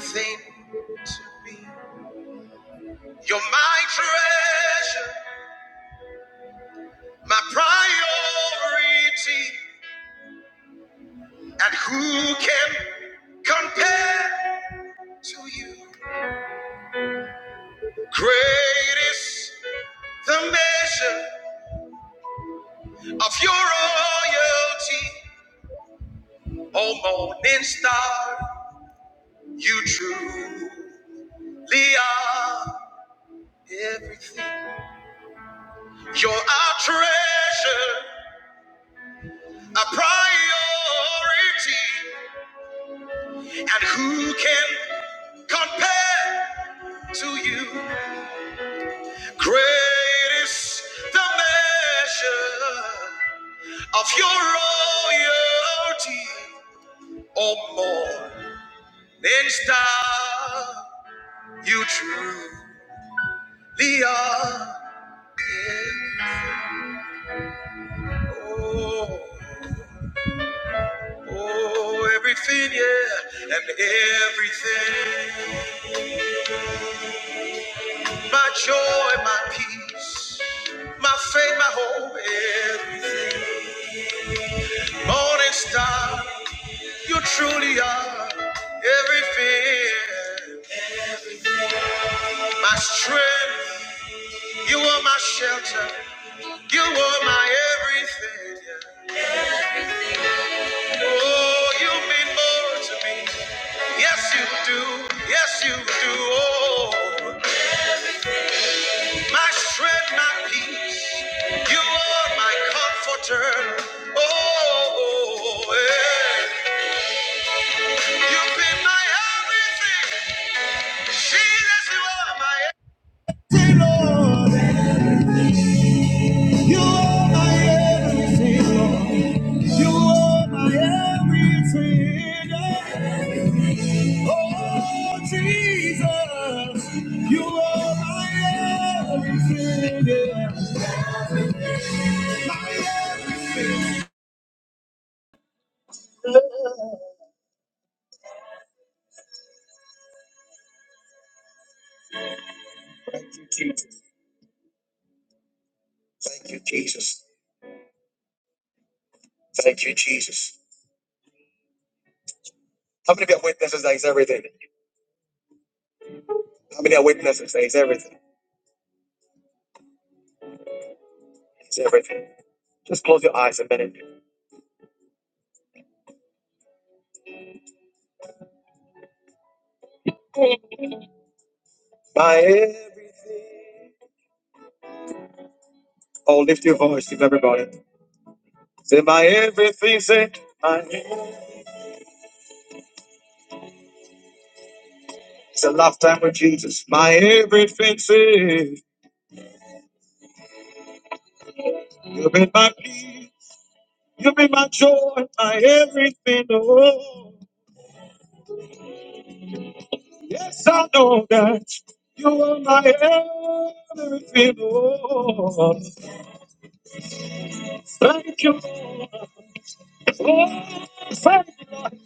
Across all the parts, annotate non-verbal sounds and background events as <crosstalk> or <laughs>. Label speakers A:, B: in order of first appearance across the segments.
A: thing to me. You're my treasure, my priority, and who can compare to you? Great is the measure of your royalty, O morning star, you truly are everything. You're our treasure, a priority. And who can compare to you? Great is the measure of your royalty, or more than star you truly are. Yeah. Oh, oh, everything, yeah, and everything. My joy, my peace, my faith, my hope, everything. Morning star, you truly are everything. My strength, you are my shelter, you are my everything. Oh, you mean more to me. Yes, you do. Yes, you do. Oh, my strength, my peace, you are my comforter. Oh, yeah. you've been my everything. Jesus, you are my everything. Lord, you are my everything, Lord. You are my everything. Oh, Jesus, you are my everything. My Thank you, Jesus. Thank you, Jesus. How many of you are witnesses that is everything? How many are witnesses that is everything? It's everything. Just close your eyes a minute. My everything. Oh, lift your voice, lift everybody. Say, my everything, say, my everything. It's a lifetime with Jesus. My everything, say, you've been my peace. You've been my joy, my everything, oh. Yes, I know that you are my everything, oh. Thank you, Lord. Oh, thank you, Lord.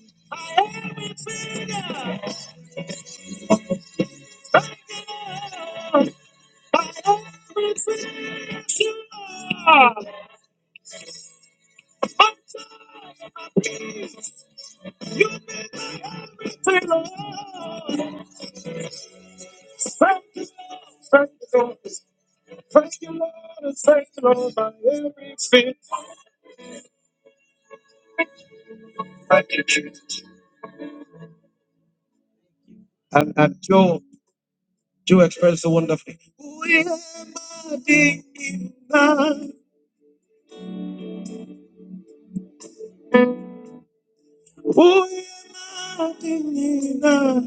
A: Thank you, Lord. My everything, you are. My everything, Lord. Thank you, Lord. Thank you, Lord. Thank you, Lord. Thank you, Lord, by everything. Thank you, Jesus. And, and Joe, Joe expressed so wonderfully. oh, yeah, Adina.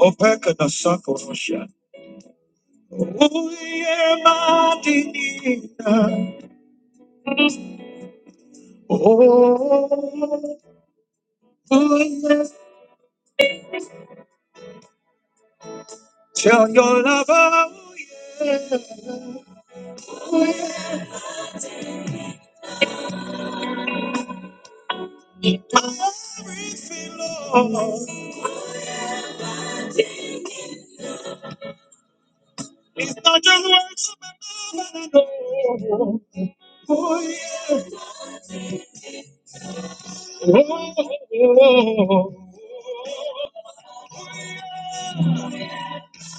A: Oh, Pekka, the Russia. Oh, yeah, Adina. Oh, oh, yeah. Tell your lover, oh, yeah. Oh, it's not just words, but I know. Oh, oh,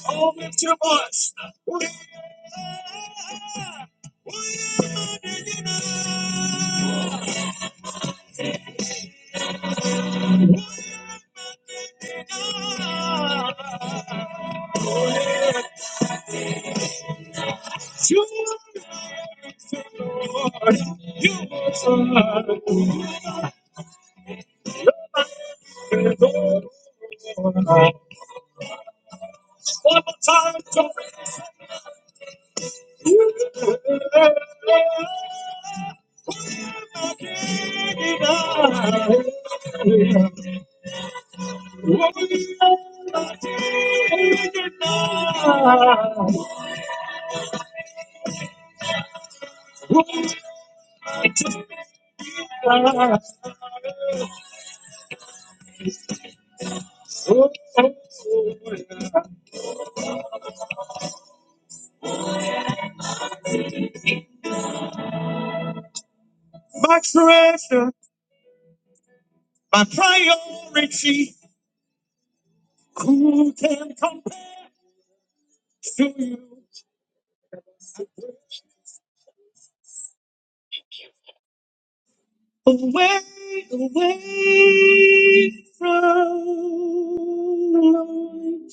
A: oh, lift your voice. We are sure Lord. You are the Lord. One more time, come. You are the Lord. We are Oh, oh, oh, yeah. My treasure, my priority, who can compare to you? Away, away from the Lord,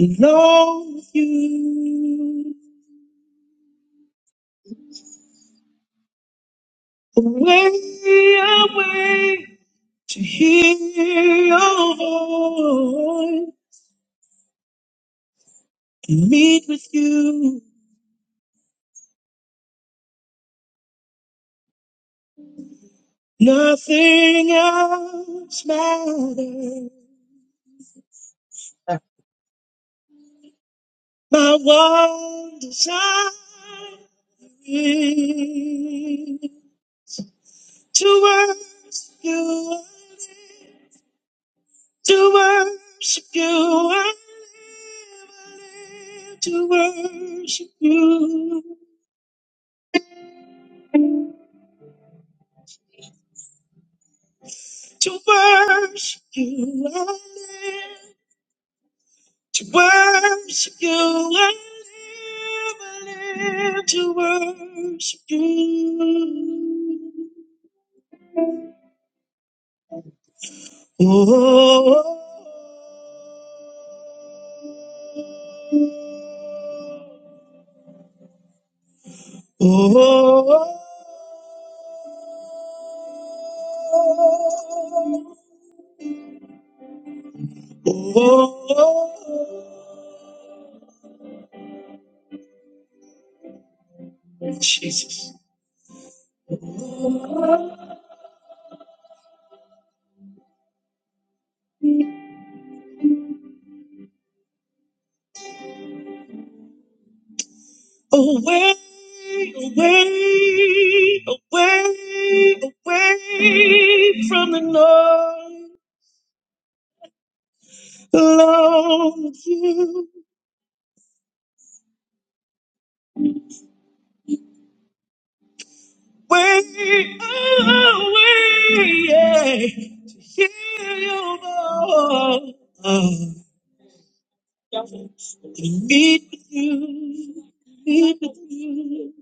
A: alone with you. Away, away to hear your voice and meet with you. Nothing else matters. My one desire is to worship you, to worship you, I live, to worship you, to worship you, I live. to worship you. I live, I live to worship you. Oh, oh, oh, oh, oh, oh, Jesus. Away, away, away, away from the noise. Love you way away, yeah. To hear your voice, to meet with you, meet with you.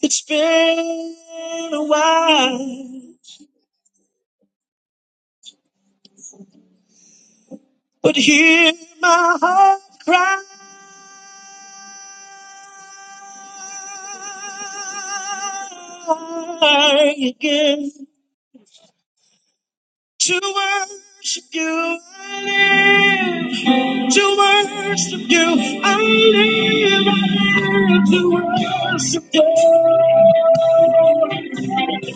A: It's been a while, but hear my heart cry again. To worship you, I live. To worship you, I live. I live to worship you.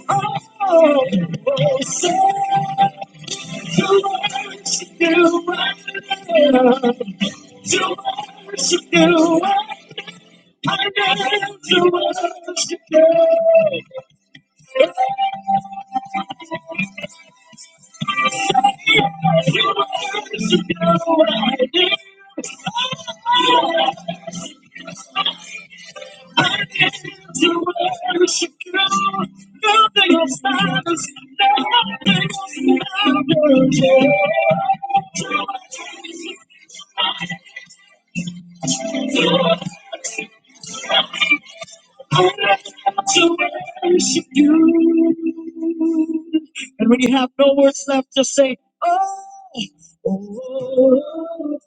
A: Oh, oh, say to worship you, I live. To worship you, I I live to worship you. To worship you, I live. to worship you. Nothing else matters. Nothing else matters. To worship you. And when you have no words left, just say, Oh. Oh,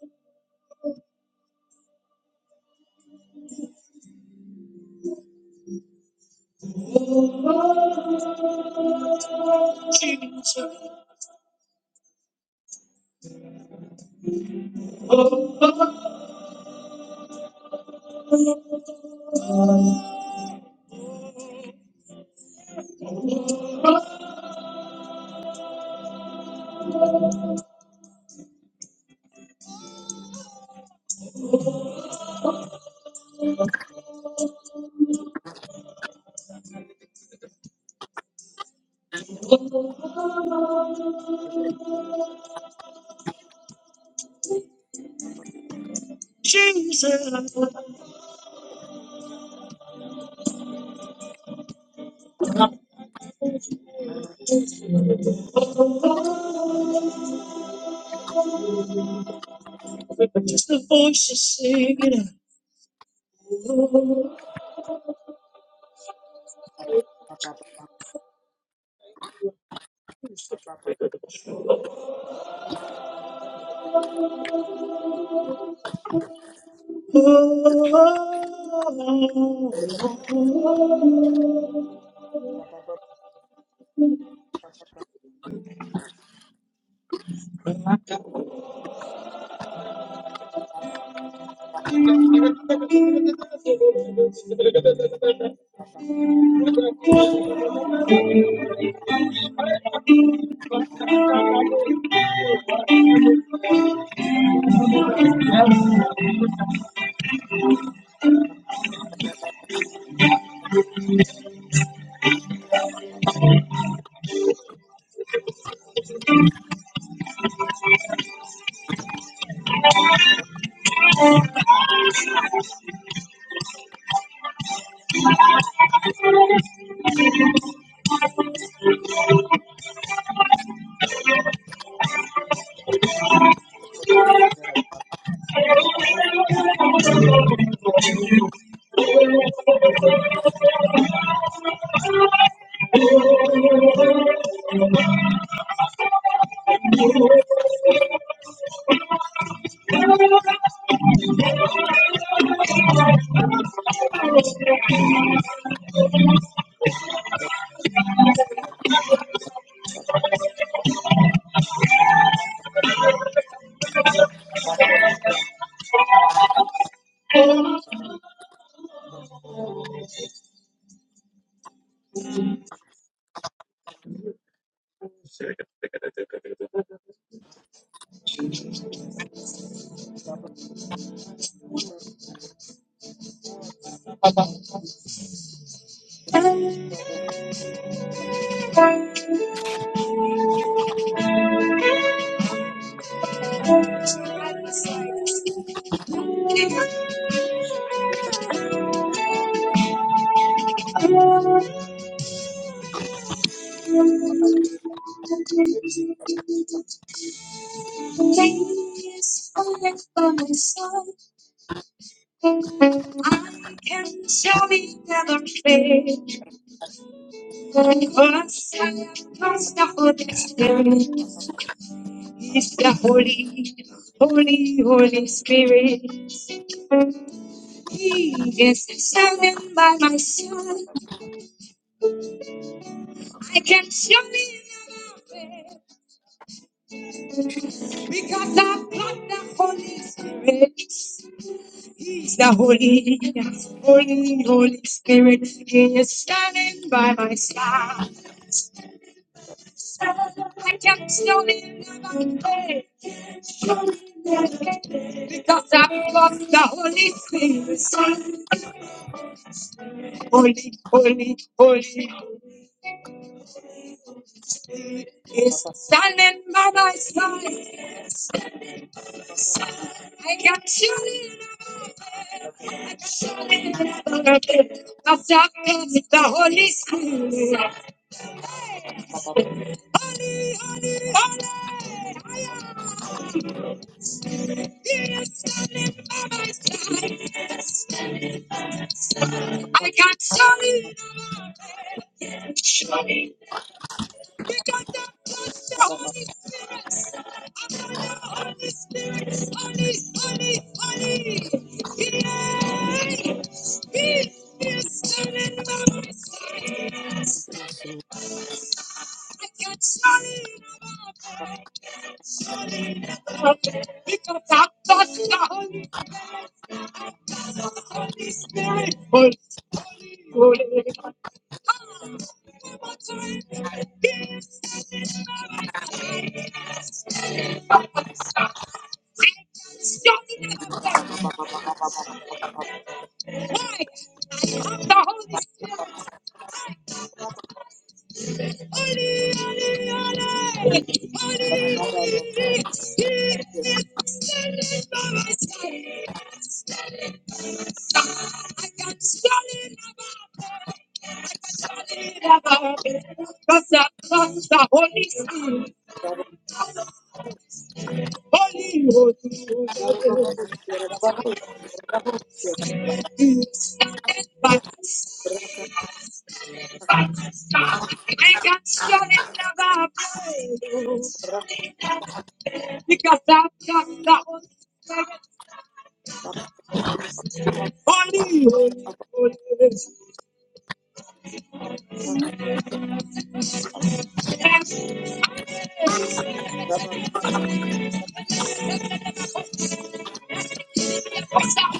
A: Jesus,
B: Bless
A: Jesus, but just the voice is singing. Oh, I can surely never fail. First, I am thirst for the Holy Spirit. He's the Holy, Holy, Holy Spirit. He is standing by my side. I can surely never fail because I've got the Holy Spirit. He's the Holy, Holy, Holy Spirit. He is standing by my side. I can not never fail. Surely never fail. Because I've got the Holy Spirit. Holy, holy, holy. He is standing by my side. I can not surely, surely never fail. Because I've got the Holy Spirit. I can not surely never fail. We got the blood, the Holy Spirit, the Holy, Holy, Holy, Holy. Hey, He is standing by my side. I can't stand it without Him. We got the blood, the Holy Spirit. I can't stand it without Him. Hey, I'm the Holy Spirit. Hey, He he is standing by my side. I can't stand it without Him. I can't stand it without Him. 'Cause the blood, the Holy Spirit. Because I've got the holy, holy, holy.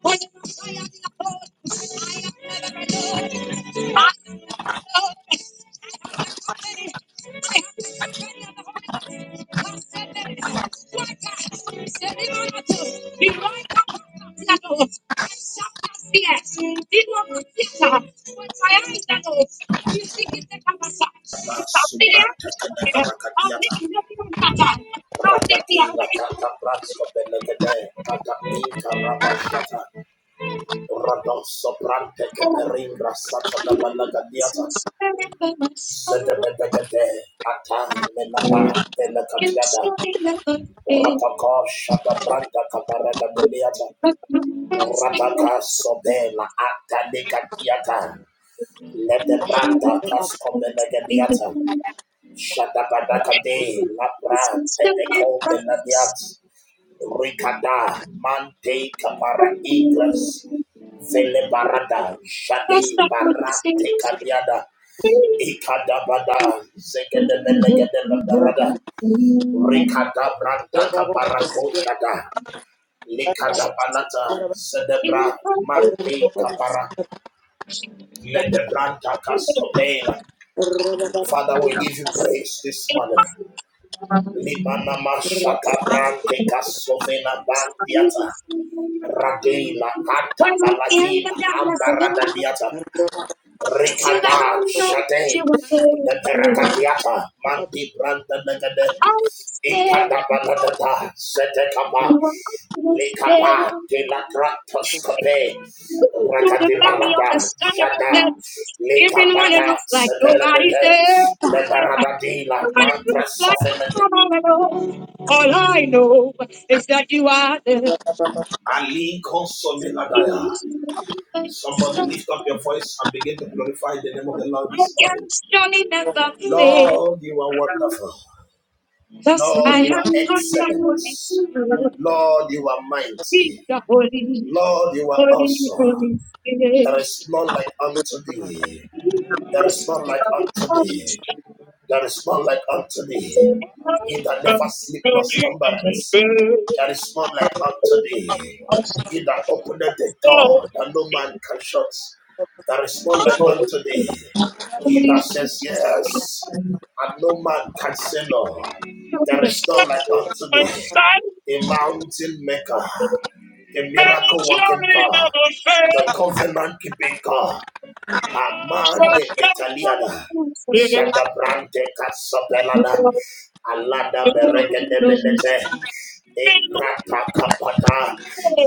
A: When you say I am Lord, I am never alone. I am never alone. I have the company. I have the company of the Holy Ghost. Marcela, Juan Carlos, Silvano, Irwin, Carlos, Fernando, I'm shouting at you. You're not a child. What are you
C: Masubranta kene barakadiata.
A: doing?
C: Ratakila
A: You're not a
C: kata bransko benegede. Kata inka rabashata. Radon sobrante
A: child.
C: keperingra satana
A: You can't
C: balagadiata.
A: stop me from my fire.
C: Zedebedegede. Ata menapa
A: You're
C: telekatiada.
A: standing by me,
C: Ratako shada branta kabaragadiata.
A: but I'm lost in the fire.
C: Rataka sobela ata nekadiata.
A: We're
C: Ledebranda
A: living
C: kasko
A: for the things we can't
C: benegadiata.
A: see.
C: Shadabadakade,
A: You
C: Labra,
A: can't stop me
C: Teneco,
A: from
C: Benadias, Ricada, Mante,
A: my fire.
C: Capara, Ingras, Velebarada,
A: I'm
C: Shade,
A: stuck on the
C: Barate,
A: things we
C: Cadiada, Icadabada,
A: can't
C: Zegedebelegedebarada, Ricada, Branta, Caparaco, Shada, Licadabanata, Zedebra, Mante, Capara, Ledebranta, Cascopela. Father, we give you praise this morning.
A: see.
C: Libanama shata brante kasovena bandiata. Radela kanta
A: Was
C: balagina ambarada diata. Rikada
A: don't you
C: shate.
A: were
C: Leperata diata. Mandi branda negade.
A: I was
C: Ikada baladata. Sete kapa. Likapa de la
B: me.
C: gratoscope.
A: Going through the
B: I'm
A: valley of the
C: Rakadibalaba
A: shadow of
C: shada.
A: death, even when it
C: Likapata
A: looks like nobody's
C: sepeledete.
A: there.
C: Lebaradadila
A: Even when it
C: mankra
A: looks like nobody
C: sofenede.
A: am all alone,
C: Allah.
A: even when it looks like
C: Somebody lift up
A: something
C: your voice and begin to glorify the name of the Lord
A: I
C: this
A: can
C: morning.
A: surely never fail.
C: Lord, you are wonderful.
A: Thus
C: Lord,
A: I
C: you are
A: have not the Holy
C: excellent.
A: Spirit,
C: Lord, you are
A: He's
C: mighty.
A: the Holy,
C: Lord, you are
A: Holy, Holy
C: awesome. There
A: Spirit.
C: is none like unto thee.
A: He
C: There
A: must
C: is
A: be
C: none like
A: the
C: unto
A: Holy
C: thee.
A: Spirit.
C: There is none like unto
A: I'm
C: thee.
A: going
C: He that
A: and
C: never sleep nor
A: I
C: slumbereth.
A: fell.
C: There is none like unto thee.
A: I'm so
C: He that openeth the door that no man can shut. There is none like unto thee. He
A: holy.
C: that says yes, and no man can say no. There is none like unto
A: I'm
C: thee.
A: sad
C: The mountain maker, a
A: and
C: miracle working
A: surely
C: God,
A: never fail.
C: the covenant keeping God.
A: So
C: Amale
A: come
C: metaliada.
A: Spirit,
C: Shadabrante casapelada.
A: the
C: Alada
A: Lord
C: beregede
A: knows me well.
C: benete. Ekrata kapata.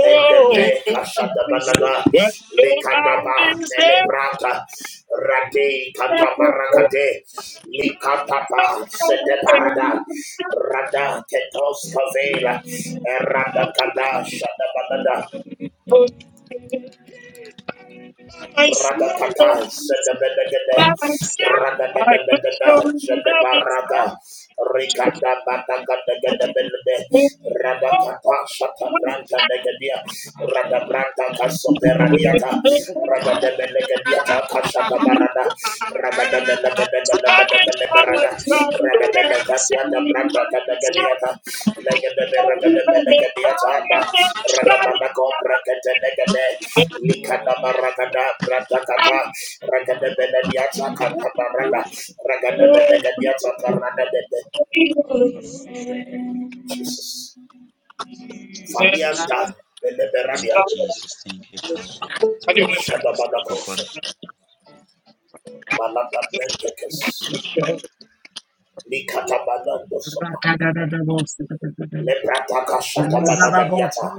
C: Edepe kashadabalada.
A: What about
C: Likadaba
A: this
C: telebrata. Rade katabarakate. Likataba sedeparada. Rada ketos kavela. Erada kada shadabalada. Ratatata, Sedabedegede, Radadadadadada, Sedabarada, Ricada Batagadegedebelebe, Radakata, Shatabranta Negadia, Radabranta Casoperadiata, Ragadebelegadiata, Cashatabarada, Ragadebelegadiata, Ragadebelegadiata, Branta Gadagadiata, Legadebelegadiata, Radabana Comprecate Likada baragada bratakata ragada benediata katabarada ragada benegadiata karada dede. Jesus. Falianta beleberania shadabanakosha balada blentekes likatabanando sopa
A: Rakadadadabosakadadada.
C: leprataka
A: Yes,
C: shatabanagadiata.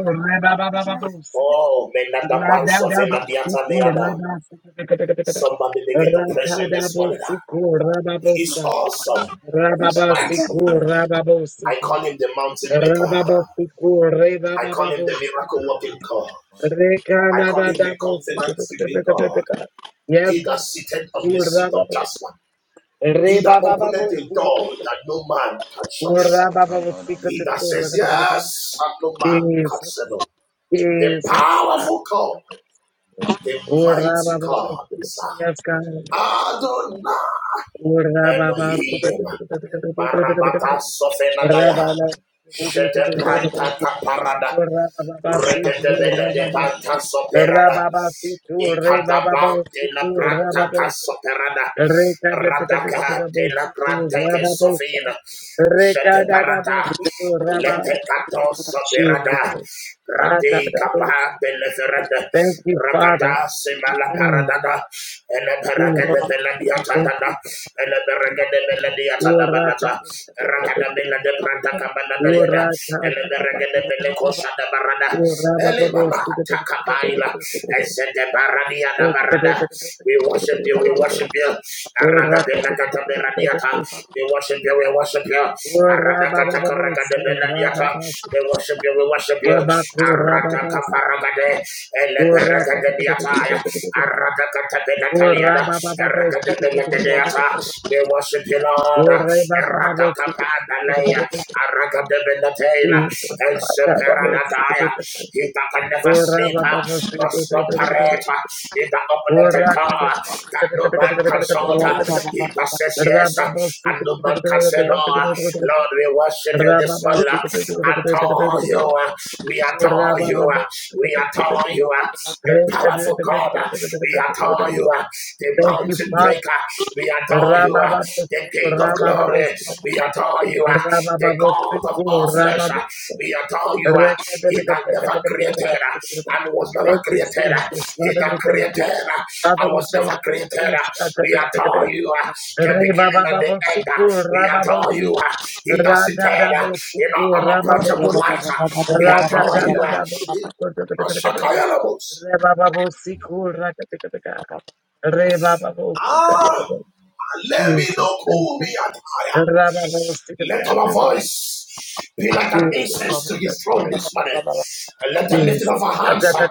C: Oh, menada banso fenadiata meada. Somebody begin to praise him this morning. He is awesome. He's mighty. I call him the mountain maker. I call him the miracle working God. I call him the covenant keeping God. He that
A: God.
C: sitteth on the seat of judgment. He that openeth a door that no man can shut. He that says yes and no man can
A: Jesus.
C: settle. The powerful God,
A: Jesus.
C: the
A: Ora baba
C: mighty God is
A: yes God.
C: our Adonai
A: Ora baba
C: Elohim. Barabata Sofenadaya.
A: Rabala
C: Shetebranta Kaparada
A: Ora baba si
C: Regatebele
A: ora
C: de
A: baba
C: Pata
A: Ora
C: Soperada.
A: baba si ora baba
C: Ikadaba de
A: si
C: la
A: ora
C: Branta
A: baba
C: Casoperada.
A: Re ka de te ka te ka te
C: Radaka
A: ka
C: de
A: bo
C: la
A: si
C: Branta
A: ora baba
C: Sofina.
A: Re ka da da bo
C: Sheteparada.
A: si ora baba
C: Letecato Soperada.
A: Jesus. Ah, God, I
C: Rade
A: got that.
C: Capa de Leferada.
A: Thank you, Father.
C: Rakada Semala
A: Mm,
C: Paradada. Ele Paragada
A: Jesus.
C: de la
A: Thank
C: Biatada
A: you,
C: barada, de bele di atada
A: Ora ta
C: banata.
A: ta ta ta ta ta
C: Ragada
A: ta.
C: bele de branta kabana na yeda.
A: ora ta
C: Ele
A: ta ta ta ta.
C: berenge de bele kosha da barada.
A: ora ba
C: Ele
A: ba ba
C: mama
A: sti ta
C: Eleberegedebelediatadabanata.
A: ta ta ta
C: Ragadabeledebrantakabanadayada.
A: ta ta ta
C: Eleberegedebelekoshadabarada.
A: ta ta.
C: Elemanatakabaila.
A: Eh, ta ta ta
C: barada,
A: ta ta ta ta
C: We
A: ta ta ta
C: worship you, we
A: ta
C: worship
A: ta.
C: you.
A: ora ta ta ta ta ta ta ta
C: Aradabelekataberadiata.
A: ta ta.
C: We worship you, we worship you.
A: ora ba ba ba ba sti. ora
C: Aradakatakarakadabeladiata.
A: ba ba sti.
C: We worship you, we worship you.
A: ora ba ku. ora ba ba sti.
C: Aradakaparagade,
A: ora ta ta ta ta ta ta
C: eleperakadadiataya.
A: ta ta ta ta ta. ora
C: Aradakatabelakaliada,
A: ba ba ba ba sti ta ta ta ta ta
C: arakadabelakadiata.
A: ta ta.
C: We worship you, Lord.
A: ora ba ba ba ba sti ta ta ta ta
C: Aradakapadalaya,
A: ta ta ta.
C: arakadabelatela,
A: Jesus, ta ta ta ta ta
C: elseperadadaya.
A: ta ta.
C: He that can never
A: Thank
C: sleep, but prospereth in the open door that no man can shut. He that says yes and no man can say no. Lord, we worship you this morning. Adore you. We adore you. We adore you. The powerful God. We adore you. The
A: you,
C: mountain
A: Father.
C: breaker. We adore you.
A: Rabababos,
C: The King of
A: Rabababos,
C: glory. We adore you, ah, the
A: Rabababos,
C: God of all flesh. ah.
A: Rabababos.
C: We adore you,
A: Thank
C: ah, He that never created ah, and was never
A: you,
C: created. ah.
A: Jesus.
C: He
A: Father,
C: that
A: we thank you.
C: created ah,
A: Father,
C: and
A: we
C: was
A: thank
C: never
A: you.
C: created. ah. We adore you, ah, the beginning and the end. ah.
A: Rebababosukur,
C: We adore
A: rababosa.
C: you, ah, He that seated ah, in our
A: Radadabosukur,
C: unapproachable
A: rababosa.
C: light. ah. We adore you, ah, He-
A: Radadadadabosukur,
C: Shakayalabos.
A: Rebababosikur, rakadadadada.
C: Ah,
A: Rebababosukadadada.
C: let me
A: Jesus,
C: know
A: thank
C: cool
A: you.
C: me attire. Let our
A: Rababosikadadadada.
C: voice be like an
A: Jesus,
C: incense to his throne
A: thank
C: this morning. And let the
A: you.
C: lifting of our hands uh,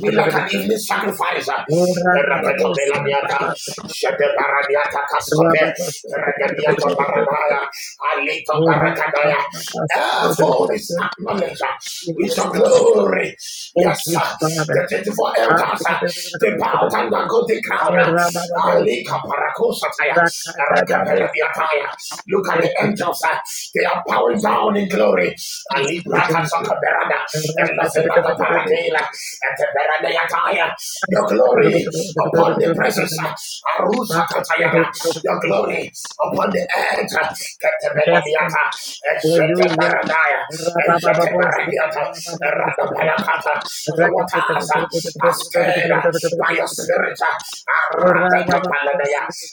C: be like an
A: Jesus.
C: evening sacrifice. uh.
A: Thank you,
C: The
A: Father.
C: raketa beladiata, shede baradiata kaskope, the regadiata baradaya, alito barakadaya. Therefore is acknowledged uh, with your glory.
A: Thank
C: Yes,
A: you,
C: sir.
A: Jesus.
C: Uh, The 24 elders, uh, they bowed and go the crown. uh, Alika parakosa taya, Look at the angels. uh, They are bowing down in glory. Your glory upon the presence. uh, Your glory upon the earth. uh,
A: The best Hallelujah. Rababababos.
C: The waters uh, are stirred uh, by your spirit. uh,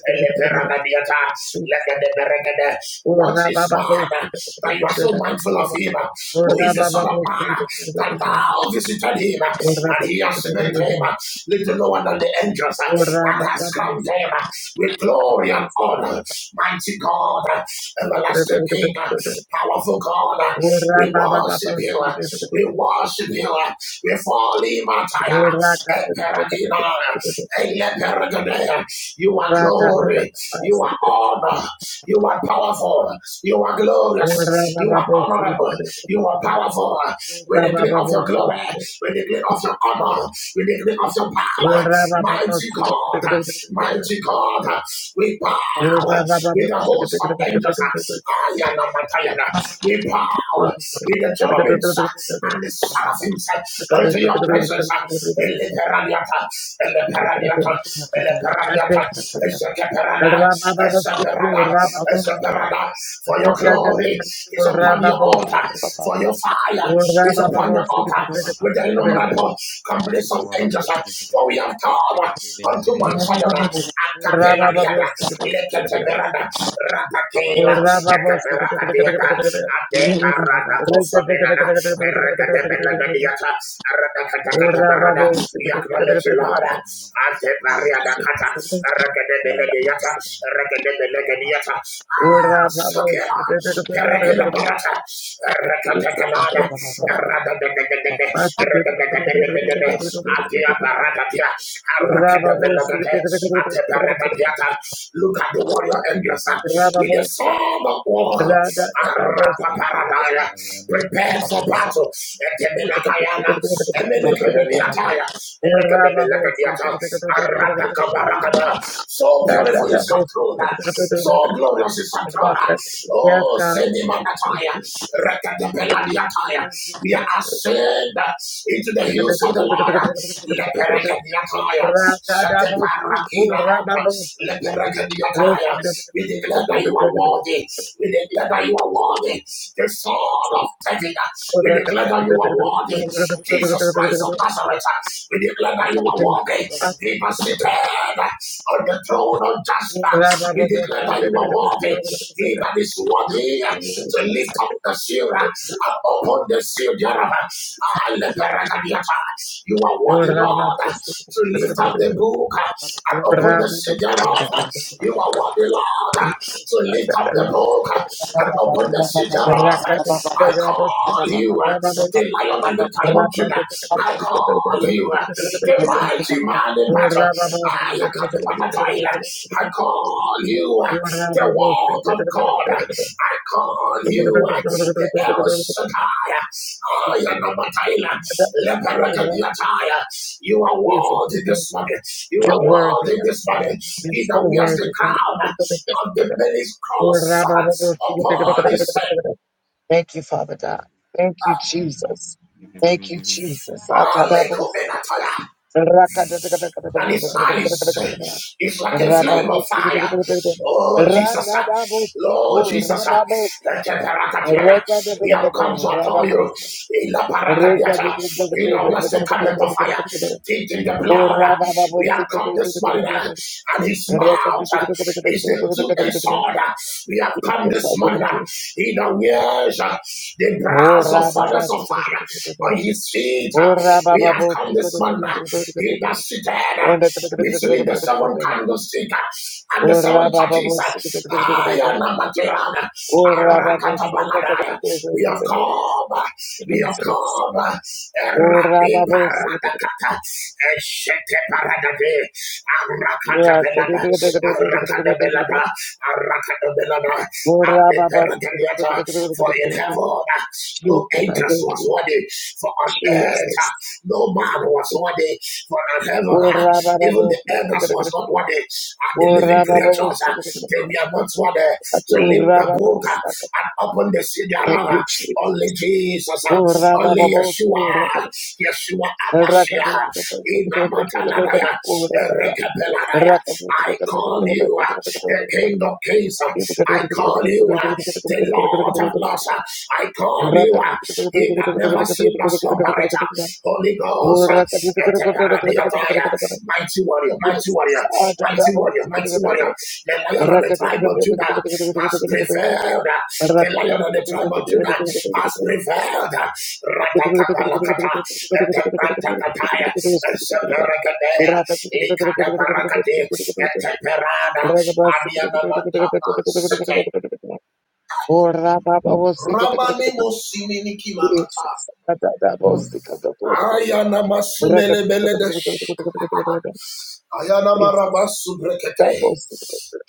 C: Eleperadadiata, legedeberegede. What is man uh, that you are so mindful of him? uh, Who is the Son of Man uh, that thou visited him uh, and he has made him uh, little lower than the angels uh, and has crowned him uh, with glory and honor? Mighty God, uh, everlasting King, uh, powerful God, uh, we worship you, uh, we worship you, uh, we fall in our tire, Eperadina, Eleperadina. You are glory.
A: Ora
C: You are honor. You are powerful. You are
A: I think
C: glorious. You are honorable. You are powerful. With the gleam of your glory, with the gleam of your honor, with the gleam of your power. Mighty God, mighty God, we bow with the host of angels. Ayana Matayana. We bow with the cherubims and the seraphims unto your presence. Eleperaniata. Ele paradiata,
B: not
C: the paradiata, esekeperada, the eseperada. For your glory is upon your altar, for your fire is upon your altar, with the innumerable companies of angels. For we have come unto one Zion, a capella diada, leketeberada, Rapakela,
B: gonna lie. Jesus,
C: Ekaberadiata,
B: good
A: Rababos,
C: Adeparada Kosomenada, Erekadabenadiata, Arakatakabarada, we acknowledge you, Lord, Adepariada Kata, Erekadabenadiata, Erekadabenadiata,
A: ora
C: Sakela, Perekila Barata, Rekatakalada, Radadadadadada, Radadadadadada, Atia Baratatia, Arakadabelagate, Atebaratatiata. Look at the warrior angels uh, with the sword of war, Arapaparadaya, prepared for battle, Eteminakayana, Emenikemeniyataya. So beautiful is your throne.
A: you.
C: So glorious is your throne.
A: Yes,
C: Oh,
A: God. Thank
C: Senimanataya.
A: you, Jesus.
C: Rekadabeladiataya.
A: Thank you, Jesus.
C: We are ascend into the hills of the Lord. Leperekadiataya. Sheteparakiranta. Leperekadiataya. We declare that you are worthy. We declare that you are worthy. The Son of David. We declare that you are worthy. Jesus Christ of Nazareth. We declare that you are walking. He was seated on the throne of
A: Thank
C: Jasper. We declare that you are worthy. He that is worthy to lift up the seal and open the seal thereof. Ah, let the record You are worthy, Lord, to lift up the book and open the seal thereof.
A: you.
C: You are worthy, Lord,
A: You're
C: to lift up the book and open the seal thereof. I call you the lion and the time of Judah. I call you uh, the mighty man in battle. I am the Banataila. I call you uh, the word of God. I call you uh, the El Shaddai. I am the Banataila. Leperakadiataya. You are worthy this morning. You are
A: worthy,
C: worthy
A: God.
C: this morning.
A: You're
C: He
A: so
C: that wears the
A: worthy,
C: crown of the many colors upon his head.
A: God. Thank you, Father God. Thank you, Jesus. Thank you, Jesus. <laughs> Akadabos.
C: Alekumenataya. that his eyes
A: Rakadadakadakadakadakadakadakadakadakadakadakadakada.
C: is like a flame of fire.
A: Rababosikadakadakadakada.
C: Oh, Jesus. uh, Lord
A: Ranadabosiku.
C: Jesus. uh,
A: Rababosa.
C: Ekeperakatiana, We
A: Rekadakadakadakadakada.
C: have come to adore you
A: Rababosa.
C: in the parakatiata, in the blessed covenant of fire,
A: Rekadakadakadakadakadakadakadakadakadakadakada.
C: taking the
A: O
C: blood. uh, We have come this morning, uh,
A: rabababosikadakadakadakadakadakada.
C: and his mouth uh, is the two-edged
A: Rekadakadakadakadakadakadakadakadakada.
C: sword. uh, We have come
A: Jesus, I
C: this morning,
A: thank
C: uh,
A: you.
C: in the wears uh, the
A: O
C: brass of furnace of
A: rababasikadakadakadakada.
C: fire on his feet. uh,
A: Ora
C: We
A: baba
C: have
A: bo
C: come
A: sika
C: this
A: da da
C: morning,
A: da
C: uh,
A: da
C: he that sitteth uh, between the
A: da da da
C: seven
A: da.
C: candlestick uh, and the
A: Ora
C: seven
A: da da da da
C: churches.
A: da
C: uh,
A: da da
C: I
A: da da.
C: am a material, uh,
A: Ora baba bo sika da da da
C: Arakatabaladaya. We
A: da
C: have
A: da da.
C: come, uh, we have come, uh,
A: Ora
C: Erabi
A: baba bo sika da da da da da da. Jesus, Ora baba bo sika da da da.
C: Paradakata, Eshete Paradade, Arakatabelada,
A: Ora da da da da da da da da da.
C: Arakatabelada, Arakatabelada,
A: Ora baba sika da da
C: Adeperakadiata.
A: da da da
C: For in
A: da da.
C: heaven uh, no
A: Jesus, I
C: angels
A: thank
C: was
A: you.
C: worthy, for on earth uh,
A: Jesus.
C: no man was worthy for in heaven, uh,
A: Ora baba bo
C: even the
A: sika da
C: elders
A: da da
C: was
A: da.
C: not worthy, and the living
A: Ora baba
C: creatures,
A: bo
C: uh,
A: sika da da
C: they
A: da da.
C: were not worthy to lift
A: Ora
C: the
A: baba bo
C: book uh,
A: sika.
C: and open the cedar.
A: Thank you,
C: uh, Only
A: Jesus.
C: Jesus, uh,
A: Ora baba
C: only
A: bo.
C: Yeshua, Yeshua
A: Rakat
C: Amashia, Inamatalanaya, Erekabelanaya. I call you uh, the King of Kings. uh, I call you uh, the Lord of Lords. uh, I call you uh, he that never sleeps nor slumber. uh, Holy Ghost, uh, Eteparadiataya, mighty warrior, mighty warrior, mighty warrior, mighty warrior, the lion of the tribe of Judah has prevailed, uh, the lion of the tribe of Judah has prevailed,
A: Jesus.
C: Radakapalakata, Etepantakataya, Separakadea, Likadabarakade, Eteperada, Adianamanta, Sete, Ramani Mosimini Kimanata, Ayana Masumele Ayanamaramasumbrekete.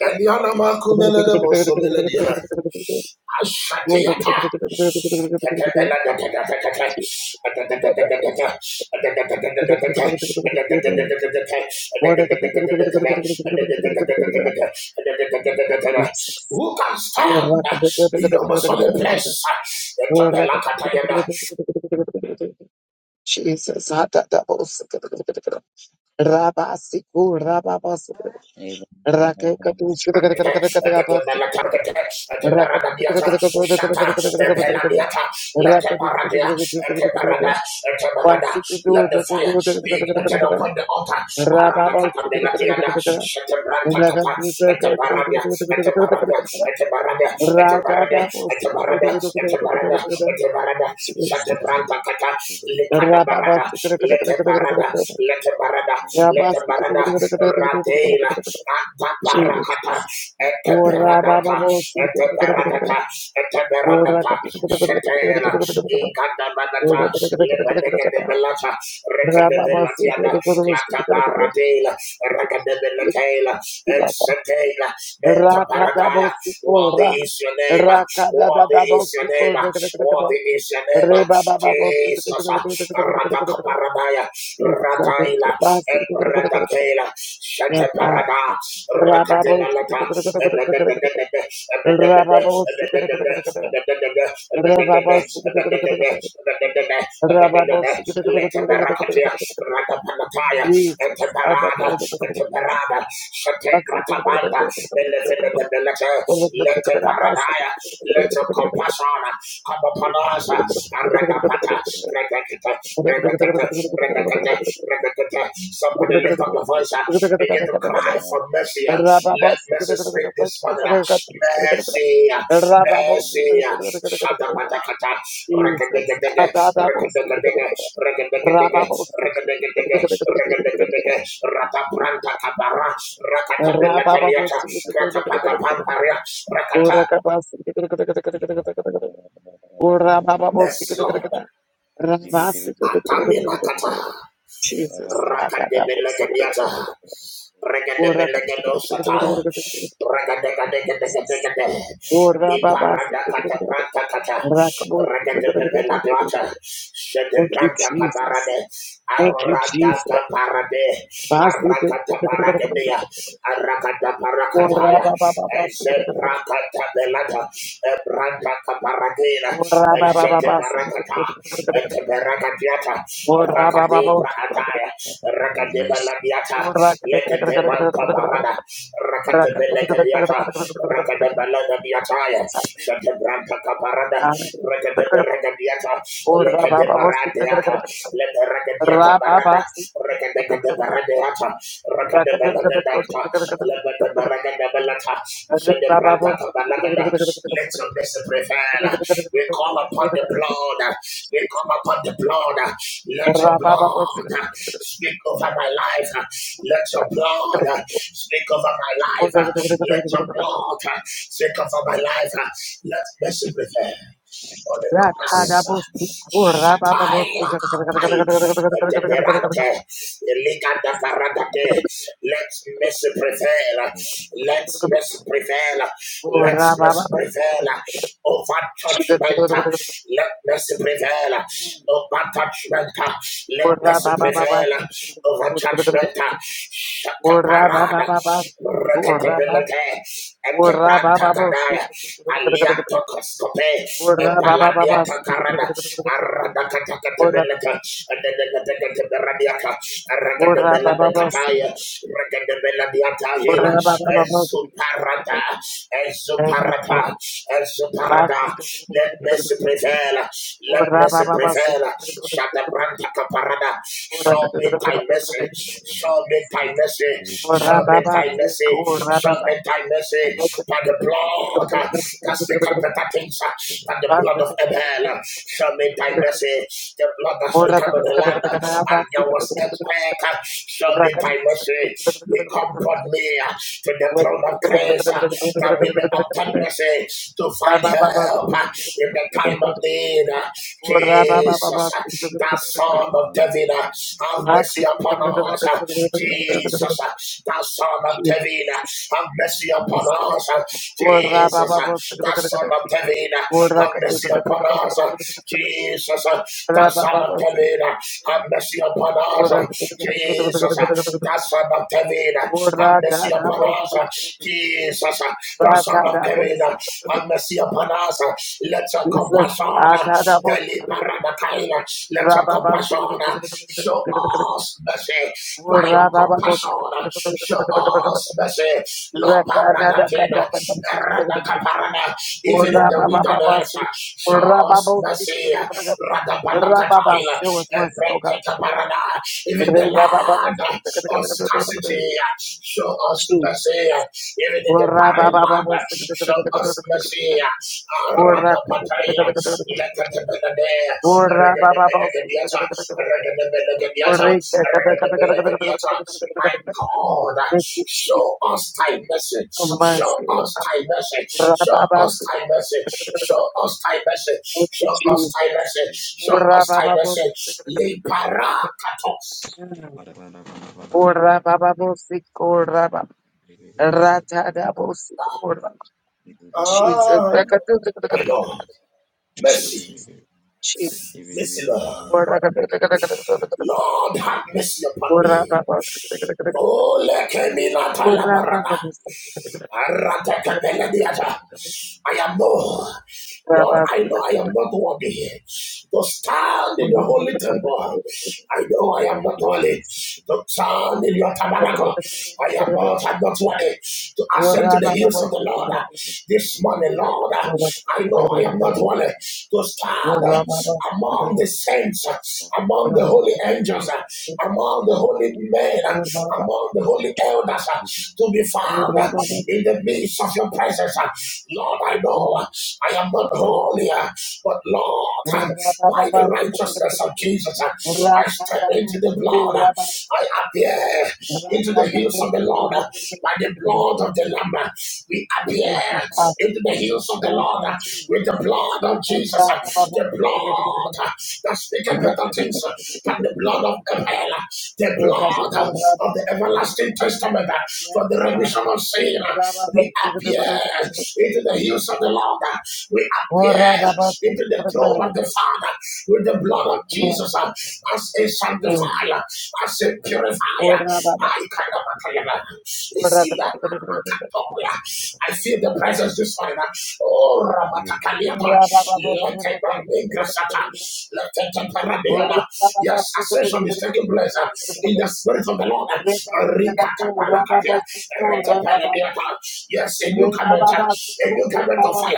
C: Elianamakumeledemosomeledia. Ashatiyata. Tetebeledekekekeke. Atetetetetetete. Atetetetetetete. Atetetetetetete.
A: Jesus,
C: Atetetetetetete. Atetetetetetete. Atetetetetetete. Who can stand in the Muslim place?
A: Rabasiku, Rababas, Rakatu,
C: Let the
A: Rabasik, Rakatu,
C: fire be ignited upon
A: Rababas,
C: the altar at the barada, at the barada, at the barada, Etebarada, Etebarada, Etebarada, Etebarada, barada. Etebarada, Shatebranta Kata, Likada Barada, lete lete barada, Lete barada, lete barada, Ratela, Atabarakata,
A: Jesus.
C: Etebaradata, Etebaradata, Etebaradata, Shatela, Ikadamanata, Lata, Recadabellatiada, Clatabaradela, Racadabelatela, Exatela, Menta Paradaya. Worthy
A: Rakadabosikora.
C: is your name, worthy is your name,
A: Rakadadabosikora.
C: worthy is your name,
A: Rebabababosik-
C: Jesus, Radaka Paradaya,
A: Jesus, I thank you.
C: Radaila,
A: Basik-
C: Ebradakela,
A: Yes, God.
C: Shataparada,
A: Rababosik- Rababosik-
C: Rakademalata, let the
A: Rababosik- Rababosik- Jesus, I thank you.
C: paradise let your
A: Basik-
C: compassion come
A: Jesus.
C: upon us. Aragapata, Regakita, Regakita, Somebody lift up your voice and begin to cry for mercy. Let mercy speak this morning. Mercy, mercy. Shadabatakata, rekadegadege, rekadegadege, rekadegadege, rekadegadege, rekadegadege, ratabranta kabara, rakatabelakaliata, rakapatapamparia, rakata. Mercy, Lord. Ataminakata,
A: Rababos, Jesus.
C: rakadebelegadiata. Regadebelegadosata. Regadegadegadegadegade. Iparadakatabrantakata. Regadebelegadwata.
A: Thank you, Jesus.
C: Shedebrantakatabarade.
A: Thank you, Jesus.
C: Aradakaparade. Arakatabaragadia. Arakatabarakataya. Ezebrakatabalata. Ebrantakabaragira. Ezekebarakata. Eteberakadiata. Rakataya, Rakadeba Labiata, Lekademanta Barada, Rakatebelekadiata, Rakadebelada Biataya, Shatabranta Caparada, Rakadeberagadiata,
A: Oh,
C: Lekadebaradiata,
A: Rababa,
C: Leperagadiata Barada, Rakadebaradiata, Rakadebeladata, Lebedebaragadabalata, Shatabranta Cabalagada. Let your mercy prevail. We call upon the blood. We come upon the blood. Let your blood speak over my life. Let your blood speak over my life. Let your blood speak over my life. Let mercy prevail. Holy Ghost. Shatai Apai Deberante Eliga da Paradate. Let mercy prevail. Let mercy prevail. Let mercy prevail over judgment. Let mercy prevail over judgment. Let
A: Ora
C: mercy
A: ba ba ba ba.
C: prevail over judgment. Shut the
A: Ora ba ba
C: parada.
A: ba ba. Ora ba.
C: Recatability. And the
A: Ora ba ba ba.
C: Tantatanaya. Aliato Coscope. And
A: Ora ba ba ba ba.
C: Paladiata Carada.
A: Ora.
C: Aradacatability. And the Radiata.
A: Ora ba
C: Aradabella
A: ba
C: de
A: ba.
C: Cataya. Recatability. Hila.
A: Ora ba ba ba ba.
C: Esuparata.
A: Thank you,
C: Esuparata mercy
A: Father. Ba-
C: parada. Let mercy prevail. Let
A: Ora ba
C: mercy
A: ba ba.
C: prevail. Shatabranta caparada.
A: Ora.
C: Show me thy mercy. Show me thy mercy.
A: Ora
C: Show
A: ba
C: me
A: ba.
C: thy mercy.
A: Ora ba
C: Show
A: ba.
C: me thy mercy. By the blood uh, that speaks
A: Thank you.
C: better things uh, than the blood
A: Jesus.
C: of Abel. uh, Show me thy mercy. The blood that speaks on the land uh, and there was earthquake. uh, Show me thy mercy. We come but near to the throne of grace uh, that we may obtain mercy to find help uh, in the time of need. uh, Jesus, uh, that son of David, uh, have mercy upon us. uh, Jesus, uh, that son of David, uh,
A: Jesus.
C: have mercy upon us. uh, Jesus, uh, that son of David, uh, have mercy upon us. uh,
A: Lord,
C: Jesus, uh, that son of David, uh, have mercy upon us.
A: Rababa,
C: uh, Jesus, the son of David, have mercy upon us. Jesus, the son of David, have mercy upon us. Let your compassion, deliver let your compassion show us mercy. By your compassion, show us mercy. La paradatina, Rata Caparana, even in the wilderness, show us mercy. Radabalakataila, Epretekeparada. Even the land of scarcity, show us
A: Jesus.
C: mercy. Even in the
A: Ora ba
C: barren
A: ba ba
C: land,
A: bo se ke te te te
C: show
A: te te te te
C: us
A: te
C: mercy.
A: te. Ora, ke te te te
C: Radapataila,
A: te te te te te.
C: Lekatebelade,
A: Ora ba ba ba bo se ke te te
C: Regadebelagadiata,
A: te te te te te. Ora, ke te te
C: Regadebelagadiata,
A: te
C: let
A: te
C: there
A: te te
C: be a touch. My
A: te te.
C: God,
A: Thank you, Jesus.
C: show us thy mercy.
A: Have
C: Show
A: mercy, O
C: us
A: God.
C: thy mercy.
A: Ora ba
C: Show
A: ba ba
C: us
A: se ke
C: thy
A: te te
C: mercy.
A: te te te te
C: Show
A: te.
C: us thy mercy.
A: Thank you,
C: Show us
A: Jesus.
C: thy mercy. Show
A: Ora
C: us
A: ba
C: thy
A: ba bo
C: mercy.
A: se ke te te te te te te te
C: Libera
A: te.
C: katos.
A: Mm. Ora ba ba bo se ke ora ba. Ra ta da bo se ke ora. Jesus.
C: Ah,
A: Jesus.
C: my Lord,
A: Jesus.
C: mercy,
A: Jesus.
C: mercy, Lord.
A: Ora
C: Lord, have mercy upon me. Oh, lekemi la talabarana. I am no, Lord, I know I am not worthy to stand in the holy temple. I know I am not worthy to stand in your tabernacle. I am not, I'm not worthy to ascend to the hills of the Lord. This morning, Lord, I know I am not worthy to stand among the saints, among the holy angels, among the holy men among the holy elders uh, to be found uh, in the midst of your presence. uh. Lord, I know uh, I am not holy, uh, but Lord, uh, by the righteousness of Jesus, uh, I step into the blood. uh, I appear
A: Thank
C: into
A: you, Father.
C: the hills of the Lord uh, by the blood of the Lamb. uh, We appear into the hills of the
A: Thank
C: Lord
A: you,
C: uh, with the
A: Jesus.
C: blood of Jesus, uh, the blood uh, that speaketh better things uh, than the blood of Abel, uh, the
A: Yes,
C: blood uh, of the everlasting
A: God.
C: testament uh, for the remission of sin. uh, We appear into the hills of the Lord. uh, We appear into the throne of the Father with the blood of
A: Yes,
C: Jesus uh,
A: yes.
C: as a sanctifier I said, purify. I cannot see that. I feel the presence this morning. Oh, Rabatakaliama. Let it be Sata. Let it be Paradiana. Yes, ascension is taking place uh,
A: Yes.
C: in the spirit of the Lord.
A: Rababa
C: Rikatapalakatia. Retepanabiata. Yes, a new covenant, uh, a new covenant of fire,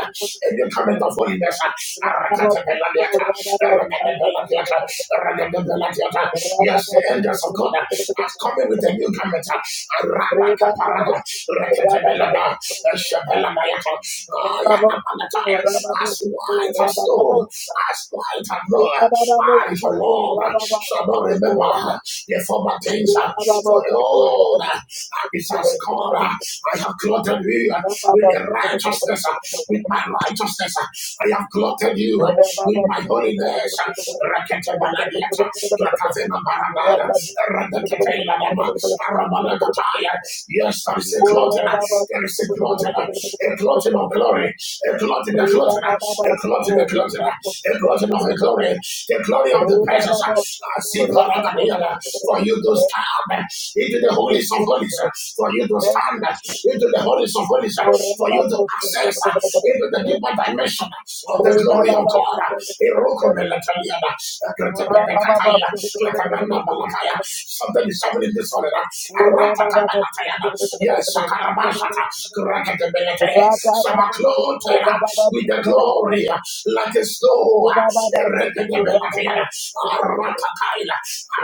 C: a new covenant of holiness. Rakatapelabiata. Yes, the angels of God are coming with a new garment. as white as snow, as white as wool, I, the Lord, shall not remember the former things, for Lord, this has come. I have clothed you
A: Thank
C: with the righteousness, with my righteousness. I have clothed you with my holiness. Rakete baladiata, rakavena barabara, rakete lamama, arabalakataya. Yes, there is a clothing, there is a clothing, a clothing of glory, a clothing, a clothing, a clothing, a clothing, a clothing of a glory, the glory of the presence. I see Paragadiana, for you to stand eh, into the
A: you,
C: holies of holies, eh,
A: Jesus.
C: for you to
A: Thank
C: stand
A: you,
C: eh,
A: Jesus.
C: into the holies of holies, eh, for you to access eh, into the deeper dimension eh, of
A: Thank
C: the glory of
A: you,
C: God.
A: Jesus. Rababos,
C: Something is happening this morning. Yes, some are clothed with the glory eh, like a snow.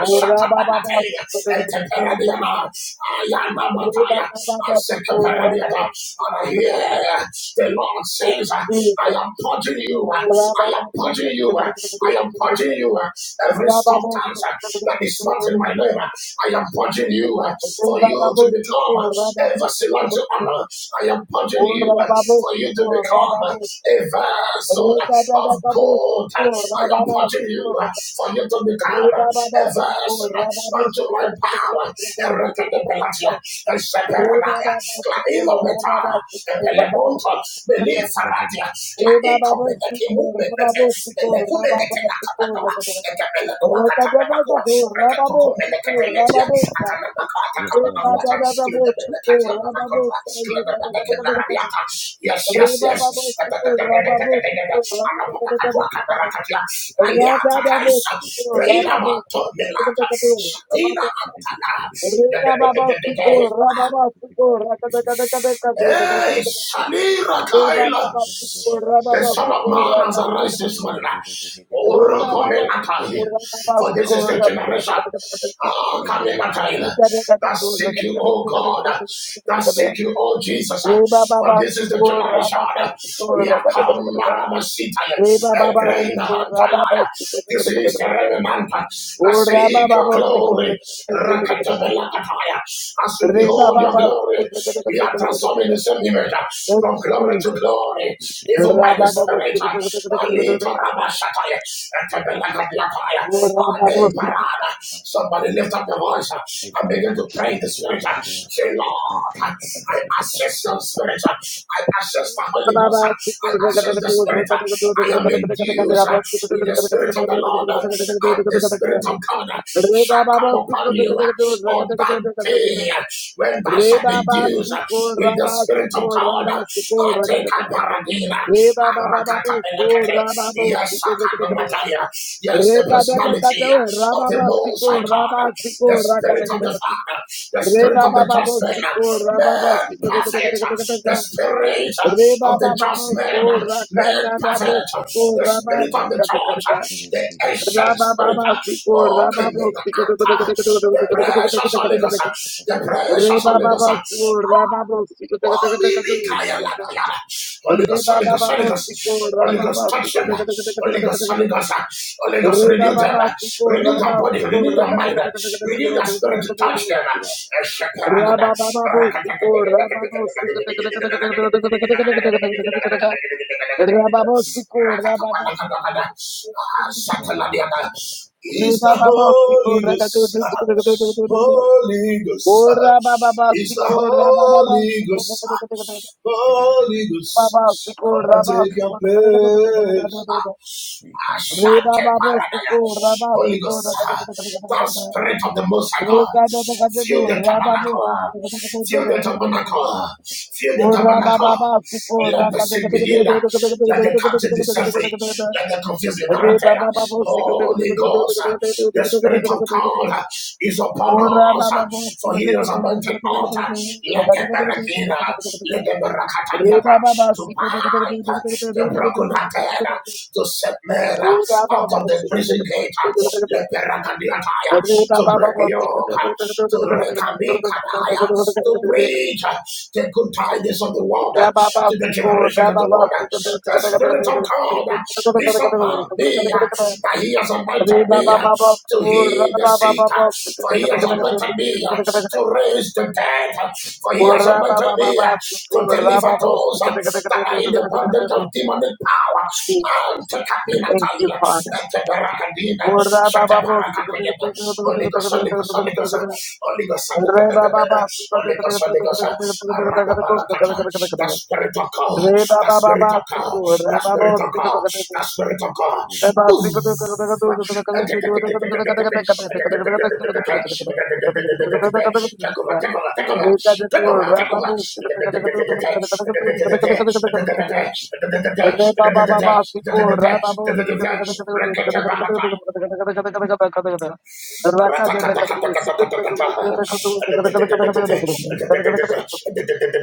C: Ashatabanatelia, Eteperadiama, Ayanamataya, Asekeperadiata. And I hear the Lord says, I am purging you, I am purging you, I am purging you, every substance that is not in my name, I am purging you for you to become a vessel unto honor. I am purging you
A: Urababo
C: for you to
A: Siko
C: become
A: Rababo
C: a vessel
A: Reda Dada
C: of
A: Kabo
C: gold.
A: Siko
C: I am
A: Rababa
C: purging
A: Siko
C: you for you to become
A: Reba Baba Siko
C: averse
A: Rababo
C: unto my power, irritability, and
A: Reba
C: separanaya,
A: Baba
C: clailo
A: Siko
C: betara,
A: Rababa
C: and
A: Siko
C: pelemonto, believe faradia,
A: Reba
C: claico
A: Baba
C: beneki
A: Siko
C: mumete,
A: Rababo Siko Rababa
C: belecumeneke nakabatawa,
A: Siko
C: and the
A: Rota
C: belekuakata
A: Dada
C: benakua,
A: Kabo Rababo
C: rekatoko
A: Siko
C: meneke
A: Rababo Reba Dada Kabo Siko Rababo
C: Yes,
A: Re
C: yes,
A: Baba
C: yes.
A: Baba,
C: Aliata Kaisa, Braila Mato Antana, Hey, Shanira Kaila. The Son of Man has arisen this morning. Oh, come in, Natalia. For this is the generation. Ah, come in, Natalia. That seek you, oh God. That seek you, oh Jesus. For this is the
A: Sikora,
C: generation.
A: Baba,
C: We have come,
A: Sikora,
C: Maramasita,
A: Reba ba
C: a
A: ba ba si
C: grain
A: ko ra ba ba
C: Hantalaya.
A: si ko
C: This is the remnant
A: o
C: that
A: ra ba
C: seek
A: ba
C: your
A: ba si ko
C: glory. Rakatabelakataya. As we
A: re ba
C: behold
A: ba
C: your
A: ba si ko
C: glory, we are transformed in the same image uh,
A: thank
C: from
A: you
C: glory to
A: Jesus
C: glory, even by
A: ra
C: the
A: ba ba ba
C: Spirit.
A: si ko
C: uh, Alito Rabashataya, Etebelagadiataya,
A: o ra ba ba si ko o
C: Adebarada. Somebody lift up your voice uh, and begin to pray in the Spirit. uh, Say, Lord, uh, I access your Spirit. uh, I access the
A: ra
C: Holy
A: ba
C: Ghost.
A: ba si
C: uh,
A: ko
C: I
A: ra ba
C: access
A: si
C: the
A: ko
C: Spirit. uh, I
A: re
C: am
A: ba
C: induced uh, with the Spirit of the Lord. uh, And the Spirit of God uh, shall
A: ba ba
C: come
A: si ko
C: upon you. uh, on that day when thou
A: Re
C: shalt
A: ba
C: be used uh,
A: rabasiko,
C: with the
A: rabasiko,
C: Spirit of
A: ko ra
C: God.
A: ba
C: uh,
A: su ko ra ba su ko
C: I
A: ra ka
C: take
A: ta ka.
C: a paradina.
A: Re ba ba ba ba bo su ko ra ba bo
C: Yes,
A: su ko
C: Sakanamataya. yes,
A: Re
C: the
A: ka da da ka
C: personality uh, of the Most High God, uh, the Spirit of the Father, the
A: Re
C: Spirit
A: ba
C: of
A: ba
C: the
A: ba
C: Just Man, uh, man perfect, the Spirit uh,
A: Re ba
C: of
A: ba
C: the
A: ba
C: Just
A: bo su
C: Man,
A: ko
C: uh,
A: ra ka
C: man
A: na
C: perfect, the Spirit of the Church, uh, the Ancient Spirit, uh, O King and the precious Holy Ghost. The
A: Re
C: precious
A: ba
C: Holy
A: ba
C: Ghost.
A: ba su ra ba ba su ko te ko te ko
C: Holy
A: te ko
C: Mikaya
A: te
C: Lakayana. Holy
A: Re
C: Ghost,
A: ba
C: Holy
A: ba ba
C: Ghost, Holy
A: ba su ko
C: Ghost.
A: ra
C: Holy
A: ba
C: Ghost,
A: ba su
C: touch
A: ko
C: them.
A: te ko te ko te ko te ko
C: Holy
A: te ko te
C: Ghost, Holy
A: ko te
C: Ghost. Holy Ghost,
A: Re ba
C: renew
A: ba
C: them.
A: ba su ko
C: Renew
A: ra
C: their
A: ba su
C: body.
A: ko
C: Renew
A: ra
C: their
A: ka te
C: mind.
A: ko te ko te ko te ko te
C: Renew
A: ko
C: their spirit.
A: te ko te ko
C: Touch them.
A: te Ra ba ba ba ba su ko ra ba ba su ko te ko te ko te ko te ko te ko te ko te te ko te ko te ko Ra ba ba su ko ra ba ba su ko te te te te te te. Re
C: Is
A: ba
C: the
A: ba ba su ko
C: Holy
A: ra ka te ko
C: Ghost,
A: te te te te te
C: Holy Ghost,
A: Ora ba ba ba
C: is
A: si
C: the
A: ko ra ba ba ba
C: Holy
A: si
C: Ghost,
A: ko
C: Holy
A: Baba
C: Ghost.
A: Sikor
C: Come and
A: Raba
C: take your
A: Sikor
C: place.
A: Re
C: Ashante
A: Baba Bo
C: paradaya.
A: Sikor Raba
C: Holy
A: Sikor
C: Ghost, thou spirit of the Most High
A: Re
C: God,
A: Kado the
C: fill
A: Kajadu
C: the
A: Raba Bo
C: tabernacle, fill the tabernacle, fill the
A: Ora Baba
C: tabernacle.
A: Baba Sikor
C: Let the
A: Raka
C: sick be healed, let the captive be set free, let the confused be
A: Re
C: liberated.
A: Baba Babo Sikor
C: Holy Ghost, the Spirit of God is upon
A: Ora Baba Bo
C: us, for
A: Sikor
C: He is anointed altar. Let the Berekina, let the
A: Re
C: Berakataniata
A: Baba Baba
C: to bind the broken hearted,
A: Sikor
C: to set men uh,
A: Thank
C: out of the prison gate, uh, to break the yoke, uh, to rekamikadaya, to preach uh, the good tidings of the world uh, to the generation of the world. uh, The Spirit of God uh, is upon me, uh, that He has anointed me uh, to heal the sick, uh, for He has anointed me uh, to raise the dead, uh, for He has anointed me uh, to deliver those uh, that are in the bondage of demonic power. Tekabila
A: you, Father.
C: Holy Ghost, Holy Ghost, Holy Ghost, Holy Ghost,
A: Re ba ba ba si ko de
C: Holy
A: de de
C: Ghost,
A: de de de
C: Holy
A: de
C: Ghost,
A: de de de de de ko de de de de
C: the
A: de de.
C: Spirit of God,
A: Re ba
C: the
A: ba ba ba
C: Spirit of
A: si ko
C: God,
A: re
C: the
A: ba ba
C: Spirit
A: ba
C: of
A: si ko
C: God,
A: ko de de.
C: the Spirit of God,
A: Re ba si ko
C: move.
A: de de de de de de de de de de
C: Tekola,
A: de.
C: tekola, tekola.
A: Re ka de ko
C: Tekola,
A: ra ba
C: tekola.
A: bu si ko de de de de de de de de de de de. Reba ba ba ba siko reba bo siko de de de de de de de de de
C: Rekete
A: de
C: balata. That's spiritual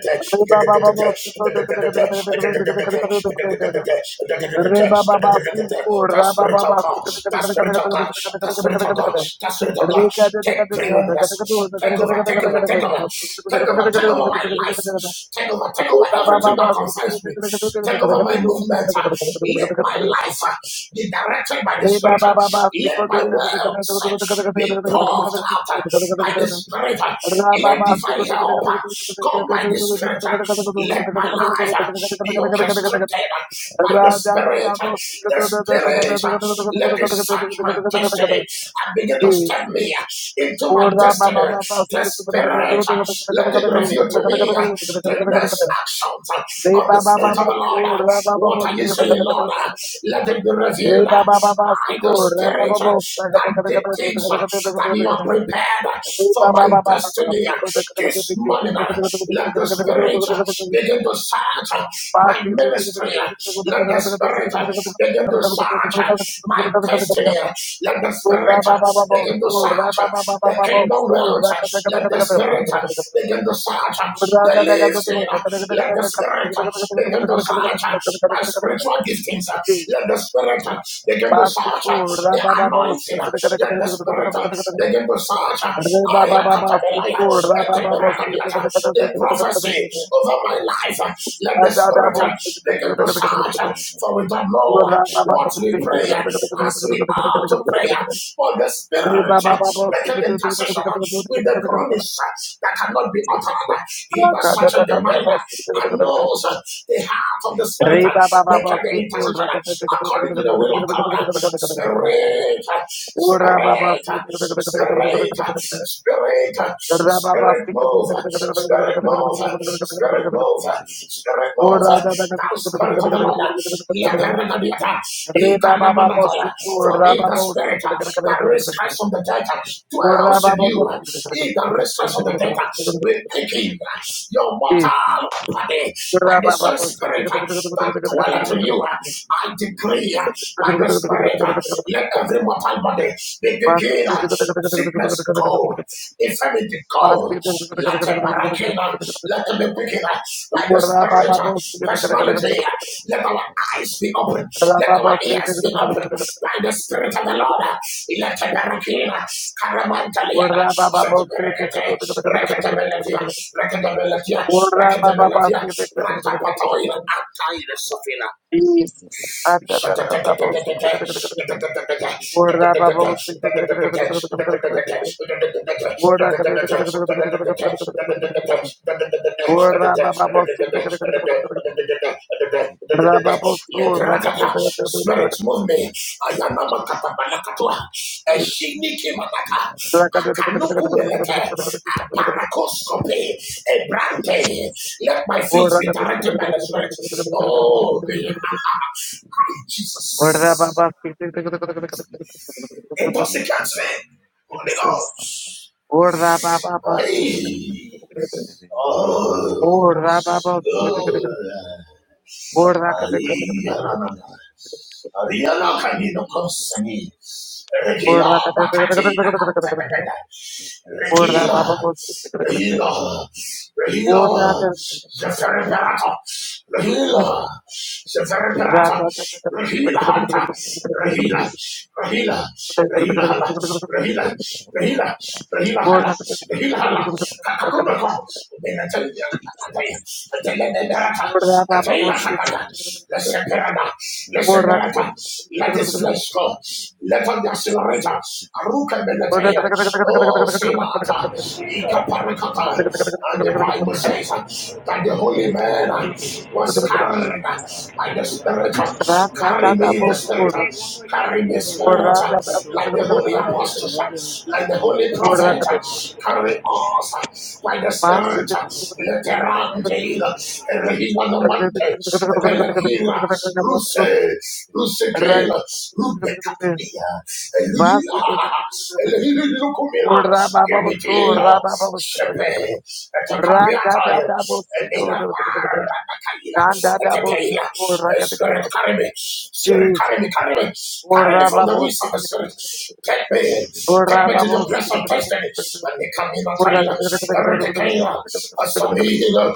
A: de
C: God. That's spiritual God. That's spiritual God. That's spiritual God. Take preeminence. Take over. Take over. Take over. Take over. Take
A: de
C: over my life.
A: de de
C: Take over. Take over everything that concerns me. Take over my movement. Let my life be directed by the Spirit. Let my words be poured out by the Spirit. Let divine help come by the Spirit. Let my life be orchestrated
A: Jesus.
C: by the Spirit. The Spirit, let it search my destiny and begin to step me in into
A: Or
C: my
A: the
C: destiny.
A: Baba
C: The Spirit, uh, let it reveal to me uh, the next
A: Baba,
C: actions
A: Re
C: uh, of the
A: ba ba ba
C: Spirit of
A: ba
C: the Lord.
A: so
C: Uh,
A: ra ba ba
C: What
A: ba
C: are
A: si
C: you
A: ba ba
C: saying,
A: ba ba
C: Lord?
A: ba.
C: Uh, Let it be
A: Re
C: revealed
A: ba
C: uh,
A: ba ba ba
C: by
A: si ko
C: the
A: ra ba
C: Spirit
A: ba ba
C: uh,
A: sa ga ga
C: that
A: ga ga
C: the
A: ga ga ga
C: things
A: ga
C: uh,
A: ga ga
C: that you are
A: ga.
C: prepared uh,
A: Re
C: for
A: ba ba
C: my
A: ba ba ba
C: destiny uh,
A: si ko ga ga ga ga
C: this
A: ga ga ga
C: morning.
A: ga
C: uh, Let the
A: ga ga
C: Spirit uh,
A: ga ga.
C: begin to search uh,
A: Pa
C: my
A: si ga ga ga ga
C: ministry. uh,
A: ga ga ga
C: Let
A: ga
C: the Spirit
A: ga
C: uh, begin to
A: ga
C: search uh, my destiny.
A: ga
C: uh,
A: ga.
C: Let the
A: Re ba
C: Spirit
A: ba
C: uh,
A: ba ba ba
C: begin to
A: so ra
C: search
A: ba ba ba ba
C: the
A: ba ba
C: kingdom
A: so
C: wealth.
A: ra ga ga ga ga
C: Let the
A: ga ga ga
C: spirit
A: ga
C: begin to search the leaves in. Let the spirit begin to search my spiritual
A: ga.
C: giftings.
A: Re
C: Let the spirit begin to
A: ba ba
C: search the anointing. Let the spirit begin to search. Ayakatabelaya, etemeragadiata, The prophecy over my life. Let the spirit begin to search. For we don't know what we pray as we are to pray. For the spirit making intercession uh, with the groanings that cannot be uttered. He that searches the mind and knows uh, the heart of the Spirit,
A: ba ba
C: making the
A: big bull
C: intercession
A: ra ka ta ta
C: uh,
A: ta ta ta ta ta ta ta
C: according to the will
A: ta
C: of
A: ta ta
C: God.
A: ta
C: Uh,
A: ta ta ta ta ta.
C: Spirit, uh,
A: Ura ba ba
C: Spirit,
A: si
C: uh,
A: ta ta ta ta ta ta ta ta ta
C: Spirit,
A: ta
C: uh,
A: ta ta.
C: Spirit, uh, Spirit move, uh, Spirit move, uh, Spirit move, uh, Spirit move. uh, Thou Spirit of the Lord, let the record be attached. For in the Spirit uh, that raised Christ from the dead dwells in you. He that raised Christ from the dead will take in your
A: Basket,
C: mortal body by the same spirit that dwelleth in you. I decree by the spirit, let every mortal body be taken. Sickness go, infirmity go, let it be taken. Let it be taken by the spirit, personality, let our eyes be open.
A: Jesus.
C: Let our ears be open by the Spirit of the Lord. Let the Barakina, Karamantaliana, Shatabarakate, Rakatabilitia, Rakatabilitia, Rakatabilitia, Rantapatoina, Antaina Sofina, Spirit, move me. Ayanama katabalakatua. Eshiniki manaka. Akanuku melete. Aparakoskope. Ebrante. Let my feet
A: Ora
C: be directed by the Spirit. Oh, be in Jesus.
A: baba Sweet.
C: Intoxicate me. Holy
A: Jesus.
C: Ghost.
A: Ora baba baba.
C: Aye. Oh.
A: Ora baba.
C: Oh.
A: Ora
C: Aye. Anana. Ariana Canino Consani.
A: Ora
C: Regila Bacatina Catacata.
A: Ora
C: Regila.
A: baba.
C: Regila.
A: Ora
C: Regila. The Rahila, seferata, Rahila Hanta, Rahila,
A: Rata
C: Rahila, Rahila Hala, Rahila, Rahila, Rahila
A: Thank
C: Hala, Rahila Hala, Kakakumako, Benatelberata, Atela Sakata, Leseperada, Leseperata, let his flesh go, let on the accelerator, Aruka Benatela, oh Senata, Ika Parakata, and the Bible says that the holy man was carried by the Spirit. Carry me, the Spirit. Carry me, Spirit. Like the holy apostles, like the holy prophet. Carry us by the Spirit. Let the Randale, Rahima the Monte, Belakila, Ruse, Rusekela,
A: you.
C: Rubekatelia,
A: Jesus.
C: Elila, Elilukumila, Kimitino, Shepe, Etakapiataya,
A: Nanda double sick or
C: Eh,
A: racket.
C: Spirit, carry me. Spirit,
A: Jeez.
C: carry me, carry me.
A: Or
C: Carry me from the
A: rababos.
C: wings of the Spirit. Take me.
A: Or
C: Take me to the
A: rababos.
C: place of destiny. And the Camila
A: Or
C: Taila,
A: rababos.
C: Ratakaila, Asamila,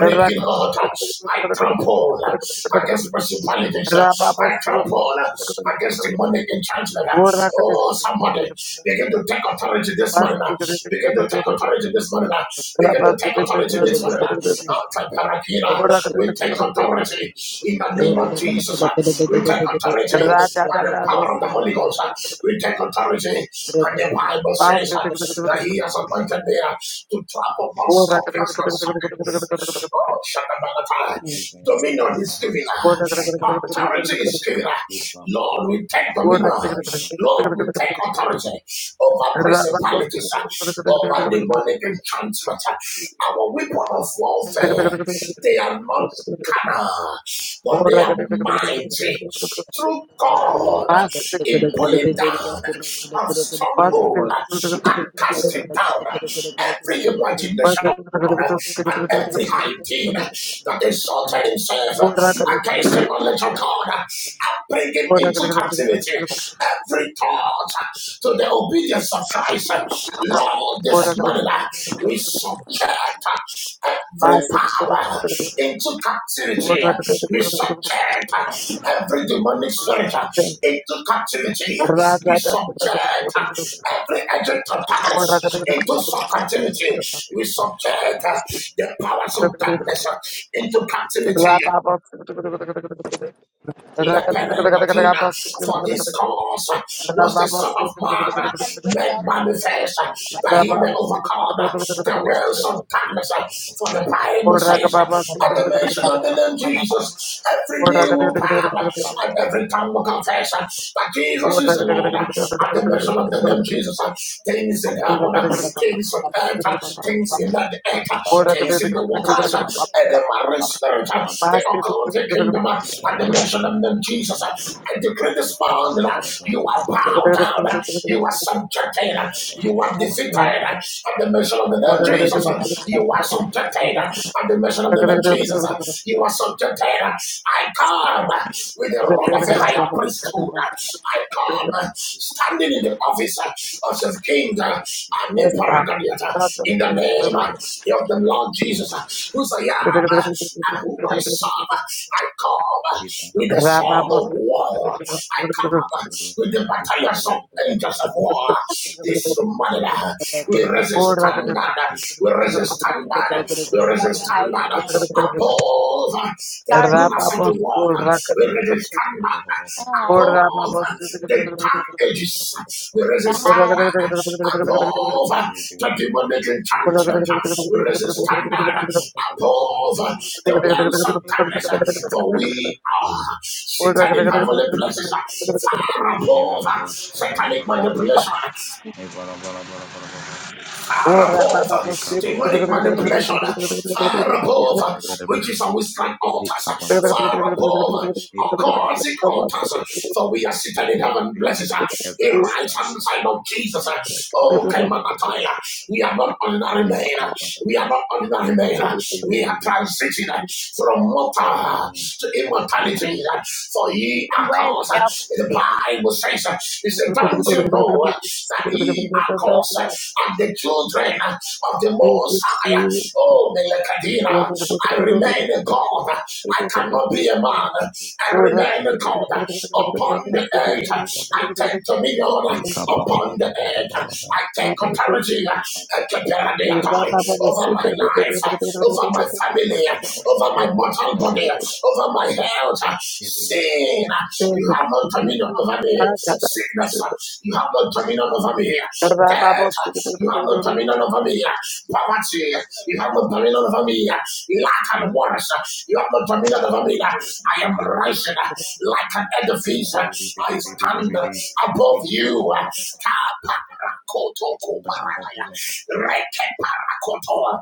A: Or
C: I trample against principalities. I trample against demonic enchantment. Oh, somebody,
A: racket.
C: begin to take authority this morning. Begin to take authority this morning.
A: Past
C: Begin to take authority
D: And
C: this morning. We take authority in the name of Jesus. We take authority by the power of the Holy Ghost. We take authority. And the Bible says that he has appointed there to travel upon scorpions and serpents. Oh, Shadabalata. Dominion is given. Authority is given. Lord, we take dominion. Lord, we take authority over principalities, over demonic enchantment. Our weapon of warfare, they are not carnal, but they are mighty through God in pulling down of
A: Pass.
C: stronghold and
A: the
C: casting down every imagination and every high thing that exalted himself against the knowledge of God and bringing into captivity every thought to the obedience of Christ. Lord, this morning, we subject every power into captivity. We subject every demonic spirit into captivity. We subject every agent of darkness into some captivity. We subject the powers of darkness into captivity. Leperendatina. For this
A: Pass.
C: cause uh,
A: Thank
C: was the Son of Man uh,
D: I gotta look
C: made
D: at work.
C: manifest uh,
D: That's
C: that
D: why
C: he
D: I'm
C: may overcome uh, the wills of darkness. uh, For the Bible says, uh, at the mention of the name Jesus, every knee will bow uh,
D: still look
C: and every tongue will
D: back.
C: confess uh, that Jesus is the Lord. uh, At the mention of the name Jesus, uh, things in heaven, uh, things on earth, uh, things in the earth, uh, things in the
D: Oh,
C: waters, uh,
D: okay.
C: and the marine spirit, uh, the occult kingdom. uh, at the mention of the name Jesus, I decree this morning, you are bowed down, you are subjected, you are defeated. At the mention of the name Jesus, you are subjected. At the mention of the name Jesus, you are subjected. I come with the robe of the higher priesthood. I
A: you.
C: come standing in the office of the king and the
A: Yes, God.
C: in the name of the Lord Jesus, who I am and who I serve. I come with the sword of war. I come with the battalions of angels of war. This morning, uh, we resist standard. uh, We resist standard. uh, We resist
D: Morning, how you
C: standard uh,
D: doing?
C: above uh, the
D: Sorry.
C: lunas of the world. uh, We resist standard
D: Hi.
C: above the dark ages, we resist
D: Hi.
C: standard above the demonic enchantment, we resist standard above the realms of darkness, for we are seated in heavenly places, far above satanic
A: Yes, God.
C: manipulation, far above
A: Thank
C: demonic manipulation,
D: Thank
C: far
D: you, love. Sorry
C: above
D: about that.
C: witches and wizard altars,
D: I,
C: far above occultic altars, for we are seated in heaven, blessed in the
A: you.
C: right hand side
D: um,
C: of Jesus. Oh, Kaimanataya, we are not ordinary men, we are not ordinary men, we are transiting from mortal to immortality, for ye are
D: where's
C: caused,
D: Elf
C: the
D: sit?
C: Bible says, he said, don't you know that ye are caused and the children of the Most High. Oh, Melchizedek, I remain a God. I cannot be a man. I remain a God upon the earth. I take dominion upon the earth. I take authority over my life, over my family, over my mortal body, over my health. Sin,
A: Yes,
C: you have no
A: God.
C: dominion over me. Sickness, you have no dominion over me. Death, you have no dominion over me. Poverty, you have no dominion over me. Lack and worse, you have no dominion over me. I am rising like an edifice. I stand above you. Kaparakotokoparanaya. Rekeparakotoa.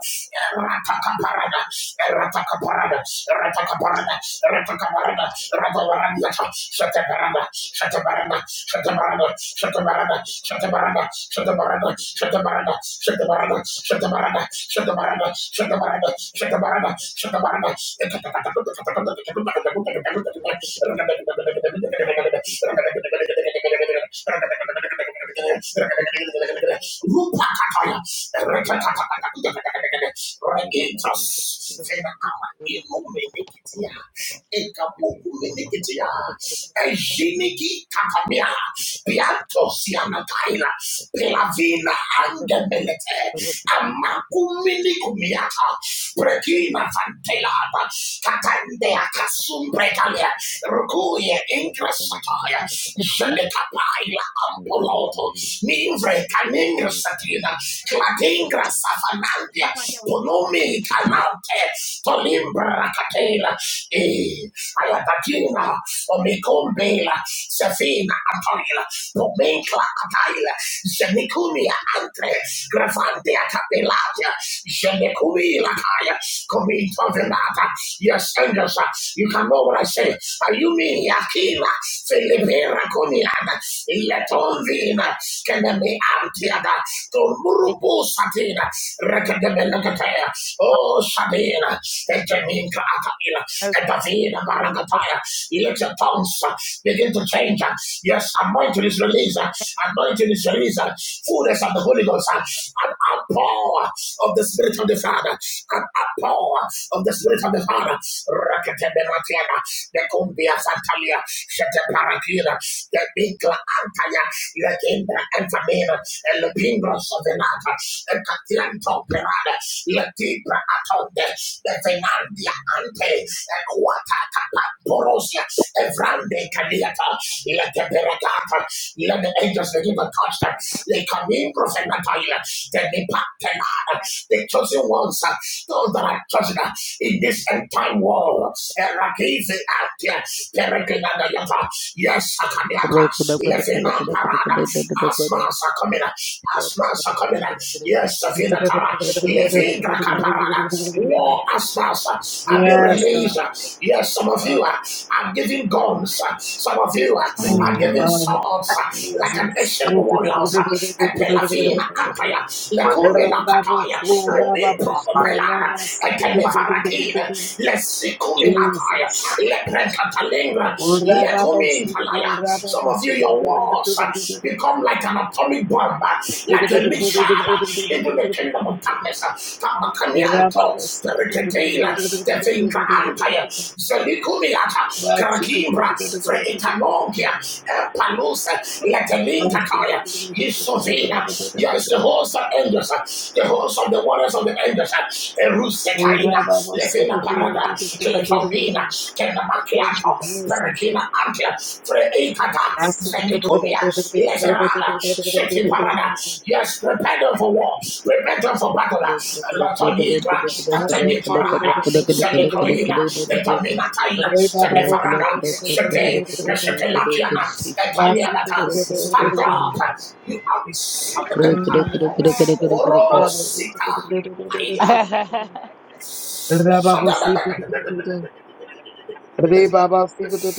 C: Eratakaparana. Ratakaparada, Ratakaparada, Ratakaparada, Ratavaranda, Shataparada, Shataparada, Shataparada, Shataparada, Shataparada, Shataparada, Shataparada, Shataparada, Shataparada, Shataparada, Shataparada, Shataparada, Shataparada, Shataparada, Rupakataya. Regentras. Fena ama ilumenekitia. Ekamuku menekitia. Ejiniki kakamia. Pianto siana kaila. Pelavina angemelete. Amakumini kumiata. Regina Fantelata, Catandea Casumbretalia, Ruguie Ingressataia,
D: Want something to eat?
C: Jedecapaila Ampoloto, Nivre Caningressatina, Cladingra Savanandia, Ponumi Canante, Tolimbra Catela, E Alatatina, Omicombela, Sefina Atoila, Pomencla Ataila, Semicumia Antre, Gravante Atapelatia, Jende Kumi Lakaya, Kumi Tovinata, yes, angels, uh, you can know what I say. Ayumi Yakila, Filipira Kuniada, Iletonvina, Kenemi Antiada, Tumurubu Satina, Rekademe Oh Sadina, Eteminka Akavila, Epavina Barakataya. You Let your tongues uh, begin to change. uh. Yes, anointing is released. uh, Anointing is released. uh, Fullness of the Holy Ghost. uh, An outpour of the Spirit of the Father. An outpour of the Spirit of the Father. Rakete Beratiana the Cumbia Santalia, Sheteparakila, the Bigla Antaya, Lekinda Enfamina, and the Pimbra Sovenata, the Catianto Pirada, Letibra Atonde, the Fernandia Ante, the Quatata Porosia, the Vrande Caliata, let the Berakata, let the angels begin to touch them. They come in, Prophet Natalia, then they pack them out. The chosen ones, uh, those that are chosen uh, in this end time war. Erakizi Atia, Peregrinada Yata, Yes, Sakamiata, Lefina Parada, Asma Sakamina, Asma Sakamina, Yes, Safina Tara, Lefina Parada, war answers uh, are being released. Uh, Yes, some of you
A: Fuck.
C: uh, are giving guns. Uh, Some of you
A: Thank
C: uh, are
A: you,
C: giving
A: Father.
C: swords uh, like an
A: Jesus.
C: ancient
A: Thank
C: warrior.
A: you.
C: Epelavina Apaya, Lekune Lakataya, Mubin Propelana, Etelevarakina, Lesikuminataya,
A: Jesus.
C: Lepretalingra, Lekumintalaya. Some of you, your walls become like an atomic bomb, uh, like a missile uh, into the kingdom of
A: Jesus.
C: darkness. uh,
A: Thank
C: Kamakamianto,
A: you,
C: Periketela, Stefinka Antaya, Zelikumiata, Karakimbra, Freitanogia, Palusa, Letelinkataya, Yisovina. Yes, the host of angels, uh, the host of the waters of the angels, Erusekaina, Lefina Parada, Kelek Tobina, Kenamakiato,
A: Jesus.
C: Perekina Antia, Freikata, Zenikumia, Leserada, Sheti Parada. Yes, prepare for war, prepare for battle. Lotonigra, Antonitorada, Zenicoina, Etomina Taina, Zenefarada, Shete, Shetelakiana,
D: Rock,
C: Etanianata. Stand up, you are the son of the empire. Orobo Sita, Paila.
A: Father, Re Baba Sikh Re Baba Sikh Masi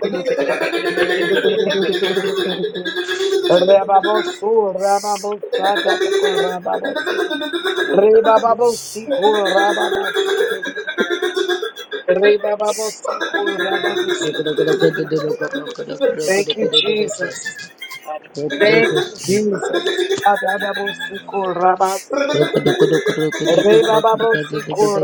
C: Thank
A: Re Baba Su Rama Bosa Rama Sikh Re Baba Sikh Rama Sikh Re Baba Sikh Rama Sikh Thank you, Jesus. Thank
C: you.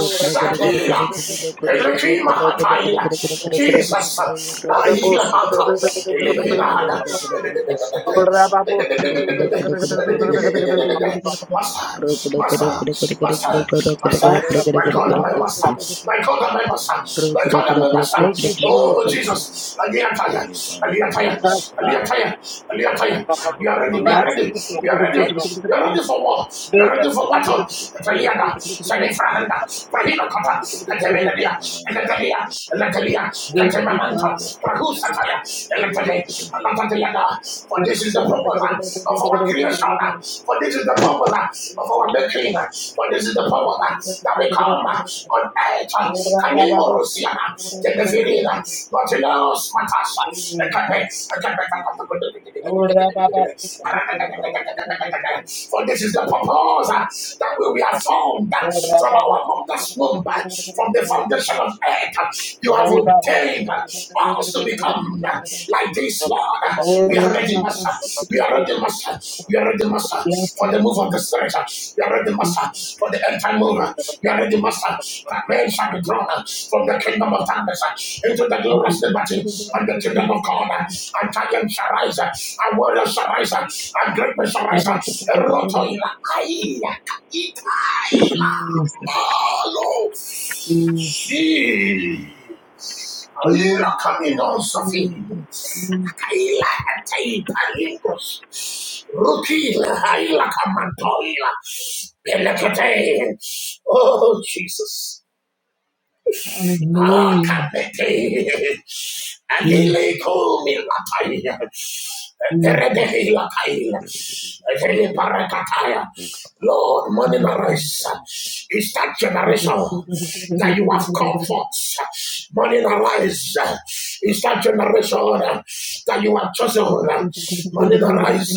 C: Shakia, Elohim Hataila, Jesus, Aila Hata, Elikinada, Master, Master, Master, Master, my God and my Master, my God and my Master,
D: We
C: my
D: worship you,
C: God and my
D: Hallelujah.
C: Master,
A: you,
C: oh
D: We
A: Jesus.
C: Jesus, Aliataya, Aliataya, Aliataya, Aliataya, we are ready, we are ready, we are ready, we are ready for war, we're ready for battle. Taliana, Salifahanda, Pahila Kata,
A: Thank
C: Katemelia, Elatelia, Elatelia,
A: you,
C: Katemamanta,
A: Father.
C: Prahusataya, Elatele, Alatatiana. For this is the purpose of our creation. For this is the purpose of our making. For this is the purpose that we come on earth. Kanimo Rosiana, Teneferina, not in us, Matasha, Ekape, Ekape, for this is the purpose uh, that we we are formed uh, from our mother's womb, uh, from the foundation of earth. uh, You have ordained uh, us to become uh, like this, Lord. Uh, We are ready, Master. We are ready, Master. We are ready, Master,
A: Yes,
C: for the
A: sir.
C: move of the Spirit. uh, We are ready, Master,
A: Yes,
C: for the end time move. uh, We are ready, Master, that men shall be drawn uh, from the kingdom of darkness uh, into the
A: Jesus, Jesus,
C: glorious liberty liberty and the children
A: Jesus,
C: of God. And giants shall rise, and warriors shall rise, and great men shall rise. Eroto ila aila ita ila malo. See. Ila
A: Jesus,
C: camino sofi. Ila atei palingos. Rukila aila kamatoila. Belekete. Oh, Jesus.
A: Hallelujah,
C: Akamete.
A: Jesus,
C: Adileko milataya.
A: Jesus.
C: Peredehi lakaila. Adele parakataya. Lord, morning arise. is that generation that you have come Money Morning arise. is that generation that you have chosen. Morning arise.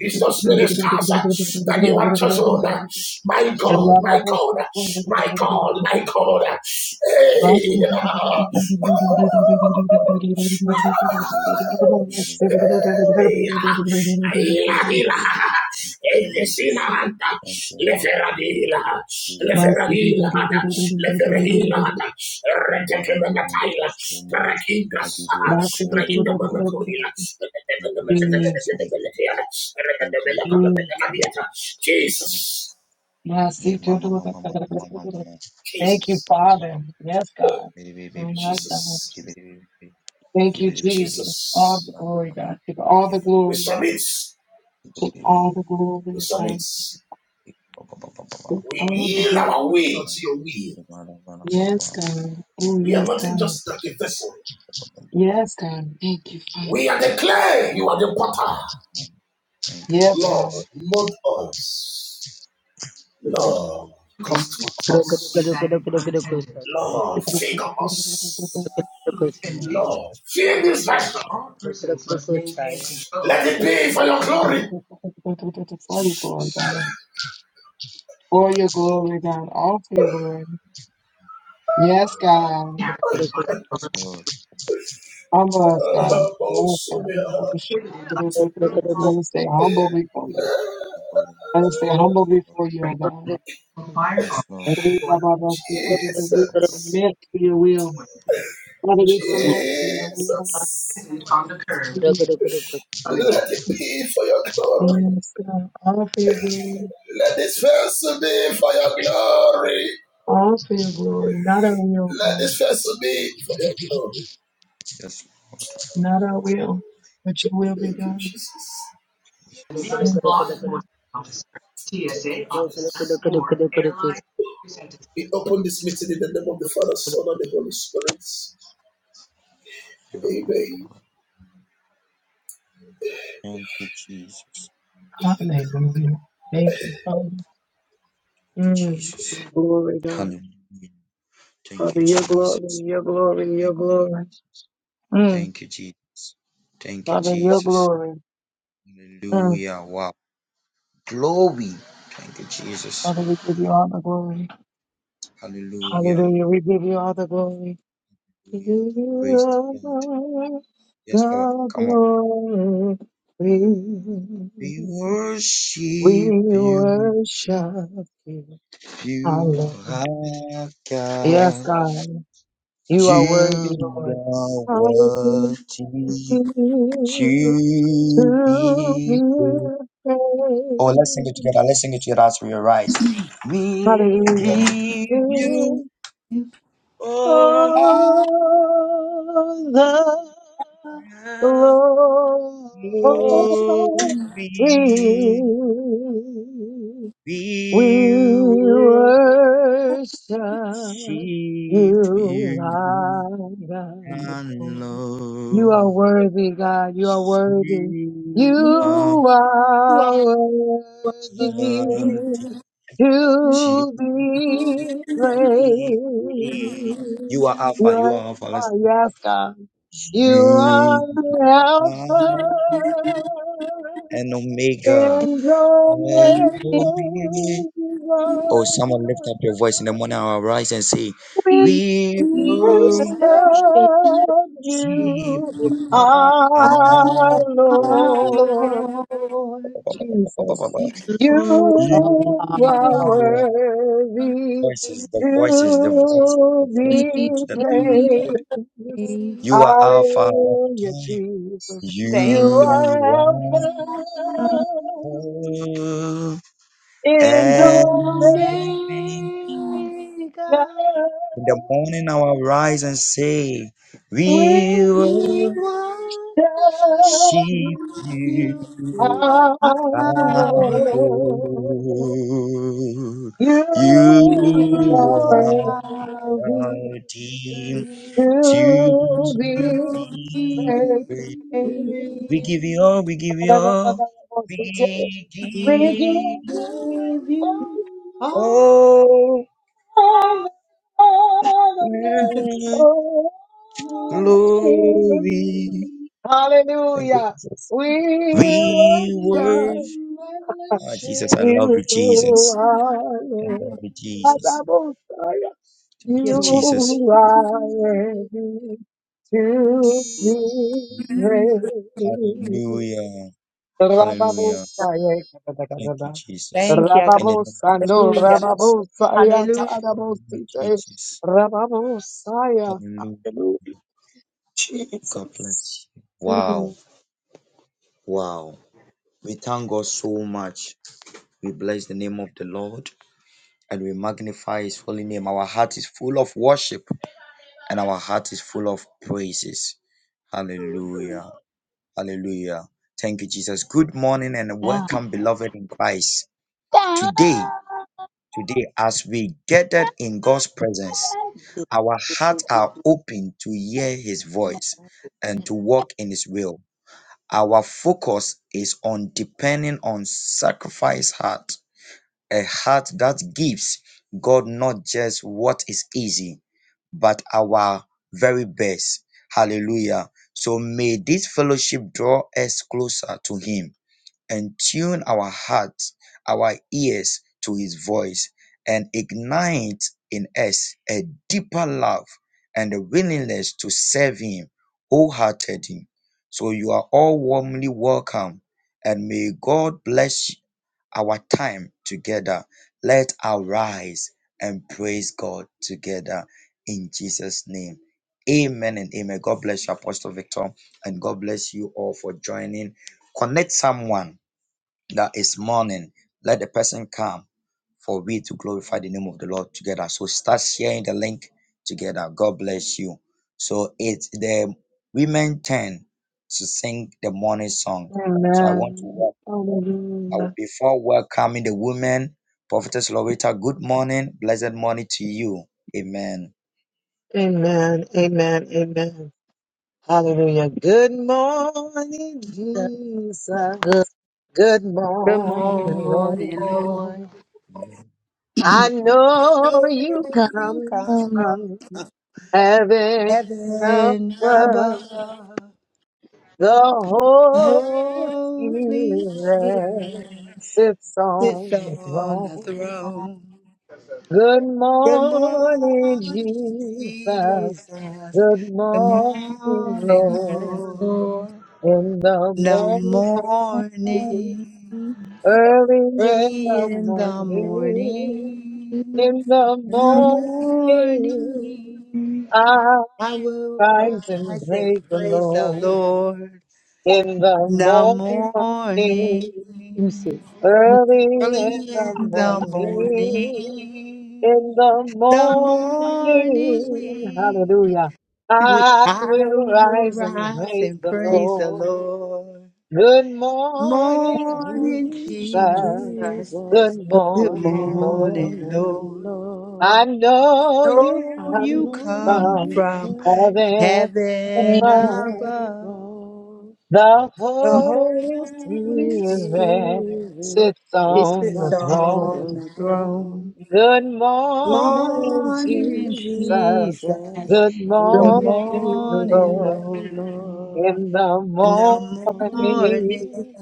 C: is those ministers that you have chosen. My God, my God, my my
A: Mm.
C: God, my God. Hey,
A: Thank you,
C: Leferadila, Leferadila, Leferadila, Leferadila, Retekemanaila, Parakigas, Prainamanakorila, Jesus, Jesus,
A: Father. Yes, God. Oh, my God.
C: Jesus.
A: Thank you, Jesus. All
C: Jesus.
A: the glory, God. Take all the
C: We
A: glory.
C: submit.
A: Take all the
C: We
A: glory,
C: submit.
A: God. Take
C: We
A: all the
C: yield our
A: glory.
C: will to your will.
A: Yes, God. Oh,
C: We are
A: yes,
C: not
A: God.
C: just like a vessel.
A: Yes, God. Thank you, Father.
C: We are the clay. You are the potter.
A: Yes, God.
C: Lord, mold us. Lord, construct us. Lord,
A: For
C: figure us. Lord, fill this vessel. Let it be for your glory. <laughs>
A: your glory, God. For your glory, God. All for your glory. Yes, God. Humble us, God.
C: Oh,
A: Yes,
C: so
A: God. Let us stay humble before you. Let us stay humble before you, oh God. We
C: Jesus.
A: submit to your will. Father, we submit to your will.
C: Jesus.
A: Yes,
C: Let it be for your glory.
A: God. All for your glory.
C: Let this vessel be for your glory.
A: All for your glory, not our will,
C: Let
A: God,
C: this vessel be for your glory.
A: not our will, but your will be
C: Thank you,
A: done.
C: Jesus. Thank you, Jesus. We open this meeting in the name of the Father, Son, and the Holy Spirit. Amen.
A: Hallelujah. Thank you, Father. Mm. Your glory, God. Father, your glory, your glory, your glory. Mm. Father, your glory. Mm. Father, we give you all the glory. Hallelujah. We give you all the glory. We give you all the the glory. We worship you. Hallelujah. Yes, God. You are worthy, Lord. Hallelujah. To be praised.
E: You ever
A: Hallelujah. In all the glory,
E: for me.
A: we worship you, my God. You are worthy, God. You are worthy. You
E: You
A: are
E: are worthy
A: worthy
E: to be
A: to be praised.
E: praised.
A: You are, oh, yes, God. You are Alpha and Omega. We serve you, our
E: Ah, Lord, you
A: Lord
E: are worthy.
A: Jesus. You are worthy to
D: give
A: be
D: you
A: praised.
D: praise,
A: Hallelujah, Jesus. You
E: Thank you.
A: are Alpha and
E: And
A: Omega.
E: Omega,
A: without
E: you are.
A: you,
E: you.
A: our
E: I love you.
A: Lord. You are
E: I
A: worthy
E: worship
A: to be
E: you. Be
A: praised.
E: praised.
A: We give you all
E: you all
A: the glory.
E: glory.
A: Hallelujah. We worship you, Hallelujah. Adabosaya.
E: Thank you,
A: You are
F: Worship
A: worthy
E: Lord.
A: to be praised.
F: Amen.
A: Rababosaya kadadakadada.
E: Thank you, God.
A: Rababosando,
E: Hallelujah.
A: rababosaya
E: Hallelujah.
A: tadabosite. Rababosaya. Hallelujah, Jesus. Amen. Hallelujah. Amen. Amen. Amen. Hallelujah. Good morning, Jesus.
D: Father.
A: Good
E: Good
A: morning, Lord.
E: morning,
D: Lord.
E: Lord.
A: I know you
D: Come,
E: Knowing you
A: come
E: come
A: from heaven
E: heaven
A: above.
E: above.
A: The Holy
E: Holy
A: Spirit
E: Spirit
A: sits
E: sits
A: on the
E: on the
A: throne.
E: throne.
A: Good
E: Good
A: morning,
E: morning,
A: Jesus.
E: Jesus.
A: Good
E: Good
A: morning,
E: morning,
A: Lord.
E: Lord.
A: In the
E: The
A: morning,
E: morning,
A: early in
E: early
A: the
E: in the
A: morning,
E: morning,
A: in the
E: in the
A: morning,
E: morning,
A: I will
E: I will
A: rise and
E: rise and
A: praise the
E: praise the
A: Lord.
E: Lord.
A: In the
E: The
A: morning,
D: you
E: morning.
D: said.
A: Early
E: Early
A: in the
E: in the
A: morning,
E: morning,
A: in the
E: the
A: morning,
E: morning,
A: hallelujah. I
E: I
A: will
E: will
A: rise and
E: rise
A: praise
E: and
A: the
E: praise the
A: Lord.
E: Lord.
A: Good morning,
E: Morning,
A: Jesus.
E: Jesus.
A: Good
E: Good
B: morning,
A: morning, Lord.
E: morning, Lord.
B: Lord.
A: I know you
E: Know you
A: come
E: come
B: And
A: from
B: you
E: from
B: come
A: heaven
D: Yes.
E: heaven
A: above.
B: and
E: above.
B: above
A: The
E: The
A: Holy
E: Holy Spirit
A: Spirit
B: it
A: sits
D: Good,
B: is
A: on
E: sits
A: the
B: on
A: throne.
E: on
B: the
E: the
B: throne.
E: throne.
A: Good
B: Good
A: morning,
B: morning,
E: Morning,
A: Jesus.
E: Jesus.
B: Jesus.
A: Good
B: Good
E: The
D: mo-
A: morning,
E: morning,
A: Lord.
E: Lord,
B: morning, Lord.
A: In the
E: in the
A: morning,
E: morning,
B: Morning,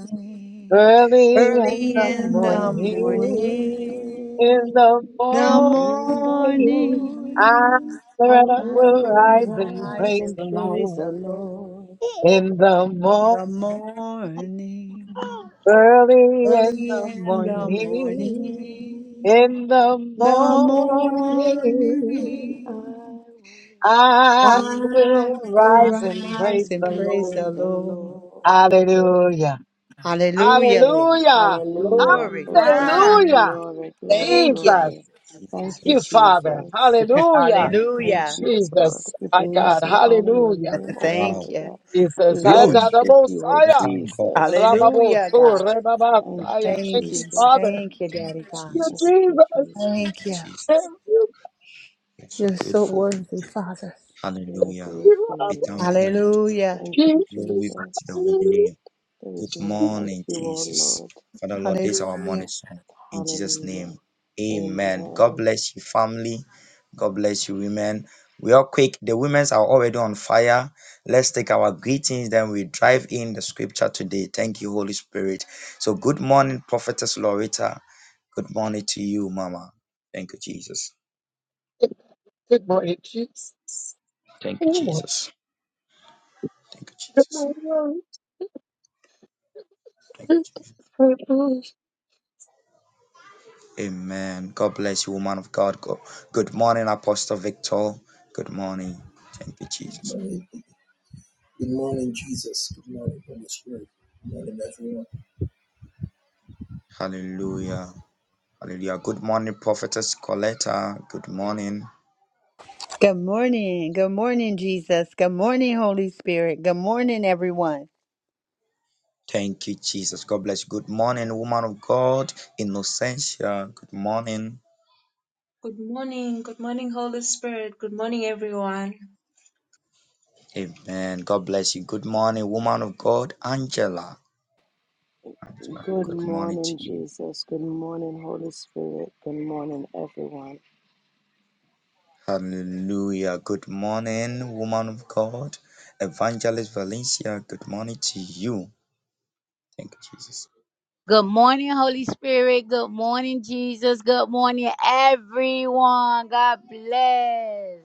A: early in
E: early
B: early
A: the
E: in
B: in the
E: the
A: morning,
E: morning,
A: in the
B: morning.
E: the
B: In the
A: morning, I
E: morning,
B: morning, I
E: I
A: will
E: will
B: will
A: rise and
E: rise
B: rise
A: praise
B: and
E: and
A: the
B: praise
E: praise
A: Lord.
B: the
E: the Lord.
B: Lord.
A: In the morning,
E: The morning,
A: early in
E: early
A: the
E: in
B: The
E: the
A: morning,
E: morning,
B: morning,
A: in the
B: the
E: the morning,
B: morning, I will
A: morning. I will
E: I will
A: rise and
B: rise
E: rise
A: praise
E: and
A: the
B: and
E: praise
A: Lord.
B: praise
E: the
B: the
E: Lord.
B: Lord.
A: Hallelujah.
B: Praise
E: Hallelujah, Lord.
B: God.
A: Hallelujah.
B: Hallelujah.
E: Glory.
B: Praise God.
A: Hallelujah.
B: Glory, glory,
E: Thank
A: Jesus.
E: you.
B: glory. Thank
A: Thank
B: you,
A: you,
E: Jesus.
A: Father.
B: Jesus.
A: Hallelujah.
B: We thank
E: Hallelujah.
B: you, Lord.
A: Jesus,
B: We
A: my
B: bless
A: God.
B: and honor your
A: Hallelujah.
B: name,
E: <laughs>
B: O
E: Thank
B: Father
E: you.
B: God. We
A: Jesus.
B: worship you, O
A: Atadabosaya.
B: Jesus.
E: Hallelujah,
A: Rababosu,
E: God.
B: Thank
A: rebabasaya.
B: you,
A: Thank
E: Thank
A: you,
E: you.
B: Jesus.
A: Father.
E: Thank you, Daddy God.
A: Thank you,
B: Thank you,
A: Jesus.
E: Thank
B: Jesus.
E: you.
A: Thank you,
E: You're so worthy, Father.
B: We are grateful, O
A: Father.
B: Lord.
E: Hallelujah.
B: Thank you,
A: Jesus.
B: Jesus.
A: Hallelujah.
B: There is no one like you, O Lord.
E: Hallelujah.
B: Hallelujah. Amen.
A: Good morning, Jesus. Good morning.
C: Good morning, Good morning, Jesus. Good morning, Holy Spirit. Good morning, everyone.
E: Good morning. Good morning, Jesus. Good morning, Holy Spirit. Good morning, everyone.
F: Good morning. Good morning, Holy Spirit. Good morning, everyone.
B: Good morning, Jesus. Good morning, Holy Spirit. Good morning, everyone.
D: good morning, Holy Spirit. Good morning, Jesus. Good morning, everyone. God bless.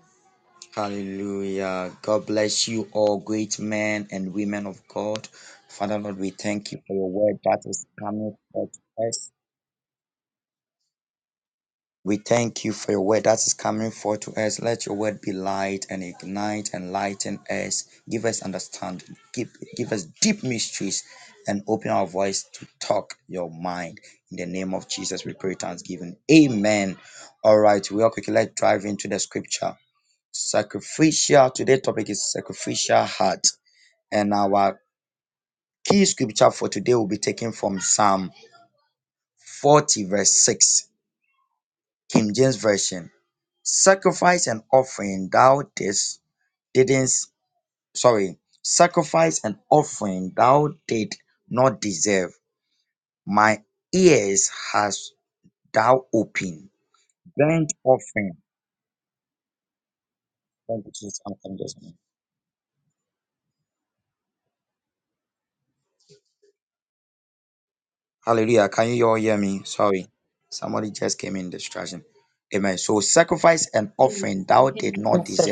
F: Yes, we can hear.
E: Yes, sir.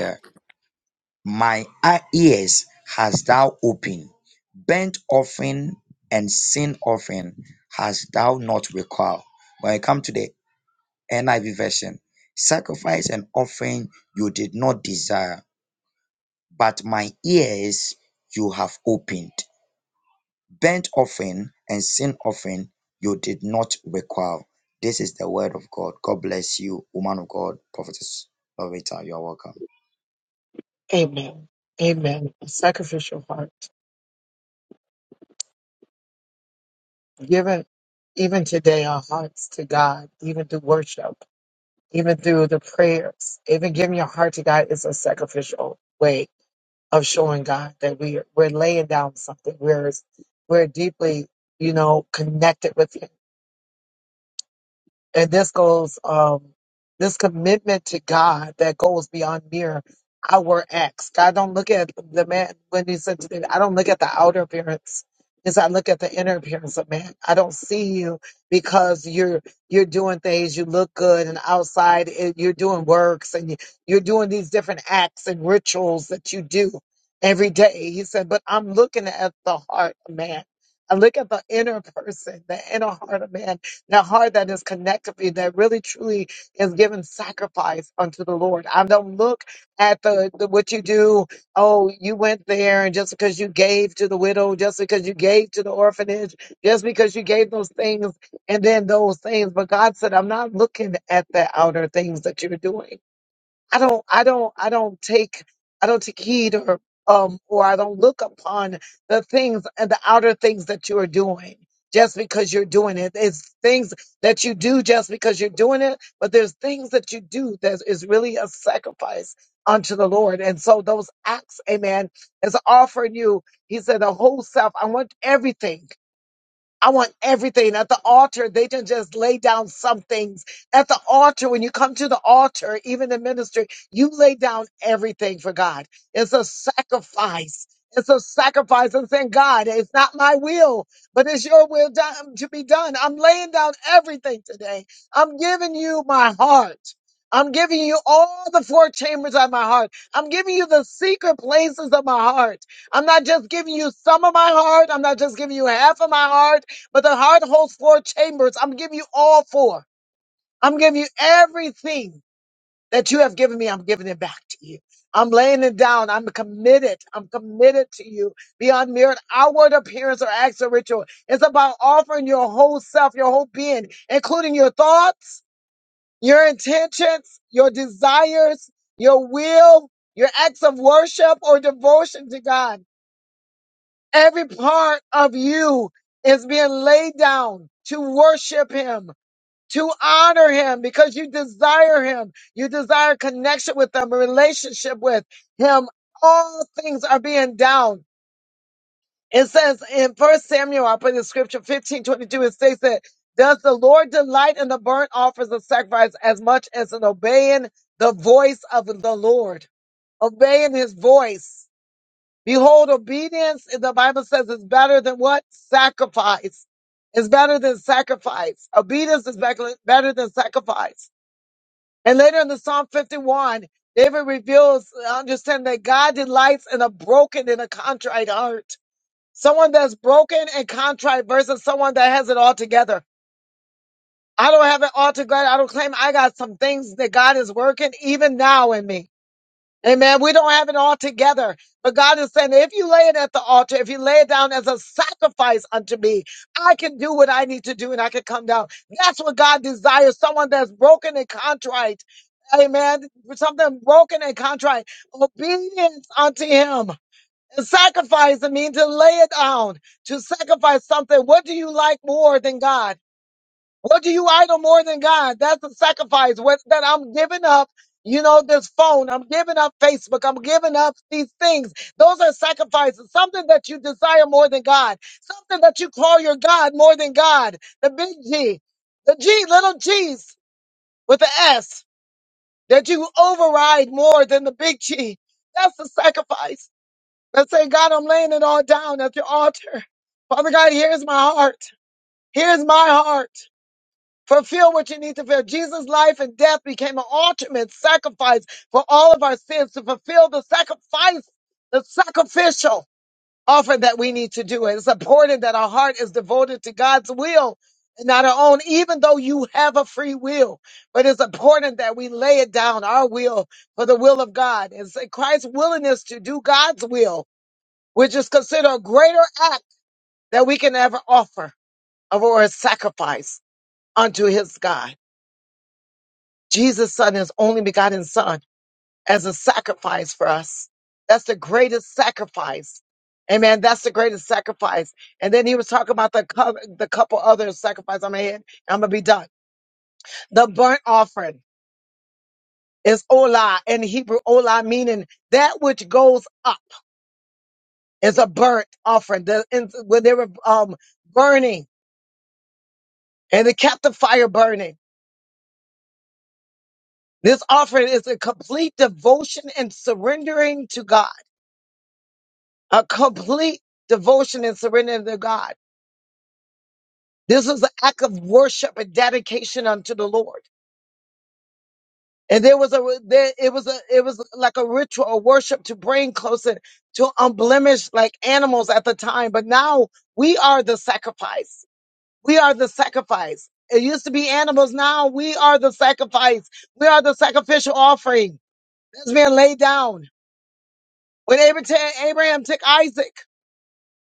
A: Amen. Amen. A sacrificial heart. Given even today our hearts to God, even through worship, even through the prayers, even giving your heart to God is a sacrificial way of showing God that we we're laying down something. We're we're deeply, you know, connected with Him And this goes, um, this commitment to God that goes beyond mere outward acts. God don't look at the man when he said, to them, I don't look at the outer appearance. Is I look at the inner appearance of man. I don't see you because you're you're doing things. You look good, and outside it, you're doing works, and you- you're doing these different acts and rituals that you do every day. He said, but I'm looking at the heart of man. I look at the inner person, the inner heart of man that heart that is connected with that really truly is giving sacrifice unto the Lord. I don't look at the, the what you do. Oh, you went there, and just because you gave to the widow, just because you gave to the orphanage, just because you gave those things, and then those things. But God said, I'm not looking at the outer things that you're doing. I don't I don't I don't take I don't take heed or um or I don't look upon the things and the outer things that you are doing just because you're doing it. It's things that you do just because you're doing it, but there's things that you do that is really a sacrifice unto the Lord. And so those acts, amen, is offering you, he said, the whole self. I want everything. I want everything at the altar. They can just lay down some things at the altar. When you come to the altar, even in ministry, you lay down everything for God. It's a sacrifice. It's a sacrifice and saying, God, it's not my will, but it's your will done, to be done. I'm laying down everything today. I'm giving you my heart. I'm giving you all the four chambers of my heart. I'm giving you the secret places of my heart. I'm not just giving you some of my heart. I'm not just giving you half of my heart. But the heart holds four chambers. I'm giving you all four. I'm giving you everything that you have given me. I'm giving it back to you. I'm laying it down. I'm committed. I'm committed to you beyond mere outward appearance or acts or ritual. It's about offering your whole self, your whole being, including your thoughts, your intentions, your desires, your will, your acts of worship or devotion to God. Every part of you is being laid down to worship Him to honor him because you desire him. You desire connection with him, a relationship with him. All things are being down. It says in First Samuel, I put in scripture fifteen twenty two. it states that, Does the Lord delight in the burnt offerings of sacrifice as much as in obeying the voice of the Lord? Obeying his voice. Behold, obedience, and the Bible says, is better than what? Sacrifice. It's better than sacrifice. Obedience is better better than sacrifice. And later in the Psalm 51, David reveals, uh, understand that God delights in a broken and a contrite heart. Someone that's broken and contrite versus someone that has it all together. I don't have it all together. I don't claim I got some things that God is working even now in me. Amen. We don't have it all together. But God is saying, if you lay it at the altar, if you lay it down as a sacrifice unto me, I can do what I need to do and I can come down. That's what God desires. Someone that's broken and contrite. Amen. Something broken and contrite. Obedience unto him. And sacrifice, I mean, to lay it down, to sacrifice something. What do you like more than God? What do you idol more than God? That's a sacrifice. What that I'm giving up, you know, this phone, I'm giving up Facebook, I'm giving up these things. Those are sacrifices. Something that you desire more than God. Something that you call your God more than God. The big G. The G, little G's with the S that you override more than the big G. That's the sacrifice. Let's say, God, I'm laying it all down at your altar. Father God, here's my heart. Here's my heart. Fulfill what you need to fulfill. Jesus' life and death became an ultimate sacrifice for all of our sins to fulfill the sacrifice, the sacrificial offer that we need to do. It's important that our heart is devoted to God's will and not our own, even though you have a free will. But it's important that we lay it down, our will, for the will of God. It's Christ's willingness to do God's will, which is considered a greater act that we can ever offer of our sacrifice unto his God. Jesus' son, his only begotten son, as a sacrifice for us. That's the greatest sacrifice. Amen. That's the greatest sacrifice. And then he was talking about the, co- the couple other sacrifice. I'm ahead. I'm going to be done. The burnt offering is olah in Hebrew, olah meaning that which goes up is a burnt offering. The, and when they were um, burning and they kept the fire burning, this offering is a complete devotion and surrendering to God. a complete devotion and surrender to God. This was an act of worship and dedication unto the Lord. And there was a there, it was a it was like a ritual a worship to bring closer to unblemished like animals at the time. But now we are the sacrifice. We are the sacrifice. It used to be animals. Now we are the sacrifice. We are the sacrificial offering that's being laid down. When Abraham, Abraham took Isaac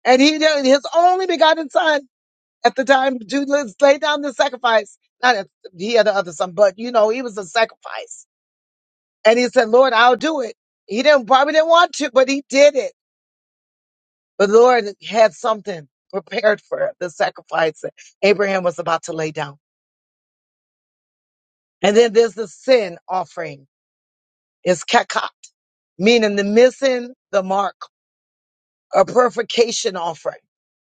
A: and he did his only begotten son at the time to let's lay down the sacrifice. Not if he had the other son, but you know, he was a sacrifice. And he said, Lord, I'll do it. He didn't probably didn't want to, but he did it. But Lord had something prepared for the sacrifice that Abraham was about to lay down. And then there's the sin offering. It's kakat, meaning the missing the mark, a purification offering,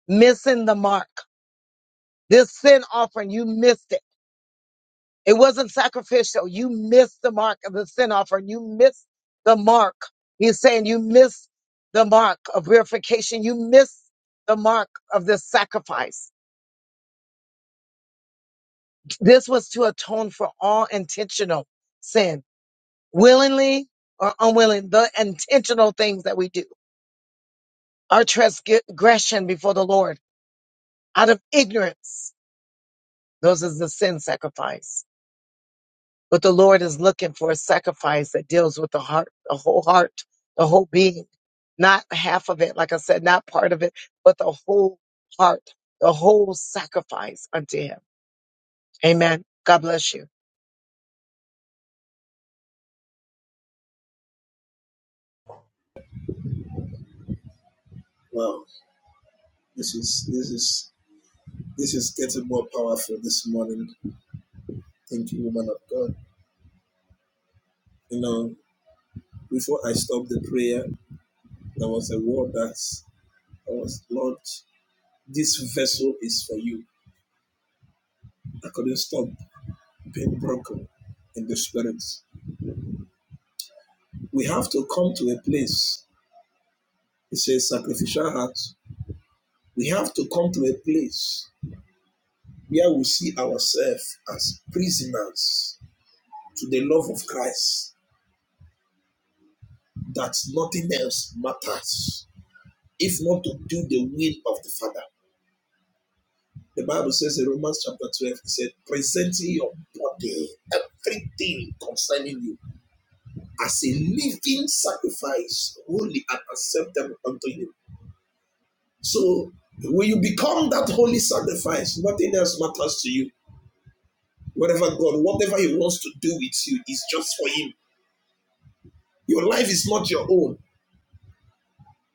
A: missing the mark. This sin offering, you missed it. It wasn't sacrificial. You missed the mark of the sin offering. You missed the mark. He's saying you missed the mark of purification. You missed the mark of this sacrifice. This was to atone for all intentional sin, willingly or unwilling, the intentional things that we do. Our transgression before the Lord out of ignorance. Those is the sin sacrifice But the Lord is looking for a sacrifice that deals with the heart, the whole heart, the whole being, not half of it, like I said, not part of it, but the whole heart, the whole sacrifice unto Him. Amen. God bless you.
C: Wow, this is this is this is getting more powerful this morning. Thank you, woman of God. You know, before I stopped the prayer, there was a word that Oh, Lord, this vessel is for you. I couldn't stop being broken in the spirit. We have to come to a place, it's a sacrificial heart. We have to come to a place where we see ourselves as prisoners to the love of Christ, that nothing else matters, if not to do the will of the Father. The Bible says in Romans chapter 12, it said, presenting your body, everything concerning you as a living sacrifice, holy and acceptable unto you. So when you become that holy sacrifice, nothing else matters to you. Whatever God, whatever He wants to do with you is just for Him. Your life is not your own.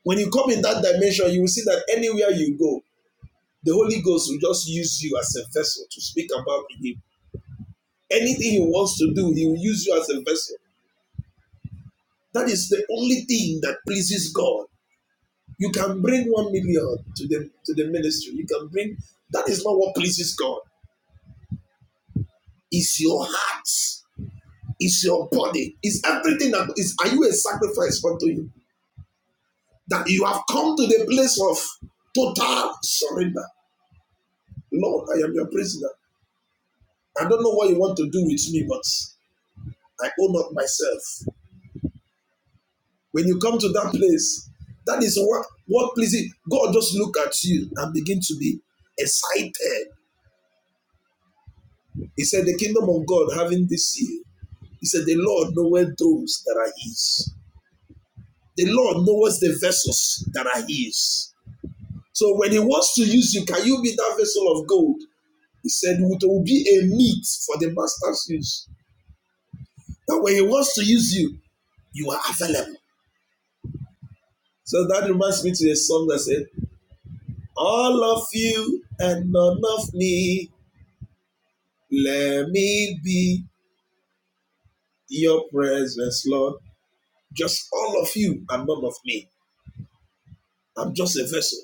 C: When you come in that dimension, you will see that anywhere you go, the Holy Ghost will just use you as a vessel to speak about Him. Anything He wants to do, He will use you as a vessel. That is the only thing that pleases God You can bring one million to the to the ministry. You can bring that is not what pleases God. It's your heart, it's your body, it's everything that is are you a sacrifice unto you? That you have come to the place of total surrender. Lord, I am your prisoner. I don't know what you want to do with me, but I own up myself. When you come to that place, that is what what pleases God. Just look at you and begin to be excited. He said, "The kingdom of God having this seal." He said, The Lord knoweth those that are his. The Lord knoweth the vessels that are his. So when he wants to use you, can you be that vessel of gold? He said, It will be a meat for the master's use. That when he wants to use you, you are available. So that reminds me to a song that said, All of you and none of me, let me be your presence, Lord. Just all of you and none of me. I'm just a vessel.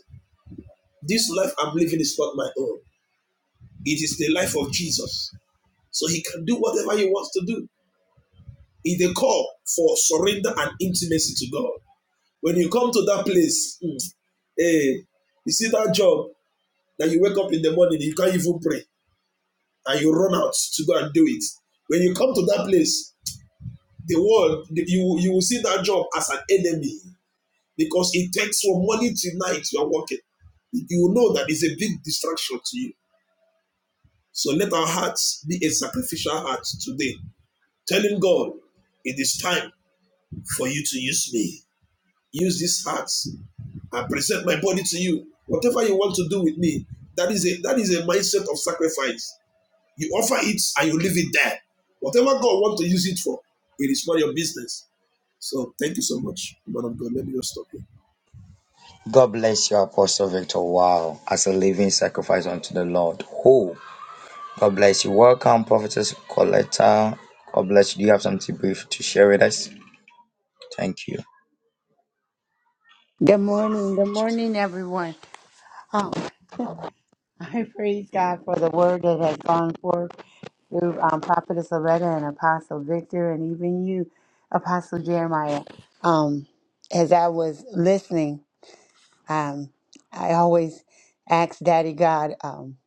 C: This life I'm living is not my own. It is the life of Jesus. So he can do whatever he wants to do. It's a call for surrender and intimacy to God. When you come to that place, mm, eh, you see that job that you wake up in the morning, you can't even pray, and you run out to go and do it. When you come to that place, the world, you, you will see that job as an enemy because it takes from morning to night you are working. You will know that it's a big distraction to you. So let our hearts be a sacrificial heart today Telling God, it is time for you to use me. Use this heart I present my body to you. Whatever you want to do with me, that is a that is a mindset of sacrifice. You offer it and you leave it there. Whatever God wants to use it for, it is not your business. So thank you so much, man of God. Let me just stop here.
E: Good morning. Good morning, everyone. Oh, I praise God for the word that has gone forth. through um, Prophetess Loretta and Apostle Victor and even you, Apostle Jeremiah. Um, as I was listening, um, I always asked Daddy God um,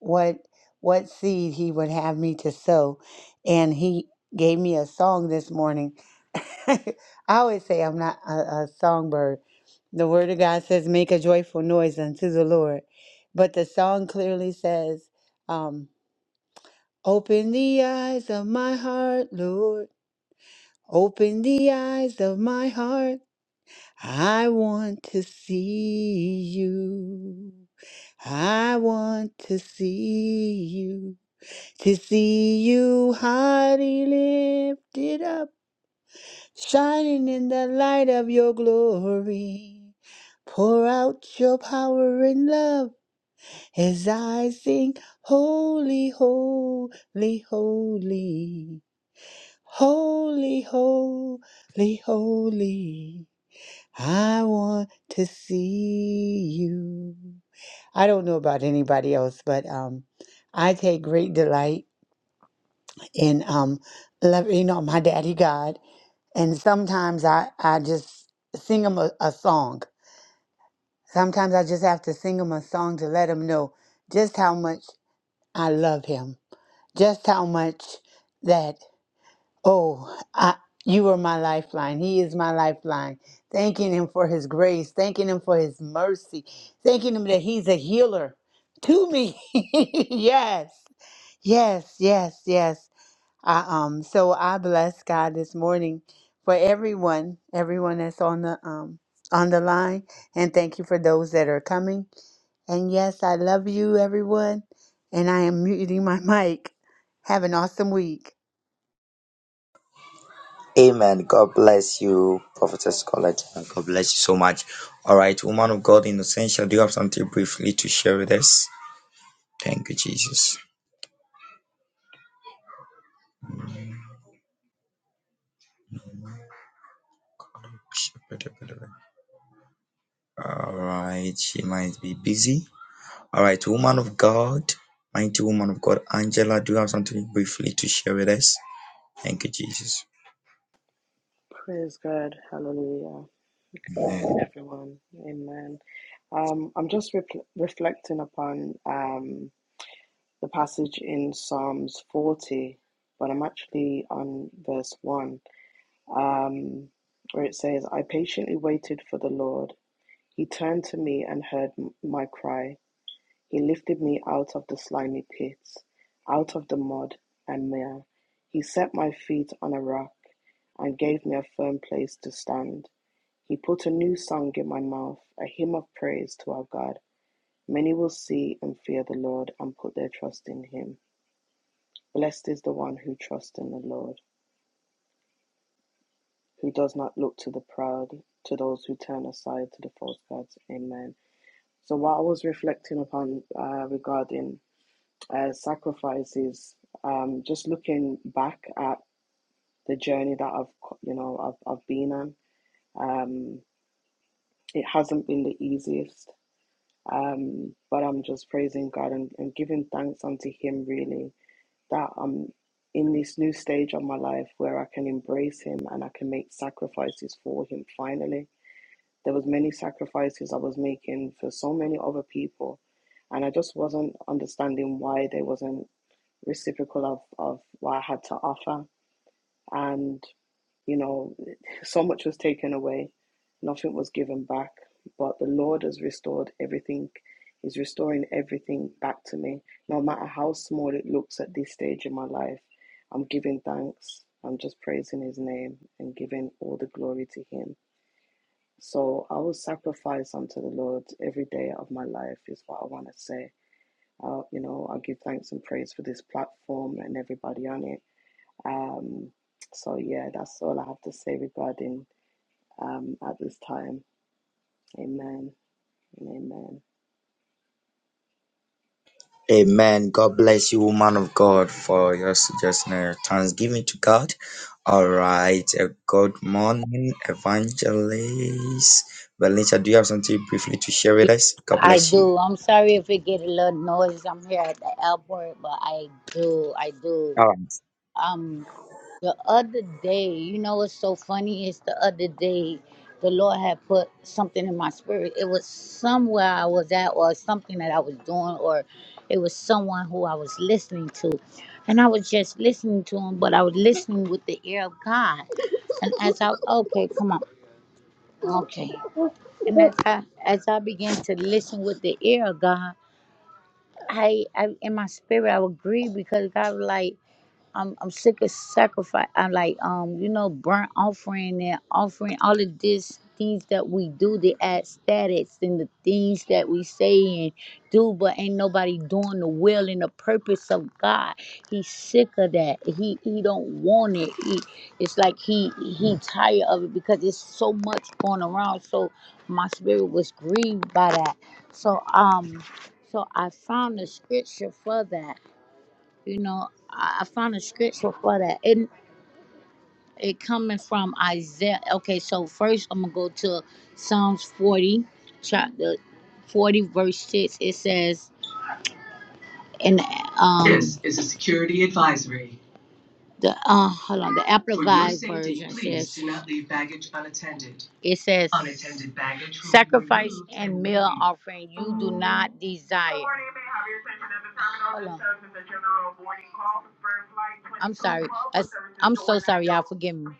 E: what what seed He would have me to sow, and He gave me a song this morning. <laughs> I always say I'm not a, a songbird. The Word of God says, "Make a joyful noise unto the Lord," but the song clearly says. Um, Open the eyes of my heart, Lord. Open the eyes of my heart. I want to see you. I want to see you. To see you highly lifted up, shining in the light of your glory. Pour out your power and love as I sing, Holy, Holy, Holy. Holy, holy, holy. I want to see you. I don't know about anybody else, but um, I take great delight in um, love, you know, my daddy God. And sometimes I, I just sing him a, a song. Sometimes I just have to sing him a song to let him know just how much I love him, just how much. that. Oh, I, you are my lifeline. He is my lifeline. Thanking him for his grace, thanking him for his mercy, thanking him that he's a healer to me. <laughs> yes, yes, yes, yes. I, um, so I bless God this morning for everyone, everyone that's on the um on the line, and thank you for those that are coming. And yes, I love you, everyone. And I am muting my <laughs> mic. Have an awesome week.
B: Praise God. Hallelujah. Good morning, everyone. Amen. Um, I'm just re- reflecting upon um, the passage in Psalms 40, but I'm actually on verse 1, um, where it says, I patiently waited for the Lord. He turned to me and heard m- my cry. He lifted me out of the slimy pits, out of the mud and mire. He set my feet on a rock and gave me a firm place to stand. He put a new song in my mouth, a hymn of praise to our God. Many will see and fear the Lord and put their trust in him. Blessed is the one who trusts in the Lord, who does not look to the proud, to those who turn aside to the false gods. Amen. So, what I was reflecting upon uh, regarding as sacrifices. Um, just looking back at the journey that I've, you know, I've, I've been on, um, it hasn't been the easiest. Um, but I'm just praising God and, and giving thanks unto Him, really, that I'm in this new stage of my life where I can embrace Him and I can make sacrifices for Him. Finally, there was many sacrifices I was making for so many other people, and I just wasn't understanding why they wasn't reciprocal of, of what I had to offer. And, you know, so much was taken away, nothing was given back. But the Lord has restored everything. He's restoring everything back to me. No matter how small it looks at this stage in my life, I'm giving thanks. I'm just praising His name and giving all the glory to Him. So I will sacrifice unto the Lord every day of my life, is what I want to say. I'll you know, I will give thanks and praise for this platform and everybody on it um, so yeah, that's all I have to say regarding um, at this time. Amen. and Amen.
D: I do. I'm sorry if it get a little noise. I'm here at the airport, but I do. I do. Um, The other day, you know what's so funny is the other day the Lord had put something in my spirit. It was somewhere I was at or something that I was doing or it was someone who I was listening to. And I was just listening to him, but I was listening with the ear of God. And as I okay, come on. Okay. And as I as I began to listen with the ear of God, I, I in my spirit I would grieve because God was like I'm I'm sick of sacrifice. I'm like um you know burnt offering and offering all of this things that we do to add status and the things that we say and do, but ain't nobody doing the will and the purpose of God. He's sick of that. He he don't want it. He, it's like he he tired of it because it's so much going around. So my spirit was grieved by that. So um so I found the scripture for that you know i, I found a scripture for that and it coming from isaiah okay so first i'm gonna go to psalms 40 chapter 40 verse 6 it says and um the uh, hold on. The For amplified version says it says sacrifice meal offering you do not desire. Hold on. I'm sorry. I, am so sorry, y'all. Forgive me.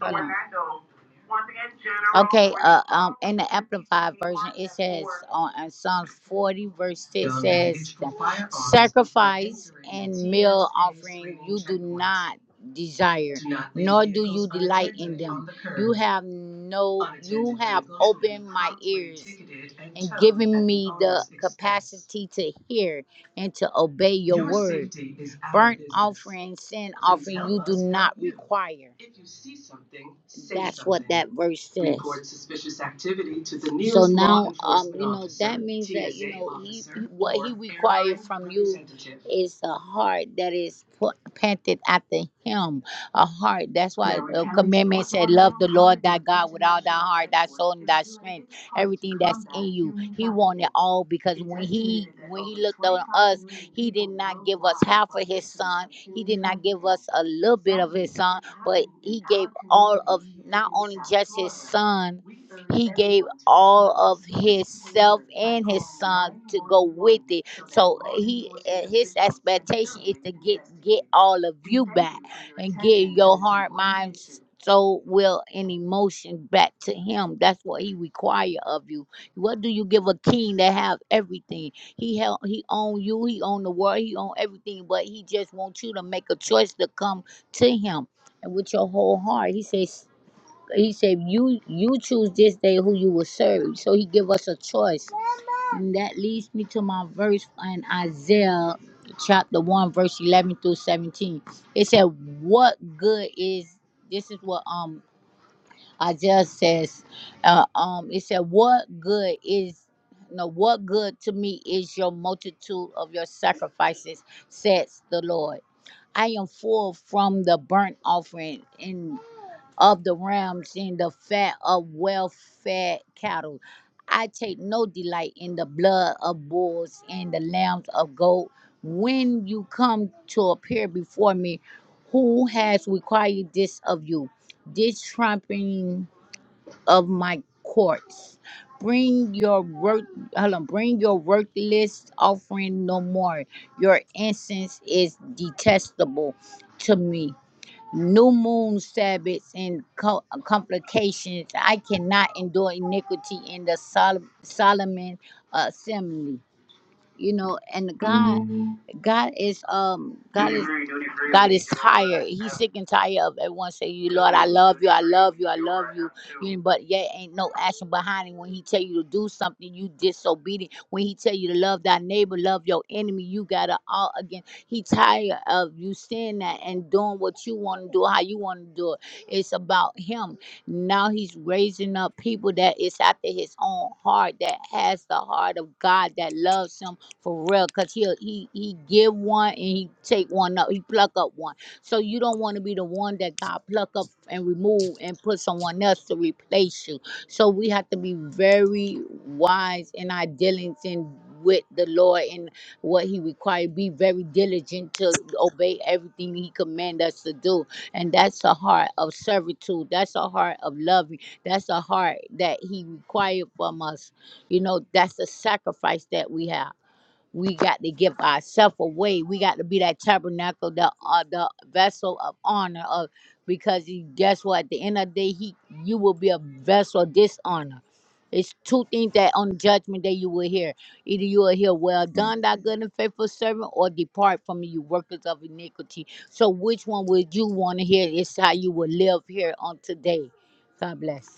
D: Hold on. Okay, uh, um, in the Amplified version, it says on, on Psalm 40, verse 6 says, Sacrifice and meal offering you do not desire, nor do you delight in them. You have no, you have opened my ears and given me the capacity to hear and to obey your, Your word. Burnt business. offering, sin offering, you do not require. If you see something, say That's something. what that verse says. Report suspicious activity to the So nearest law now, um, you know, officer, that means T S A that you know he, what he requires from you is a heart that is panted after him. A heart. That's why the commandment said, "Love the Lord thy God with all thy heart, thy soul, and thy strength." everything that's in you. He wanted all because when he when he looked on us, he did not give us half of his son. He did not give us a little bit of his son, but he gave all of not only just his son, he gave all of himself and his son to go with it. So he uh, his expectation is to get get all of you back and give your heart, mind, soul, will, and emotion back to Him. That's what He require of you. What do you give a king that have everything? He held, He own you, He own the world, He own everything, but He just wants you to make a choice to come to Him and with your whole heart. He says. He said, "You you choose this day who you will serve." So he give us a choice and that leads me to my verse in Isaiah chapter 1, verse 11 through 17. It said, What good is this? Is what um Isaiah says. Uh, um, it said, What good is no, what good to me is your multitude of your sacrifices, says the Lord. I am full from the burnt offering and of the rams and the fat of well fed cattle. I take no delight in the blood of bulls and the lambs of goat. When you come to appear before me, who has required this of you? This trampling of my courts. Bring your work, hold on, bring your worthless offering no more. Your incense is detestable to me new moon Sabbaths and co- complications. I cannot endure iniquity in the Sol- Solomon uh, assembly. You know, and God, God is um God is God is tired. He's sick and tired of everyone saying, "You Lord, I love you, I love you, I love you." you know, but yet ain't no action behind it. When He tell you to do something, you disobedient. When He tell you to love thy neighbor, love your enemy, you gotta all again. He tired of you saying that and doing what you want to do, how you want to do it. It's about Him. Now He's raising up people that is after His own heart, that has the heart of God, that loves Him for real because he'll he he give one and he take one up he pluck up one so you don't want to be the one that god pluck up and remove and put someone else to replace you so we have to be very wise in our dealings in with the lord and what he required be very diligent to obey everything he command us to do and that's a heart of servitude that's a heart of loving that's a heart that he required from us you know that's a sacrifice that we have we got to give ourselves away. We got to be that tabernacle, the uh, the vessel of honor. Of because he, guess what? At the end of the day, he you will be a vessel of dishonor. It's two things that on judgment day you will hear. Either you will hear, "Well done, thy good and faithful servant," or "Depart from me, you workers of iniquity." So, which one would you want to hear? It's how you will live here on today. God bless.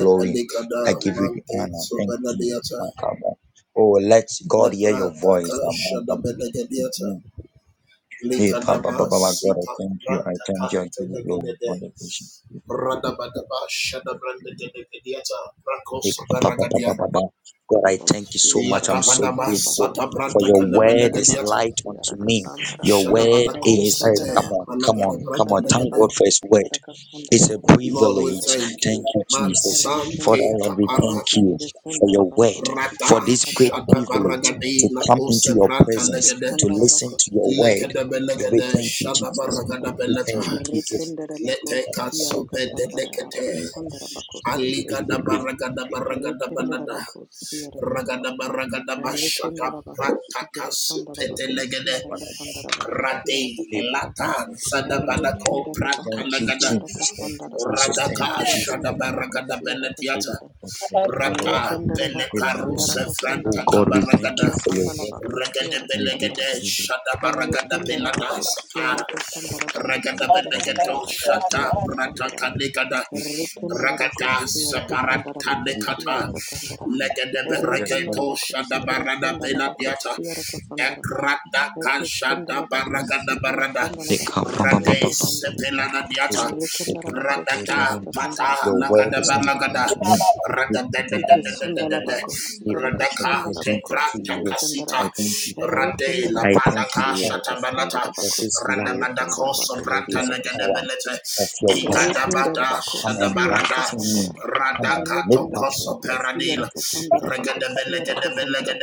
C: Nikada Mante Sobanadiata Lepra Daka Shada Benegadiata Likadaba Sita Brantaka Tenegade Radabadaba Shada Brandaganegadiata Brako Sabaragadia
B: Babosiaraka
C: Latabadaba Sata
B: Sandalabakosikya
C: Brantaka Nebenegadiata
B: Sandalabakosiaraka Sandra
C: Shada Badako Sete Malagada
B: Harikandarabakosikya
C: Branta Negade
B: Sandalabakosiaraka
C: Lord we
B: Sandarabakosiaraka
C: thank
B: Sandra
C: you Matsante Kapara
B: Harikandarabakosikya Sandarabakosikya
C: Rata Shada
B: Sandarabakosiaraka
C: Baragadina
B: Sandra
C: Ose Branta
B: Hikis
C: Legade
B: Sandarabakosiaraka
C: Lekada belagada shada
B: Sandalabakosiaraka
C: baragada
B: Sandra
C: belata. Lete
B: Harikandarabakosikya
C: kasube de
B: Sandara Araka
C: Lekedebelekede
B: Sandarabakosikya Sandra Rekendera
C: shadabaragadabenata. Letekatsubedelekete. Aligadabaragadabaragadabanda.
B: bakosi arakasandara. Rekendera bakosi kirasandara bakosi
C: Ragadabaragadabashataprakakasupetelegede.
B: arakasandara bakosi
C: Rade
B: arakasandara.
C: lata
F: Amen.
C: zadabanako
B: Rekendera
F: Jesus,
B: bakosi
C: prantalagada.
B: arakasandara
F: God, for the Lord, in
B: bakosi
C: Radaka
F: Jesus' name,
C: shada
B: kirasandara
F: we
C: baragada
B: bakosi
C: beletiata.
B: arakasandara.
F: thank
C: Rata
F: God, Lord,
B: Rekendera
F: for everything
B: bakosi
F: that you've
C: belekarusa
F: done
B: arakasandara
C: franta
F: tonight in the
B: bakosi
C: kabaragada.
F: lives of the
B: kirasandara
F: church.
B: bakosi
C: Regede
B: arakasandara.
C: belegede shada
F: We
C: baragada
F: pray
B: Rekendera
F: for
C: belada
F: you.
B: bakosi
F: Jesus,
C: sapara.
F: we
B: arakasandara bakosi
C: Regada
F: thank you.
B: kirasandara
C: belegeto
B: bakosi
C: shada brata
B: arakasandara.
C: kanigada.
B: Errekendara
F: Yes,
C: Ragada
F: we
B: bakosi,
F: thank you,
B: errekesandara
C: saparata
F: Lord, for
B: bakosi,
F: this.
C: nekata.
B: errekesandara.
F: We
C: Legede
F: are thankful,
B: Errekendara
C: beregeto
F: Lord,
B: bakosi,
C: shada barada
F: for
B: keresandala
F: this.
C: belatiata.
B: bakosi, errekesandara.
C: Ekrata
B: Errekesandala
C: kashada
F: In Jesus'
B: bakosi,
C: baragada
F: mighty
C: barada.
F: name,
B: keresandala bakosi,
C: Rate
B: errekesandara.
C: sepelana diata.
B: Errekendara bakosi,
F: no
C: Ratata
F: one is that
B: errekesandara
C: pata
F: the
B: bakosi,
C: lagada
F: small
C: balagada.
B: errekesandara. Eke
F: message I
B: sandala
C: Ratadadadadadadada.
F: do in
B: bakosi
F: the mighty
B: yaraka
F: name
C: Radaka
F: of
B: sandala
F: Jesus.
B: bakosi
C: teprata
B: diye sandara.
C: kasita.
F: The blood of
B: Erre
C: Rade
B: kendara
C: la
F: Jesus.
C: padaka
B: bakosi
F: The
B: yaraka
C: shatabanata.
B: sandara bakosi diye
C: Radabadako
B: sandara bakosi
C: sobranta
B: yaraka sandara.
C: legadabelete.
B: Erre kendara
C: Igadabada
B: bakosi yaraka
C: shadabarada.
B: sandara. Erre
C: Radaka
B: kendara
C: tokoso
B: bakosi
C: peradil.
B: yaraka sandara bakosi yaraka sandara.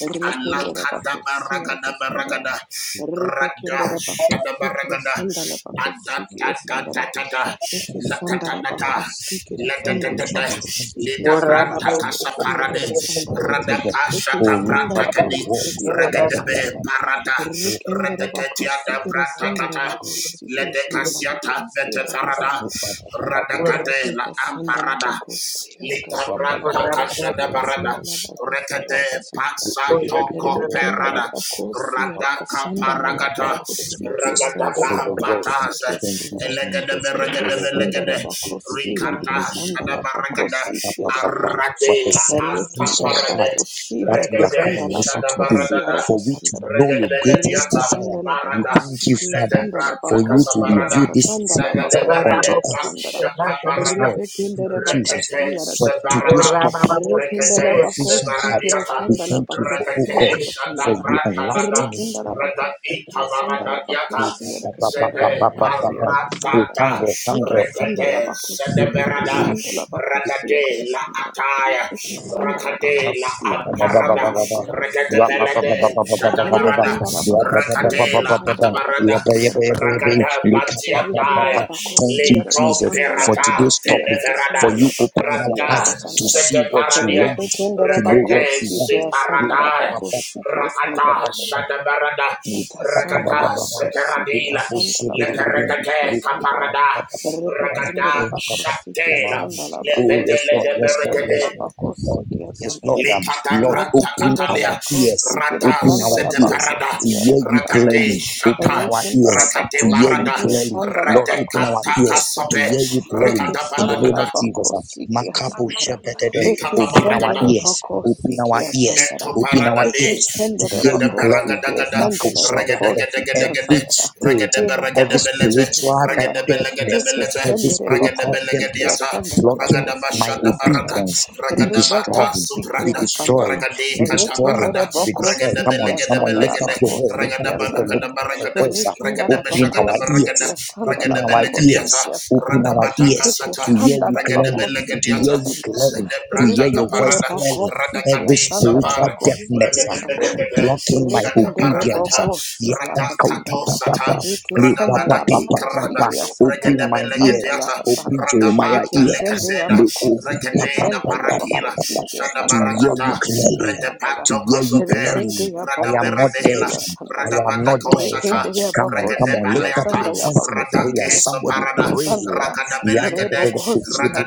B: Erre kendara bakosi
C: baragada
B: yaraka sandara.
C: baragada.
B: Erre
C: Rada
B: kendara bakosi kere
C: Shadabaragada
B: sandala bakosi diye sandara.
C: Adatatata
B: Eke sandara
C: Latatanata
B: bako sike de sandala
C: Latatatata
B: bako sike
C: Lida
B: sandara
C: Branta
B: bako
C: Casa
B: siara
C: Parade
B: ka sandara.
C: Radaka
B: Eke
C: Shata Branta
B: sandala
C: Kadi
B: bako siara ka
C: Regadebe
B: sandara.
C: Parada
B: Rekendara bako
C: Redegetia da
B: sike de
C: Branta
B: sandara
C: Kata
B: bako sike sandala bako
C: Ledekasiata Bete
B: siara ka
C: Farada
B: sandara.
C: Radakade La
B: Eka sandala
C: Amparada
B: bako siara ka
C: Lita
B: sandala
C: branta
B: bako
C: kashada
B: sike
C: barada.
B: sandala bako siara ka
C: Rekade
B: sandara.
C: pasato
B: Rekendala
C: koperada.
B: bako siara
C: Rada
B: ka sandala ya
C: kaparagata.
B: bako sike
C: Ragada
B: sandala bako
C: bahabatas.
B: sike sandara.
C: Elegade
B: Eke
C: beregade
B: sandara
C: belegade.
B: bakosi
C: Rikata shada
B: harakasandala
C: baragada.
B: bakosi kia sandara.
C: Arade la anta
B: Herrekindere
C: parade.
B: bakosi
C: Regade
B: harakasandala
C: shada
B: bakosi
C: baradada.
B: harakasandara.
C: Regade lediata.
B: Herrebekindala
C: Barada.
B: bakosi ke
C: Lete
B: sandala
C: branta
B: bakosi
C: kasabarada.
B: harakasandala bakosi
C: Lagadabarada,
A: <laughs>
B: harakasandara.
C: Bakshatabarada,
B: Herrebekindere bakosi
C: Rekete
B: harakasandara.
C: Sebarada,
B: Herrekindala
C: Rekete
B: bakosi kere
C: Sebaradiata,
B: sandala bakosi
C: Rekete
B: harakasandara.
C: Shadabrantanada,
B: Herrekindala
C: Rada
B: bakosi ke sandala
C: Itabaradiata,
B: bakosi harakasandala
C: Zede
B: bakosi harakasandara.
C: Baratata,
B: Eke sandala
C: Rekete
B: bakosi kere
C: Sedeberada,
B: sandala bakosi
C: Radade La
B: harakasandara.
C: Ataya,
B: Eki sandala
C: Rakade La
B: bakosia raka
C: Aparada,
B: sandala
C: Rekete
B: bakosiki sandala.
C: Belade Shadabarada,
B: Rekindala bakosia
C: Rakade
B: raka
C: La
B: sandala
C: Atabarada,
B: bakosia raka sandala.
C: Rakada
B: Rekindala
C: Batiadaya,
B: bakosia raka
C: Leto
B: sandala
C: Perata,
B: bakosia raka
C: Teneferada,
B: sandala bakosia raka
C: Rada,
B: sandala.
C: Sete Paradia,
B: Rebekendala
C: Rekete,
B: bakosiki sandala
C: Separada,
B: bakosiki sandala.
C: Rakata, Shadabarada,
B: Ekasandala
C: Rakata,
B: bakosiki
C: Separadila,
B: asandala bakosiki
C: Leperegate,
B: sandala
C: Caparada,
B: rebe kendere
C: Rakata,
B: bakosiki
C: Shatela,
B: asandala
C: Lepede,
B: bakosiki asandala
C: Leperegate,
B: bakosiki asandala
C: Likata
B: rebe
C: branta
B: kendere
C: katalia
F: blood
B: bakosiki
C: rata
F: of
B: asandala
C: zede
F: Jesus.
C: parada
B: bakosiki asandala
C: rakate shata
B: rekendere
C: rakate parada
B: bakosiki asandala
C: rate kata
B: bakosiki
C: kasabe,
B: asandala eke
C: rakata
B: sandala
C: balada
B: bakosiki asandala
F: Thank you.
B: eke
C: likata
B: sendere
C: barakada
B: bakosiki asandala
C: Meto
B: Eke
C: paradade,
B: sendere
C: jada
B: bako sikiye
C: baragadagada,
B: sendele bako sikiye
C: regadagadagadagade,
B: sandara. E bako
F: Baba
C: regadabaragadabelete,
B: sikiye sandara. Eke
C: regadabelegadabelete,
B: sendere bako sikiye
C: regadabelegadiyata,
B: sandala bako sikiye
C: ragadabashada barada,
B: sandara.
C: ragadabata
B: Rebeko
C: suprada,
B: sikiye sandara.
C: ragade
B: Rekendere
C: katabarada,
B: bako sikiye sandara
C: regadabelegadabelekade,
B: bako sikiye sandara.
C: regadabalagadabaragadada,
B: Rekendala bako
C: regadabeshagadabaragada,
B: sikiye sandala bako
C: regadabelegadiyata,
B: sikiye sandara.
C: radabata
B: Eke
C: kasata,
B: sandala bako sikiye
C: regadabelegadiyata,
B: sandara.
C: zedebrata
B: Rekendere
C: kaparada,
B: bako sikia
G: every
C: Radakati
B: sandara
G: spiritual
C: Sapara
B: bako
G: deafness,
B: sikia
G: ah,
B: sandara.
C: Regadegade
G: blocking my
C: Shata
B: Rekendere
G: obedience.
C: Parakata
B: bako
G: Yeah,
B: sikia
C: Radakato
B: ya.
C: Sata
B: Eke senda
C: Radabada
B: ya
C: Ikrada
B: sandaya sanda sikia
G: Open
B: sandaya
G: my ear,
B: kasandaya
C: Regadebelegadiata
G: open
B: kasada.
G: Jeremiah
B: Eke
C: Radabata
G: ear
B: sende ya
C: Lekaseda
B: bakosi kia
C: Regadena
B: senda ya
C: Parakila
B: bakosi kia
C: Shada
G: to
B: sanda ya
G: hear you
C: Barakata
B: bakosi kia
G: clearly,
B: sanda ya
G: to
C: Redapato
G: hear you
C: Kosoper
B: Rekende
G: clearly.
B: ya
G: I am not
C: Radaberadela
G: deaf. I am
C: Radabada
G: not deaf.
C: kosata,
B: sendaya
C: Koshata
G: Come on,
B: bako
G: come on,
B: sikia sendaya bako sikia sandaya sanda ya. sandaya. Rekendaya bako sikia sandaya. Rekendaya bako sikia
G: lift up
C: Regadebaleata
G: your
B: sandaya
G: voice
B: bako
G: in prayer.
C: Radake
B: sikia
G: Somebody
B: sandaya
C: Saparada
G: pray
C: Ragada
B: kasandaya.
G: here. Yeah,
C: Ragadabelegade,
B: Reboko sikia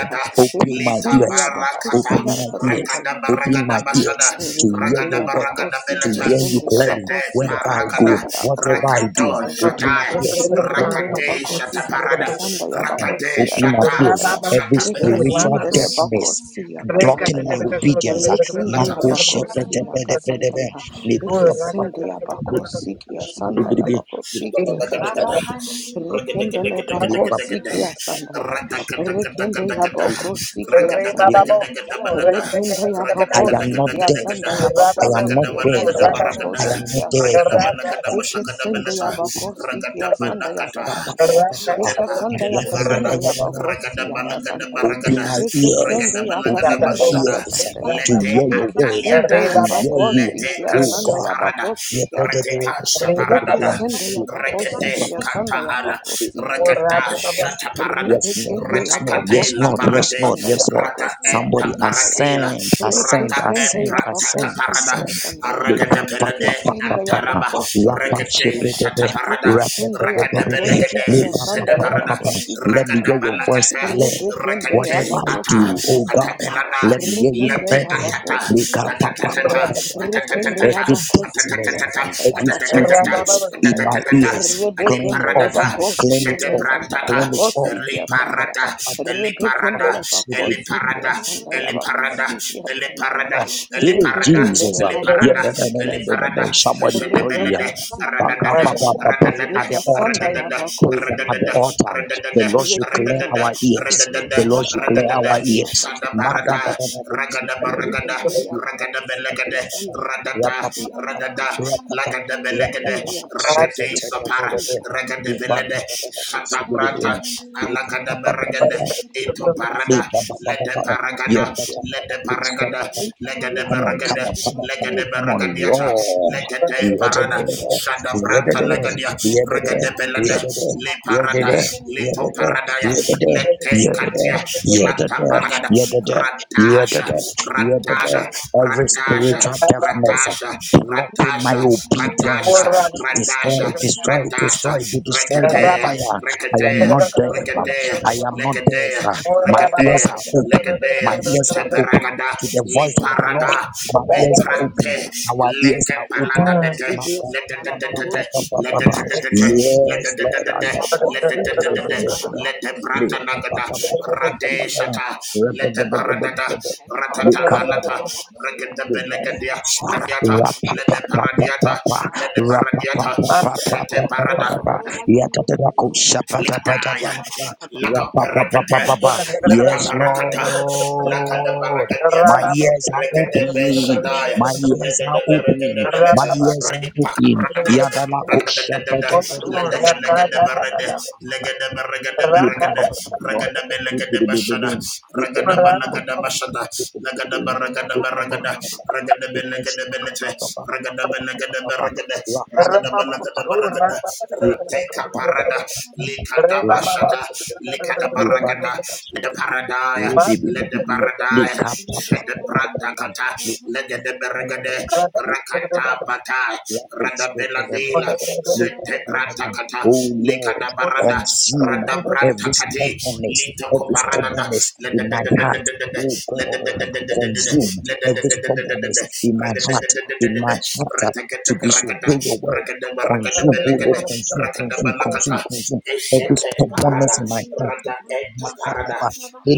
B: ya.
G: Open my
C: Lita
B: Ekesende ya
G: ears,
B: bakosi
C: Barakata,
G: open my
B: harakasanda
G: ears,
C: ragada Ragadaba
G: open my
C: Ragadabashada,
G: ears to hear
B: Rekende
G: your
C: Ragadaba
G: word
B: yabakosi
G: to
C: Ragadabelata,
G: hear you
B: giyesende
G: clearly
C: Sete
B: yabakosi
G: wherever I
C: Paragada,
B: yarakasanda
G: go, whatever I
B: yabakosi
G: do.
C: Rakato
B: giyesendra.
G: Open my
C: Shata,
G: ears.
B: Rekende de
C: Rakate Shata
B: bakosi
C: Parada,
B: yakasanda
C: Rakate
B: yabakosi
G: Open my
A: Reba
C: Shata,
B: yarakasanda
G: ears.
B: ya.
G: Every
C: Shata
G: spiritual
B: Ekesende le
C: Berakitras,
G: deafness
B: bakosi yakasanda
G: blocking
B: ya.
G: my obedience. ah,
B: Rekende
F: Baba
B: yabakosi
F: Baba
B: yakasanda ya. Ekesende yabakosi giyesanda yabakosi giyesendra. Rekende le bakosi giyesanda ya. Rekende yabakosi giyesanda ya. Rekenda ya
G: I
B: bako
G: am not
B: siki ya
G: deaf.
B: sanda ya
G: I
B: bako
G: am not
B: siki ya
G: deaf.
B: senda ya bako
G: I am
B: siki
G: not
B: ya
G: deaf.
B: sanda
G: I am
B: ya. Eke sende ya bako siki ya sanda ya kasanda ya. Eke sanda ya
G: not deaf.
B: kasanda ya bako si ya kasanda ya.
G: Open my
B: Eke
G: ears.
B: sende ya
G: Open my
B: kasanda ya
C: Ragadabashada,
G: ears
B: kasanda ya.
G: to
C: Lete
G: hear your
B: Eke
G: word, um,
C: Ataliada,
B: sende
G: to
B: ya
G: hear
B: bako
G: you. um,
C: Lete
B: siki ya
G: Oh
B: ya
C: Casuparada,
B: bako siki ya ya. Eke
C: Shabarada,
B: sende ya bako siki
C: Rekete,
B: ya
G: God.
C: Kata
B: ya
C: Ala,
B: bako
G: Yes,
B: siki ya
C: Rekata,
B: ya.
C: Shataparada,
G: Lord,
B: Rebekende
G: yes, Lord,
C: Ratakate,
B: yaboko
G: yes,
C: La
G: Lord,
B: sikia
G: yes,
C: Parade,
G: Lord,
B: sanda
G: yes, Lord.
C: Rata
B: yabako
C: eta
B: siaka
G: Somebody
B: sandaya ya.
C: parakila,
G: ascend,
B: Reke
G: ascend,
C: Rata et
B: sende
G: ascend,
B: yabako
G: ascend,
C: Ratakaparada,
B: sikia
G: ascend.
B: sanda ya.
C: Aragata
G: Lika pa
B: Eke
G: pa
C: Pelade,
G: pa pa
B: sende
G: pa pa.
C: Antaraba,
B: yabako
G: Rapa
B: sikia
C: Rekete,
G: shebe
B: sandaya ya.
G: de be.
C: Shataparada,
B: Eke
G: Rapa
B: sende
G: pe pe pe
C: Rakata
G: pe
B: yabako
G: pe.
C: Pelagade,
B: sikia
G: Lika pa
B: sanda
G: pa pa pa
C: Sedeparada,
B: yabako
G: pa. Let
B: sikia
G: me
C: Rakata
G: hear
B: sanda
G: your
B: ya.
G: voice
C: Palagata,
G: clear.
B: Rebekende
C: Rekete,
G: Whatever I
B: yabako
C: Ata,
G: do,
B: sikia
G: oh God,
B: sandaya
C: Atapelada,
G: let me hear you
B: Rekende
C: Lete
G: clear.
B: yabako
C: Atata,
G: Lika
B: sikia
G: pa pa
B: sanda
G: pa
C: Atatatata,
G: pa pa pa.
B: Rekende
G: Every
C: Atatatata,
B: yabako
G: deadness,
B: sikia sanda
G: every
B: yabako sikia
G: sweetness
B: sanda
G: in my ears, clean it
B: Rebekendele
G: off.
C: Adiparadata,
G: Clean it
B: bakosikia
G: up.
B: sandara
C: Shetebrantaka,
G: Clean it
B: bakosikia sandara
C: Eliparada,
G: up.
B: Rebekendele
C: Eliparada,
B: bakosikia
C: Eliparada,
F: Baba
B: sandaya
C: Eliparada,
B: bakosikia sandara
C: Eliparada,
G: Right. It is
C: Eliparada,
G: Jesus.
B: Rebekendele
G: uh, Yeah,
C: Eliparada,
G: no, no,
B: bakosikia
G: no, no, no, no,
C: Eliparada,
G: no.
B: sandara
G: Somebody pray. uh,
C: Shedebelede,
G: uh,
B: Rebekosikia
G: pa-
C: Radadada,
G: pa- pa-
B: sandaya
G: pa- Pray
C: Radadada,
G: at the
B: Eka
G: altar.
B: sandaya
C: Radadada,
G: Pray that at the
B: bakosikia
C: Radadada,
G: altar.
B: sandaya
G: The
C: Radadada,
G: Lord should clear
B: Rebekendele
C: Radadada,
G: our ears.
B: bakosikia
C: Radadada,
G: The Lord should
B: sandara
G: clear
C: Radadada,
G: our
B: bakosia
G: ears. Maga-
C: Shadabarada,
G: da-
B: sandaya.
G: da- da- bo- shi-
C: Ragada
G: di- di- di- di.
C: Baragada,
B: Rekende ya
G: Ye- pa-
C: Ragada
G: pa- pa- pa-
B: bakosikia
C: Belegade,
G: pa- pa- pa.
B: sandara
G: Ra-
C: Radada,
G: pa- pa-
B: bakosikia
G: pa- pa.
C: Radada,
B: sandaya.
G: Ra- pa- pa. Ra- pa-
C: Lagadabelegade,
B: Rekende
G: pa-
B: ya
G: pa. So-
C: Ragade
G: te- te-
B: bakusiki ya
G: te- te-
C: Sopara,
G: te-
B: sanda
G: te.
B: la
G: Ye- ba-
B: babusiki
G: da-
C: Ragadabelede,
B: ya
G: da- da- da-
B: sanda
G: bo-
B: ya
G: shi- di- di-
B: babusiki
C: Shatabrata,
B: ya
G: di.
B: sanda
G: Ye-
B: ya
G: pa- pa- pa- pa-
B: iki
G: pa-
C: Alagadaberegade,
B: sanda ya
C: Ito
G: Ye-
C: Parada,
B: babusiki
G: pa-
B: ya
G: pa- pa- pa-
B: sanda
C: Lede
G: pa.
B: la babusiki
C: Paragada,
G: Ye-
B: ya
G: pa-
C: Lede
B: sanda ya
G: pa- pa-
C: Paragada,
G: pa.
B: rekende ya
G: Come on, come
C: Legadeberegade,
G: on,
B: babusiki
G: come
C: Legadeberegadiata,
G: on,
B: ya
G: come on,
C: Legade
B: sanda
G: come on.
B: la
C: Beragadiata,
B: babusiki ya
G: Roar.
C: Legade
G: We heard it.
B: sanda
C: Parada,
G: We
B: rekende ya
G: heard it.
C: Shadabranta
B: bakusiki ya
C: Lagadia,
G: We heard it.
C: ragade
B: sanda
G: We heard
C: Ragadabelede,
B: rekende ya
G: it.
C: Le
G: We
B: bakusiki
G: heard
C: Parada,
B: ya
G: it. We
C: Lito
G: heard it. We
B: sanda
G: heard
B: ya sanda
C: Paradaya,
G: it.
C: Lete
G: We heard it.
C: Katia,
B: Rebekindele
G: We heard
C: Clata
B: bakosikiya
C: Baragada,
B: sandara.
G: it. We heard it. We heard
C: Ratasha,
G: it. We heard
C: Ratasha.
B: Rebekindele
G: it. Every
B: bakosikiya
C: Ratasha,
G: spiritual
B: sandara
G: deafness
C: Ratasha,
B: bakosikiya
G: blocking my
C: Ratasha,
G: obedience,
C: Ratasha,
G: uh, destroy,
C: Ratasha, Ratasha,
G: destroy,
C: Ratasha,
G: destroy, be destroyed by
C: Rekatea,
G: fire. I am
C: Rekatea,
G: not deaf. um,
C: Rekatea,
G: I am not deaf.
C: Lekadea,
G: uh, My ears
C: Rekatea,
G: are open.
C: Lekadea,
G: My ears are open
C: Separagada,
G: to the voice of the Lord.
C: Liparada,
G: My
F: Thank
G: ears are open.
C: Beprate,
G: Our ears
C: Leke
G: are
C: Palada
G: open.
C: de
G: Ma- ba- ba- ba- ba- ba- ba- ba- ba. ba.
B: Thank you,
G: Yes, Lord. I
B: Father
G: have- I
B: God, because
G: have- I feel the- the- the-
C: let the
G: the-
C: brata
G: ba- ba-
C: nagada
G: ba- ba- ba- ba- ba- ba-
C: rade
G: ba- ba.
C: shata
G: Re- ba-
C: let the
G: ba- ba- ba- ba-
C: barada
G: ba- ba.
C: Ratatabanata,
G: Good Father.
C: Rekendabelegadia, Paradiata, Lede Paradiata,
G: Rapapapapapapa.
C: Lede Paradiata, Shete Parada,
G: Rapapapapapapapapa. Yatatarako
C: Likadaya.
G: shapatapatapalapa.
C: Lakabarakata,
G: Rapapapapapapa. Yes,
C: Lakabarakata,
G: Lord.
C: Lakadabaragadiata,
G: My ears are
C: Regadebe
G: open.
C: Shadaya,
G: My ears are open. My
C: Legadeberegadebeleta,
G: ears are open.
C: Ripakarata,
G: Yadalako
C: Ragadadadada, Ladagadagadaberde, Legadeberegadeberde, Regadabelegedebashada, Regadabanagabashada, Lagadabaragadabaragada, Regadabelegadebelete, Regadabelegadeberegade, Regadabelegadeberegade, Rateka parada.
G: Thank
C: Likadabashata, Likadabaragada, let the paradise, let the paradise, let the bratakata, let the beragade, rakata pata,
G: Oh
C: radabeladela, sete bratakata,
G: Lord,
C: Likadabarada,
G: consume every
C: radabratakati,
G: stubbornness, every
C: litokoparanada,
G: stubbornness
C: let the
G: in my
C: let the
G: heart. Oh
C: let the let the
G: God,
B: you are
G: consume
B: worthy,
C: let
B: all
C: the
G: every
B: Lord. Honor you,
C: let
G: stubbornness in my heart, in my heart uh,
C: the
B: O
C: let
G: to
C: the
B: Father God.
C: rakata
G: disobey your word.
C: rakada, rakada,
G: Consume, oh Lord,
C: lagada
B: bless you,
G: consume,
C: rakada,
G: consume,
B: Almighty
C: lakata
G: consume,
B: Jesus.
G: consume every
C: eshete parada
G: stubbornness in my heart.
C: rada eta parada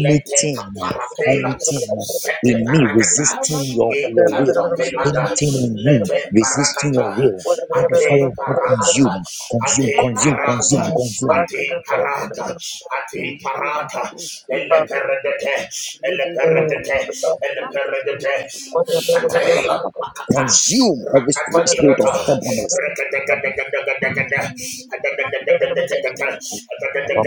F: you.
C: lete
G: uh,
C: parapela
G: anything uh,
C: sete
G: in me
C: paragata
F: Thank
G: resisting your, your
C: ekato
G: will, uh,
C: pelada
G: anything in me
C: lete
G: resisting
C: paragata
G: your will. Let the
C: ate
G: fire of God
C: parata
G: consume, consume,
C: ate
G: consume,
C: parata
G: consume, consume.
C: ate parata ate parata
B: Almighty.
C: ele peredete ele peredete ele peredete Shataila Makata
G: Consume every
C: Rakata
G: spirit of
C: Inata
G: stubbornness.
C: rakata rakata rakata
A: Mm.
C: Alakadakadakada Alakadakadakada
G: Every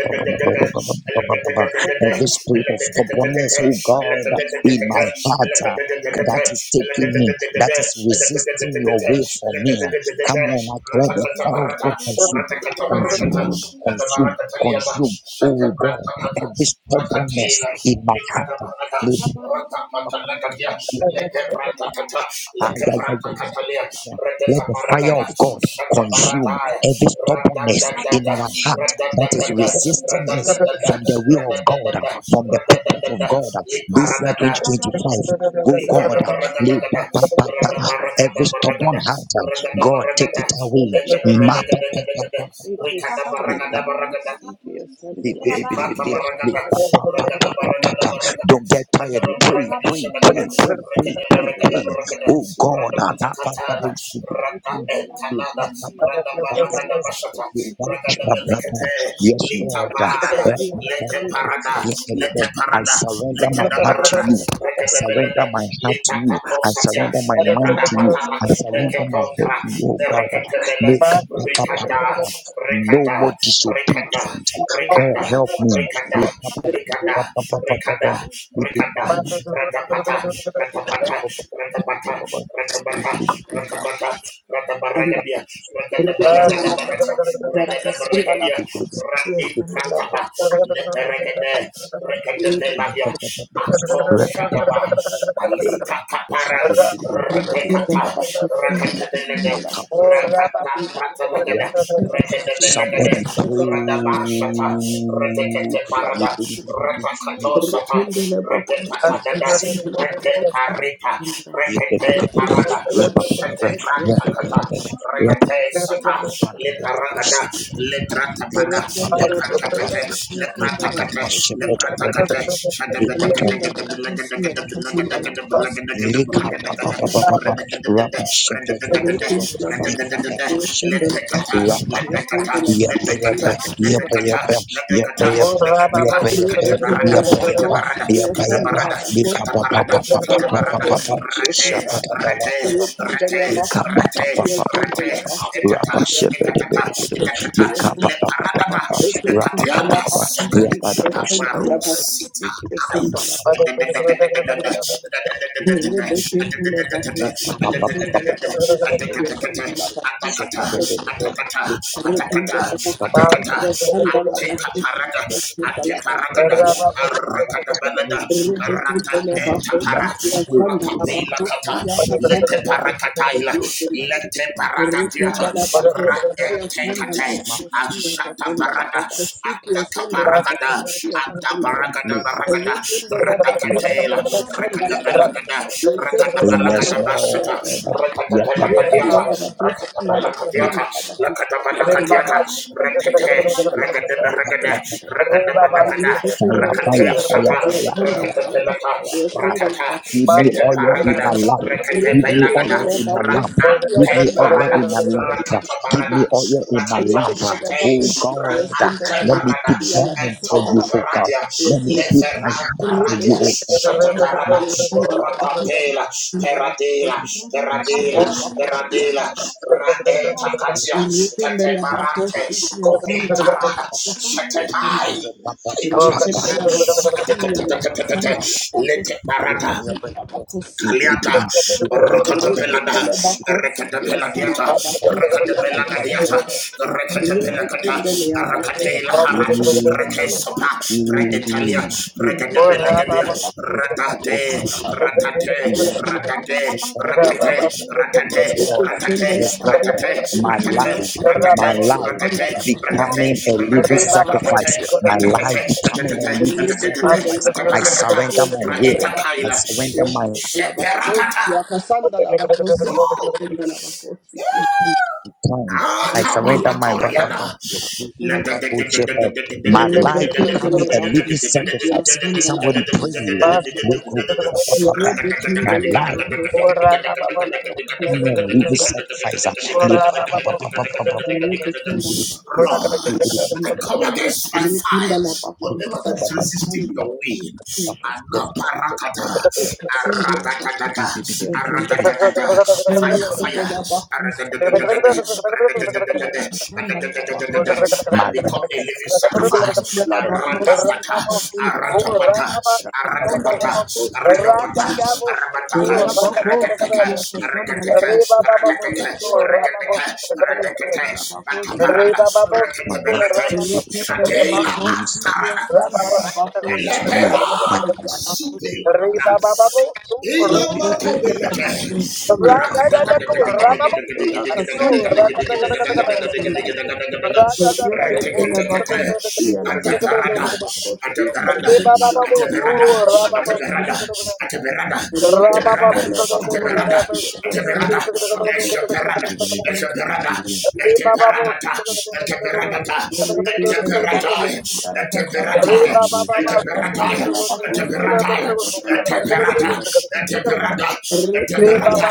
C: Alakadakadakada
G: spirit of stubbornness,
C: Alakadakadakada
G: oh God, in my
C: Alakadakadakada
G: heart. uh, That is taking me, that
C: Alakadakadakada
G: is resisting your way for me. Come
C: Alakadakadakada
G: on, I let the
C: Ratakata
G: fire of
C: Barata
G: God consume,
C: Ratakata Barakata
G: consume,
C: Kata
G: consume,
C: Barakata Liaba
G: consume. Oh God,
C: Shatabratakata
G: every stubbornness
C: Rakatela
G: in my heart. Let the fire of God consume every stubbornness in our heart that is resisting
A: Thank
G: us from the will of God, from the purpose of God. This year
C: Rikada
G: 2025, oh God,
B: Yes,
G: lay ba-
F: you.
G: ba- ba- ba- every
C: baragada
G: stubborn heart, God, take
B: Rekindele
G: it away.
B: bakosi,
G: Ma- ba- ba- ba- ba- ba-
F: Thank
B: rekindele
G: ba-
C: baragada
G: don't
C: Librata baragada, ragada baragada baragada,
G: get tired.
C: ragada
G: Pray,
C: baragada
G: pray,
C: shabagada,
G: pray, pray, pray,
C: ragada
G: pray,
C: baragada
G: pray.
C: baragada,
G: Oh God,
C: rada
G: ah, nah, bah, bah,
C: patakatala,
G: boom, boom,
C: rada etanada,
B: bakosi,
C: rada banagada bashata, ragada belekete,
G: yes,
C: litapaya,
G: Lord.
C: lete parada, lete
G: Yekadebe. I
C: parada,
G: surrender
C: lete
G: my
C: da
G: heart to
C: barada,
G: you. I
C: ragada belada,
G: surrender my heart to you.
C: litakato
G: I
C: satya,
G: surrender my
C: lepra
G: mind to you.
C: apatala,
G: I surrender my head
C: eketokra,
G: to you, oh God.
B: la
C: rekete bele,
G: Make
B: bakosi,
G: up, up,
B: yes.
G: up, up,
C: rikada,
G: up. No more
C: rikada, rikada,
G: disobedience. God
C: Rikanda,
B: Sandala
G: help me.
C: Rikanda,
G: Make up, up, up,
C: Rikanda,
G: up, up, up, up,
C: Rikanda,
G: up.
C: Rikanda, Ratapata, Ratapata, Ratapata,
G: Make
C: Ratapata, Ratapata, Ratabaragadia, Ratatabalagadabalata, Ragadabaragadia,
G: it-
C: Ratikratapa, Leberegade, Regadabeladia, Pato Shadaba,
A: you.
C: Alita Kapara, Ratekata, Rakatabelede, Rakata
G: Make
C: Pratanagada,
G: it-
C: Rekadabelagada,
G: Somebody pray.
C: Radabashata,
G: oh.
C: Retekete
G: You
C: Parada,
G: believe it, you believe it, you believe
C: Ratakatosata,
G: it. You
C: Retepatanada, Reteparita,
G: believe
C: Rekete
G: it, you believe it, you believe
C: Parada,
G: it, you
C: Shete
G: believe it, you believe it. You believe it,
C: Pratakata,
G: you believe it. You
C: Rekete
G: believe it,
C: Sata,
G: you believe it, you believe it. You believe it,
C: Liparagada, Litratapada, Lipratakate,
G: you
C: Lipratakate,
G: believe
C: Lipratakate,
G: it, you believe it.
C: Shadabedagadagadabelagadagadabelagada,
G: Lika pa pa pa pa pa pa, rapa shepe de de de de, ika da pa shepe de, rapa pa pa, yepe yepe,
B: Yes,
G: yepe yepe, yepe yepe, yepe yepe,
B: Rekindle
G: yepe yepe,
A: Thank
G: yepe yepe, lika pa pa pa pa pa pa pa pa pa, shepe da ba la ba la ba, lika pa pa pa pa pa pa pa pa, rapa shepe de de de de de, lika pa pa pa pa pa pa, rapa pa pa
C: let
G: pa pa,
C: sakadi
G: yepe da pa shepe de de,
C: abarusita
G: lika
C: ai
G: pa pa pa pa pa, lika pa pa pa pa pa.
C: atakata
B: the
C: atakata atakata
F: you.
C: atakata ateparada ateparada arakada balada
F: Rabba
C: arata
B: Rebekutele bako
C: etapara
B: sikiya sandala
C: rapapela
B: bako
C: kata
B: siya
C: lete
B: kasandala bako
C: parakataila
B: sikiya sandala.
C: lete Adiata,
B: Rebekutele bako sikiya sandala
C: Raetekate,
B: bako siya
C: Ashata
B: kasandala
C: Parada,
B: bako sikiya
C: Ataka
B: sandala bako
C: Paragada,
B: siya
A: you.
C: Atta
B: kasandala.
C: Paragada Baragada,
B: Rebekutele bako
C: Ratakatela,
B: sikiya
C: Rakada
B: sandala bako
C: Balagada,
B: sikiya
C: Rakada
B: sandala bako
G: Yes,
C: Balagada
B: siya
C: Bashata,
G: Lord. Yep.
B: sandala.
C: Rakada
G: yep, yep, yep, yep, yep, yep,
B: Rebekutele
C: Balagadiata,
G: yep, yep.
B: bako
C: Rakada
G: Yep.
C: Balagadiata, Lakada Balagadiata, Rakate,
G: Fire,
C: Rakada
G: fire,
C: Baragada,
G: fire,
C: Rakada Balagada,
B: Rebecca,
C: Rakate
G: fire,
C: Shata,
G: fire, fire,
C: Rakata Pelata,
G: fire, fire.
C: Rakata,
G: Give me
C: Sete
G: oil in
C: Paragada,
G: my lamp.
C: Rakate
G: Give me
C: Pelagada,
G: oil in my lamp.
C: Rakata
G: Give me oil
C: Parada,
G: in my lamp.
C: Rakato
G: Give
C: Parada,
G: me oil in my
C: Rakato
G: lamp.
C: Shate,
G: Oh God,
C: Rakate
G: let me
C: Parada,
G: keep burning for
C: Eto
G: you, oh God.
C: Paradia,
G: Let me keep my
C: Levera
G: heart for you,
C: Paradia,
G: oh God.
C: Shate
G: My
C: Parada,
G: heart
C: Ratapela, Peradela,
G: for you, so
C: Peradela, Peradela, Raeta
G: be
C: Katia, Kate
G: for
C: Marante,
G: you.
C: Komi Parada, Shate Pai.
G: papa,
C: Hey,
B: Rekenda
C: Jesus.
B: la bakusia la basanda
C: Let it barata.
G: Yes,
A: oh, you. Thank
F: Baba Baba
G: Lord. Yes, Lord. My life, my life becoming a living sacrifice. My life becoming a living sacrifice. I surrender my will. I surrender my
C: Sheperakata.
A: you.
G: time. I surrender my wa- wa-
C: Akabalatoriana.
G: wa- wa- wa-
C: Lord,
G: wa- wa- shepherd. my life
B: Rebekindele
G: becoming a living
B: bakusikia
G: sacrifice.
B: sandala
G: Somebody pray.
B: bakusikia
G: uh, look, oh, ba- ba- ba- ba. My
B: Rebekindele
G: life
B: bakusikia sandala
G: becoming a
B: bakusikia
G: living
B: sandala
G: sacrifice. uh, live- ba- ba- ba- ba- ba- ba- ba.
B: Rebekindele bakusikia
C: I
B: sandala
C: come against my fire,
B: Rebekindele
C: whatever that
B: bakusikia
C: is resisting your will.
B: sandala
G: Yes,
B: Sandala
G: Lord, yes, Lord,
C: Anaparakata,
G: yes, Lord.
B: bakusikia sandala
C: aradadadada,
A: Rabba
C: Fire, fire. I
B: Rebekindele bakusikia sandala Sandala bakusikia Rebekindele bakusikia sandala
G: My
C: become
G: life
C: a
G: is
C: living
G: becoming
C: sacrifice.
G: a
C: Aratapata, aratapata,
B: Sandala
C: aratapata,
B: bakusikia
C: aratapata, arabataka,
B: Thank
C: rakateka, rakateka, rakateka, rakateka, rakateka, mataparana, rakatebelete, shadela antara, elepera,
B: you. Rekindele bakusi,
A: Baba
C: Ataperada,
B: akasanda la
C: Eteperadaya,
B: bakusi,
C: Eteperadaya, Eteperadaya, Eteperadaya, Eteperada,
A: Reba
C: Eteperada, Eteperada,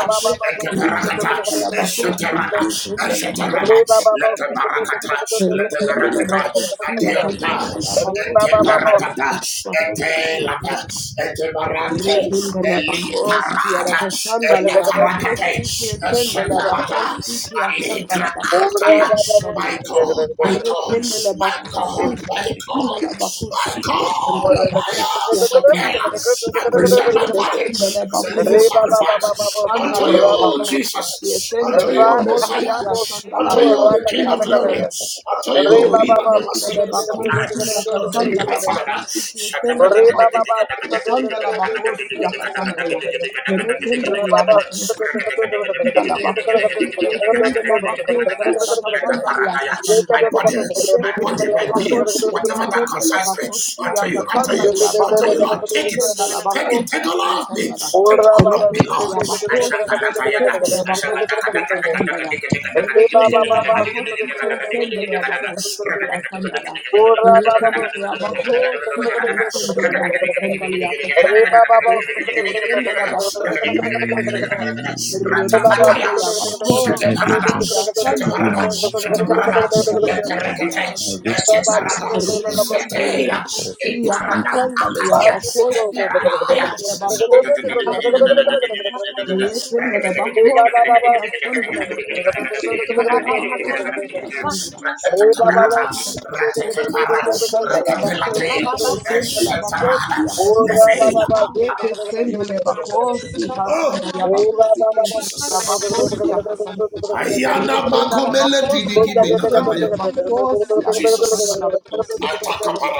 C: Eteperakata, Esheterada, Esheterada, Letebarakata, Letebarakata, Adianta,
G: living
B: akasanda
C: Eteperadada,
B: bakusi.
C: Etelada, Etebarante,
B: Rekindele bakosi
C: Eliparada,
B: arakashandale
C: Elafarakate,
B: abakosi kesendele
C: Sheparata,
B: bakosi kesendele
C: Allegra
B: bakosi
C: Ataya.
B: kesendele
C: My God, my God,
B: rekindele
C: my
B: bakosi
C: God, my
B: kesendele
C: God,
B: bakosi
C: my
G: sacrifice.
C: God.
B: kesendele
C: I
B: bakosi
C: am so
G: Take everything,
C: I present
B: kesendele
C: my body
B: rekindele
C: as a living
B: bakosi
C: sacrifice unto
B: arakashandale
C: you,
B: abakosi
C: Jesus, unto
B: kesendele
C: you,
B: bakosi
C: Messiah,
B: kesendele
C: unto you, the
B: bakosi
C: King of Glory,
B: kesendele
C: unto you, he that never
B: Sendele
C: sleeps nor
B: bakosi
C: tired, unto
B: yakasanda
C: you, my
B: la
C: Father
B: bakosi kiyosende la bakosi kiyosanda la bakosi yakasanda ya. Herekende ya bakosi Thank
C: my body, my body, my being, whatever that concerns me, unto you, unto you, unto you, Lord, take it, take it, take all of me, take all of me, Lord. I shall not let
G: take
C: I shall not let
G: my time, take my will,
C: you down.
G: give, give, give,
A: Ora Baba,
G: I give
B: you.
C: Ratapataya,
B: Rebekende la bako,
G: you
C: Shataparada,
G: everything.
B: ya
G: I give
B: kanda la
G: you
C: Shataparada,
G: my
B: bako,
G: mind. I
C: Shataparada,
B: rebekende
G: give
B: la
G: you my
B: bako,
G: time,
B: ya
C: Leperekete,
G: my
B: kanda la
G: resources,
C: Eteparada,
G: and my
B: Rekende
G: heart,
B: la
C: Zeteira,
G: oh
B: bako,
G: God,
B: ya
G: to you
C: Eparada,
B: kanda la
G: completely.
C: Akatia,
B: bako, rekende la bako,
G: You are
B: ya kanda la. Rekende la bako, ya kanda la bako, rekende la bako, ya kanda la.
C: Eperadaya, Rataparata,
B: Rekende
C: Ratakapara,
B: la bako, ya kanda la bako,
C: Rekapelatea,
B: rekende la
C: Eshatarana, Nefela.
B: Yeke sendele bakosi
C: Oh,
B: kasana ya
A: Re
B: bakosi kesi
C: Jesus.
B: ya bakosi ya kasana.
C: Ayana
B: Yekunda la
C: Makomele
B: bakosi
C: Pidiki
B: ke sendele
C: Minakagaya.
B: bakosi ala kasanda la bakosi ke sendele.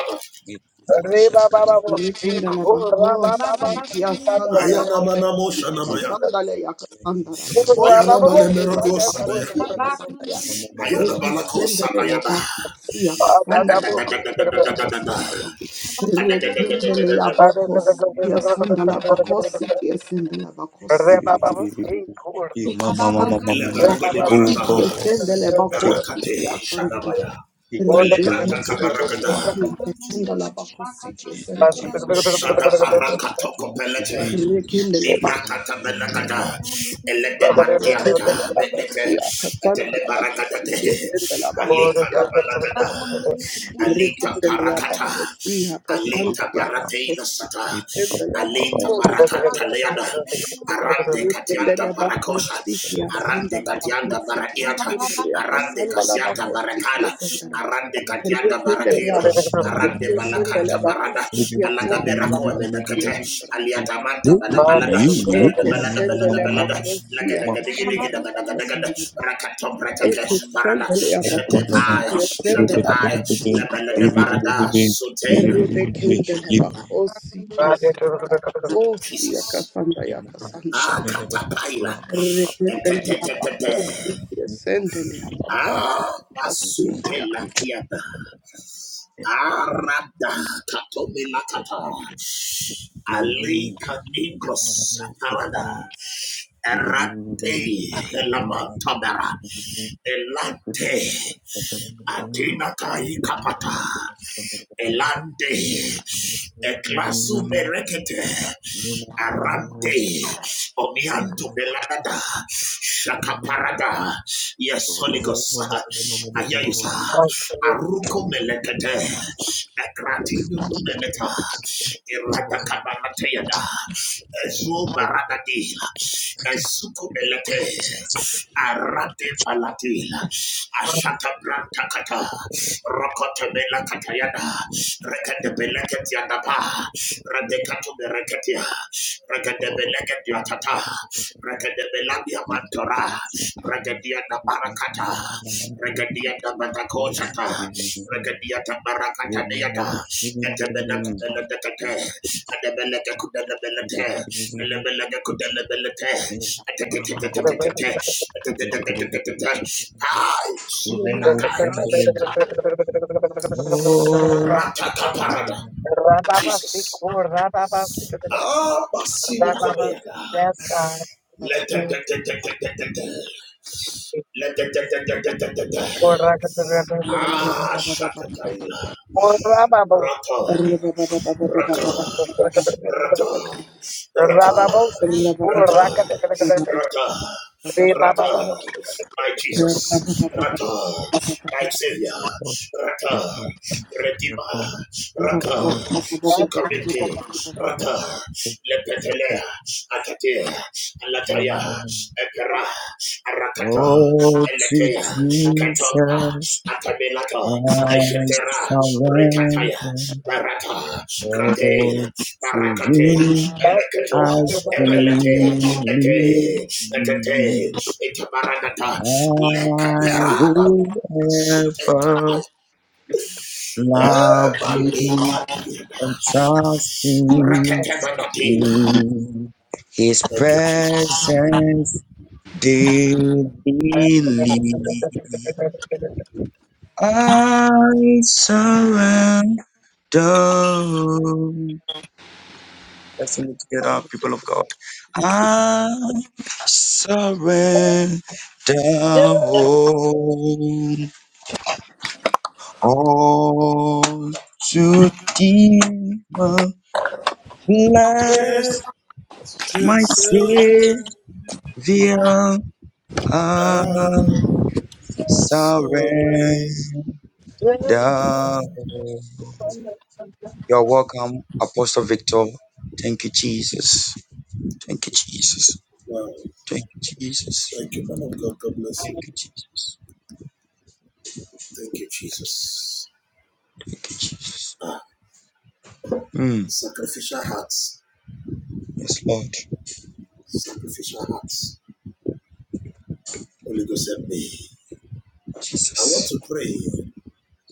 B: Likindala bakosi,
F: Kundiri
B: yasandala
C: Ayana
F: Puraka
C: Manamo
B: bakosi,
C: Shanamaya.
B: yakasandala yakasandala bakosi,
C: Ayana
B: yesendala
C: Manemeroko Sadaya.
B: bakosi,
F: Thank
B: yakasandala.
C: Ayana Balako
B: Ekisendala
C: Sadayana.
B: yabakosi, yakasandala bakosi,
C: Adadadadadadadadadada.
B: yakasandala. Rekindala
C: Adadadadadadadada.
B: yabakosi, yasandala bakosi, yesendala bakosi, yasandala
C: Eleberegade
B: bakosi,
C: Barada.
B: yesendala bakosi,
C: Rakate
B: kia sandala.
C: Shadamaya.
B: Rekindle
C: Kalebrata Kabaragada. Shadabaraka Tokopelete. Ibrakata melakata, elete mantianta, melete, etele barakata de, alita rabalakata, alita parakata, alita barateila sata, alita barakanta leada, arande
B: Yekendele
C: katianda barakosa,
B: bakosiki
C: arande
B: yasundala
C: katianda
B: bakosiki
C: baraiata,
B: yasundala
C: arande
B: yakasandala
C: kasiata
B: bakosiki
C: barakala,
B: yasundala.
C: arande katianda
B: Yekendele
C: barakira,
B: bakosiki
C: arande
B: yasundala
C: balakanta barada, alada berako emenekete, Aliatamanta
F: you.
C: balabalada baladabalada
G: the one
C: baladabalada
F: Baba, come, baby.
C: lagadagadigidigidagadagada
F: Back to the street,
C: rakatobratakesh
F: baby.
C: parada
G: Oh, to Jesus,
C: shetepaya
G: I
C: shetepaya labalada barada sotena
F: Back to the street, baby.
C: Jesus ah
G: surrender.
C: katapaila
B: Thank
C: etetetetete ah masupelatiada arada katomelakata alika ningros parada erate elabatabara elate Atina kai kapata elante eklasute arante omiantu belanada shakaparada yes Holy Ghost ayayisa aruko melekete ekrati meleta irata kabanate yada ezo baradadila ezuko melete arate palatila Ashata Branta Kata, Rokota Bela Katayana, Rekata Belekatiana Pa, Radekato Berekatia, Rekata Belekatia Tata, Rekata Belagia Mantora, Rekatiana Barakata, Rekatiana Batakosata, Rekatiana Barakata Niata, Etabena Kubela Dekate, Adabela Kubela Belate, Ratakaparada. Jesus. Ah, Basino Komeada.
A: Yes, God.
C: Let
A: Jesus. Or
C: Ah, Shakataila.
A: Rababos.
C: Rata, rata, rata. Rata,
A: Rababos.
C: rata, rata,
A: Re ba ba ba ba.
C: rata. My Jesus, rata, my Savior, rata, Redeemer, rata, Sukamike, rata, Lepetelea, Atatea, Alataya, Epera, Arakata, Eletea, Katopa, Atamelata, Ejetera, Rikataya, Barata,
G: Oh,
C: Kratel,
G: to
C: Barakate,
G: Him I
C: Eleketua, epelete, ete,
G: freely give.
C: etete, etabaragata,
G: I
C: lekeper.
A: Just
C: Greatest sorry.
A: when I thought I was done.
C: Wow. Thank you, man of God. God bless you. Thank you, Jesus. Ah, sacrificial hearts, sacrificial hearts. Holy Ghost help me. I want to pray,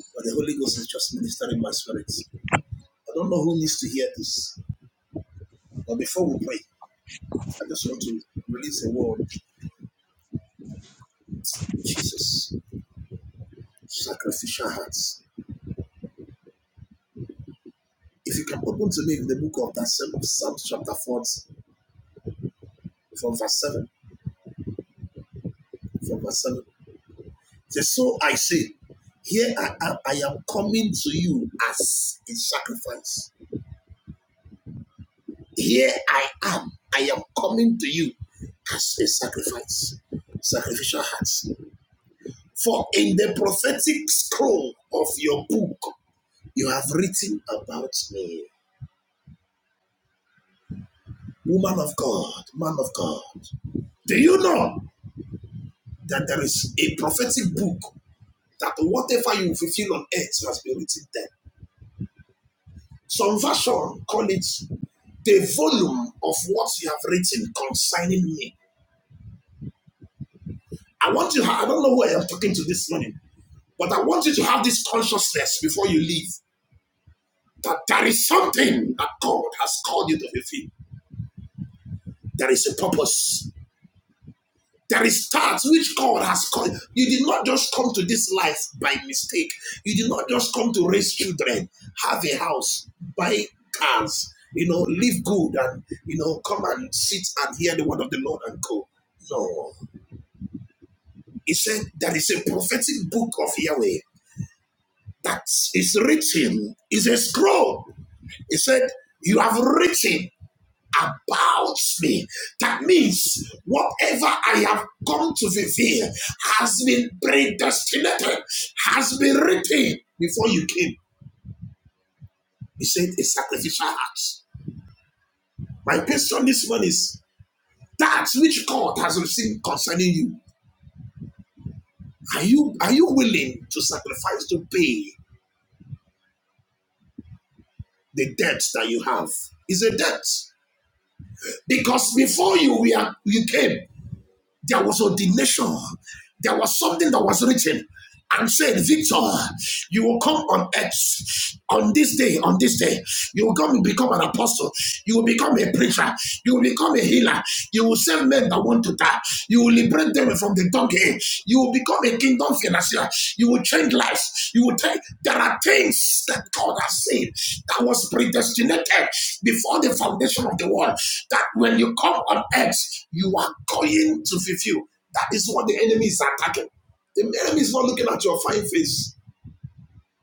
C: but the Holy Ghost is just ministering my spirit. I don't know who needs to hear this, but before we pray, I just want to release a word. Jesus, sacrificial hearts. If you can open to me in the book of that same Psalm chapter 4, from verse 7, from verse 7. So I say, here I am, I am coming to you as a sacrifice. Here I am, I am coming to you as a sacrifice. Sacrificial hearts. For in the prophetic scroll of your book, you have written about me. Woman of God, man of God, do you know that there is a prophetic book that whatever you fulfill on earth has been written there? Some version call it the volume of what you have written concerning me. I want you, I don't know who I am talking to this morning, but I want you to have this consciousness before you leave that there is something that God has called you to fulfill. There is a purpose There is that which God has called. You did not just come to this life by mistake. You did not just come to raise children, have a house, buy cars, you know, live good and, you know, come and sit and hear the word of the Lord and go. No. He said there is a prophetic book of Yahweh that is written, is a scroll. He said, You have written about me. That means whatever I have come to fulfill has been predestinated, has been written before you came. He said, a sacrificial heart. My question this morning is that which God has received concerning you. Are you are you willing to sacrifice to pay the debt that you have? It's a debt. Because before you we are, you came, There was ordination. There was something that was written and said, Victor, you will come on earth on this day, on this day. You will come and become an apostle. You will become a preacher. You will become a healer. You will save men that want to die. You will liberate them from the donkey. You will become become a kingdom financier. You will change lives. You will take. There are things that God has said that was predestinated before the foundation of the world. That when you come on earth, you are going to fulfill. That is what the enemy is attacking. The enemy is not looking at your fine face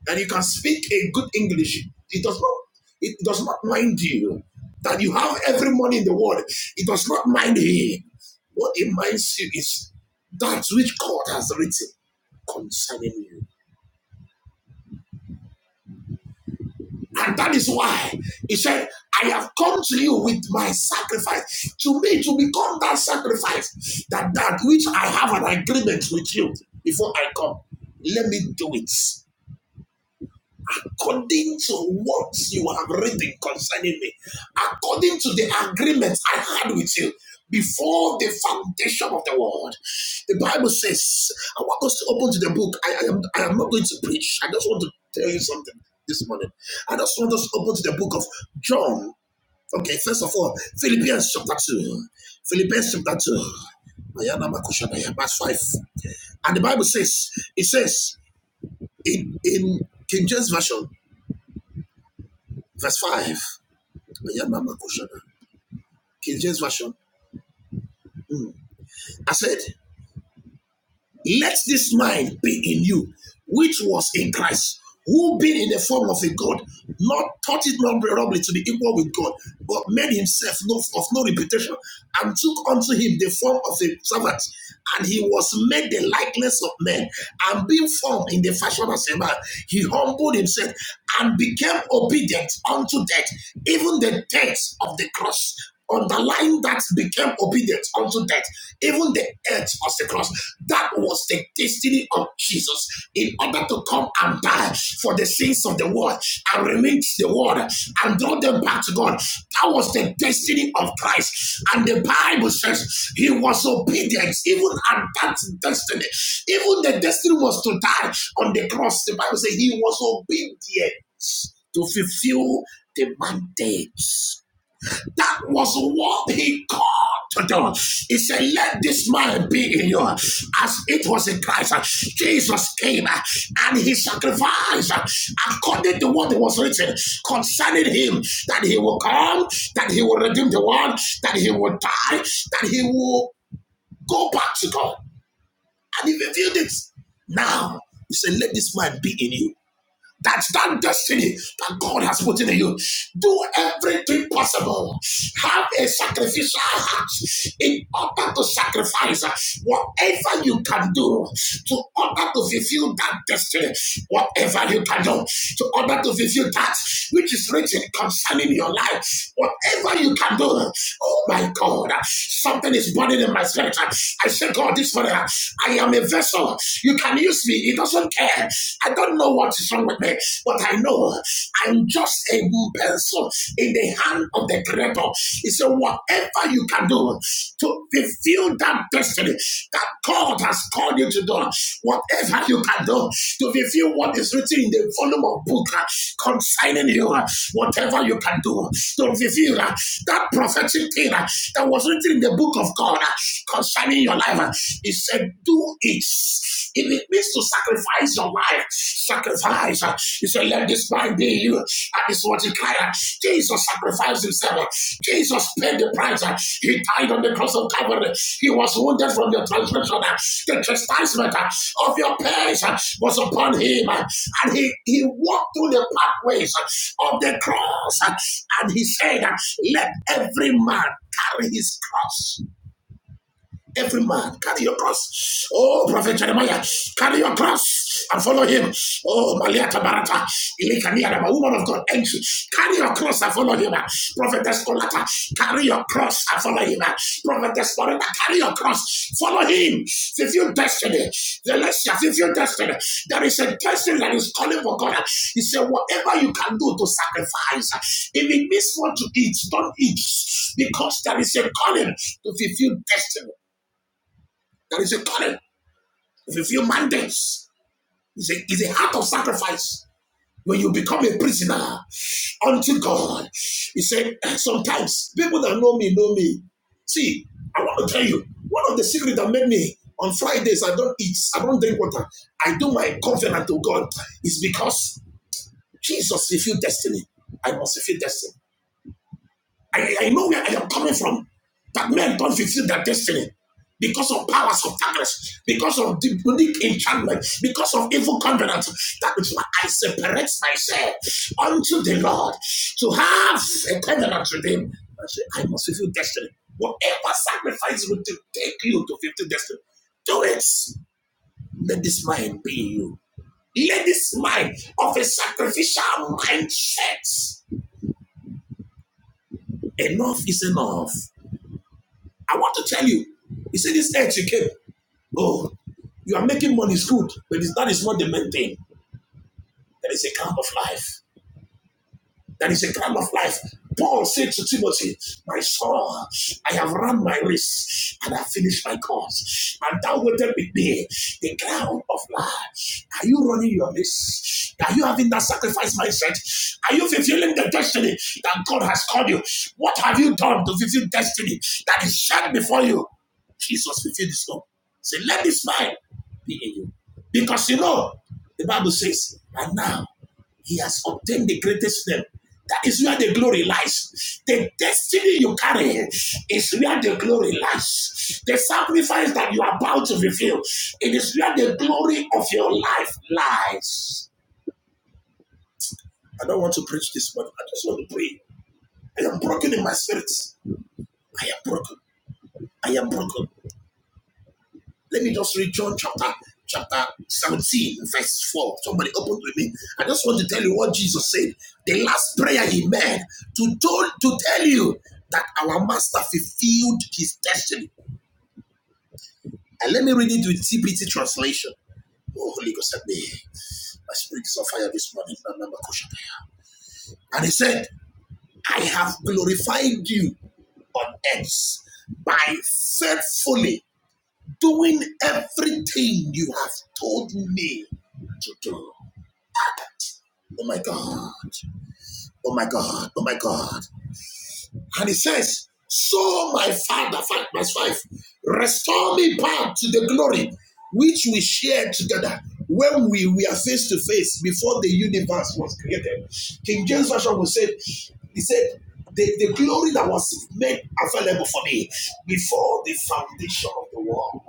C: and you can speak a good English, it does not it does not mind you that you have every money in the world. It does not mind him. What it minds you is that which God has written concerning you. And that is why he said, I have come to you with my sacrifice. To me, to become that sacrifice, that that which I have an agreement with you before I come. Let me do it. according to what you have written concerning me, according to the agreement I had with you before the foundation of the world. The Bible says, I want us to open to the book. I, I am, I am not going to preach. I just want to tell you something this morning. I just want us to open to the book of John. Okay, first of all, Philippians chapter 2. Philippians chapter 2. Verse 5. And the Bible says, it says in, in King James Version, verse 5. Yeah, Mama Kushana. King James Version. Mm. I said, Let this mind be in you, which was in Christ, who being in the form of a God, not thought it not robbery to be equal with God, but made himself no, of no reputation, and took unto him the form of a servant, and he was made the likeness of men, and being formed in the fashion of a man, he humbled himself and became obedient unto death, even the death of the cross. Underlying that became obedient unto death even the edge of the cross. That was the destiny of Jesus in order to come and die for the sins of the world and remain the world and draw them back to God. That was the destiny of Christ. And the Bible says he was obedient even at that destiny. Even the destiny was to die on the cross. The Bible says he was obedient to fulfill the that we call to do. He said, Let and be in you as it was in Christ. Jesus came uh, and he sacrificed uh, according to what was written concerning him that he will come, that he will redeem the world, that he will die, that he will go back to God. And he revealed it. Now, he said, Let this man be in you that's that destiny that God has put in you. Do everything possible. Have a sacrificial heart in order to sacrifice whatever you can do to order to fulfill that destiny. Whatever you can do to order to fulfill that which is written concerning you your life, whatever you can do, oh my God, something is burning in my spirit. I say, God, this morning, I am a vessel. You can use me. It doesn't care. I don't know what is wrong with me, but I know I'm just a pencil in the hand of the Creator. He said, whatever you can do to fulfill that destiny that God has called you to do, whatever you can do, to fulfill what is written in the volume of book uh, concerning you, uh, whatever you can do, uh, to fulfill uh, that prophetic thing uh, that was written in the book of God uh, concerning your life. uh, He said, Do it. If it means to sacrifice your life, sacrifice. He said, Let this mind be you. And this is what he cried. out. Jesus sacrificed himself. Jesus paid the price. He died on the cross of Calvary. He was wounded from your transgression. The chastisement of your pains was upon him. And he, he walked through the pathways of the cross. And he said, Let every man carry his cross Every man, carry your cross. Oh, Prophet Jeremiah, carry your cross and follow him. Oh, Malia Tabarata, Ilikania, the woman of God, entry. Carry your cross and follow him. Prophet Kolata, carry your cross and follow him. Prophet Loretta, carry your cross. Follow him. Fulfill destiny. The less you fulfill destiny, there is a destiny that is calling for God. He said, whatever you can do to sacrifice, if it means what to eat, don't eat because there is a calling to fulfill destiny. There is a current of a few mandates. It's a, it's a heart of sacrifice when you become a prisoner unto God. He said, "Eh, sometimes people that know me know me. See, I want to tell you, one of the secrets that made me on Fridays, I don't eat, I don't drink water. I do my covenant to God is because Jesus fulfilled destiny. I must fulfill destiny. I, I know where I am coming from. That men don't fulfill their destiny because of powers of darkness, because of demonic enchantment, because of evil covenant. That is why I separate myself unto the Lord to have a covenant with Him. I say, I must fulfill destiny. Whatever sacrifice will take you to fulfill destiny, do it. Let this mind be you. Let this mind of a sacrificial mindset. Enough is enough. I want to tell you, you see this age you came. Oh, you are making money is good, but that is not the main thing. There is a kind of life. That is a crown of life. Paul said to Timothy, My son, I have run my race and I finished my course. And thou waited with me the crown of life. Are you running your race? Are you having that sacrifice mindset? Are you fulfilling the destiny that God has called you? What have you done to fulfill destiny that is set before you? Jesus fulfilled his own. Say, let this mind be in you. Because you know, the Bible says, and now. He has obtained the greatest name. That is where the glory lies. The destiny you carry is where the glory lies. The sacrifice that you are about to reveal, it is where the glory of your life lies. I don't want to preach this, but I just want to pray. I am broken in my spirit. I am broken. I am broken. Let me just read John chapter chapter 17, verse 4. Somebody open with me. I just want to tell you what Jesus said. The last prayer he made to told to tell you that our master fulfilled his destiny. And let me read it with TPT translation. Oh, Holy Ghost, help me. My spirit is on fire this morning. And he said, I have glorified you on earth by faithfully doing everything you have told me to do. Oh my God. Oh my God. Oh my God. And he says, So my father, five, verse 5, restore me back to the glory which we shared together when we were face to face before the universe was created. King James Version was said, He said, the, the glory that was made available for me before the foundation of the world.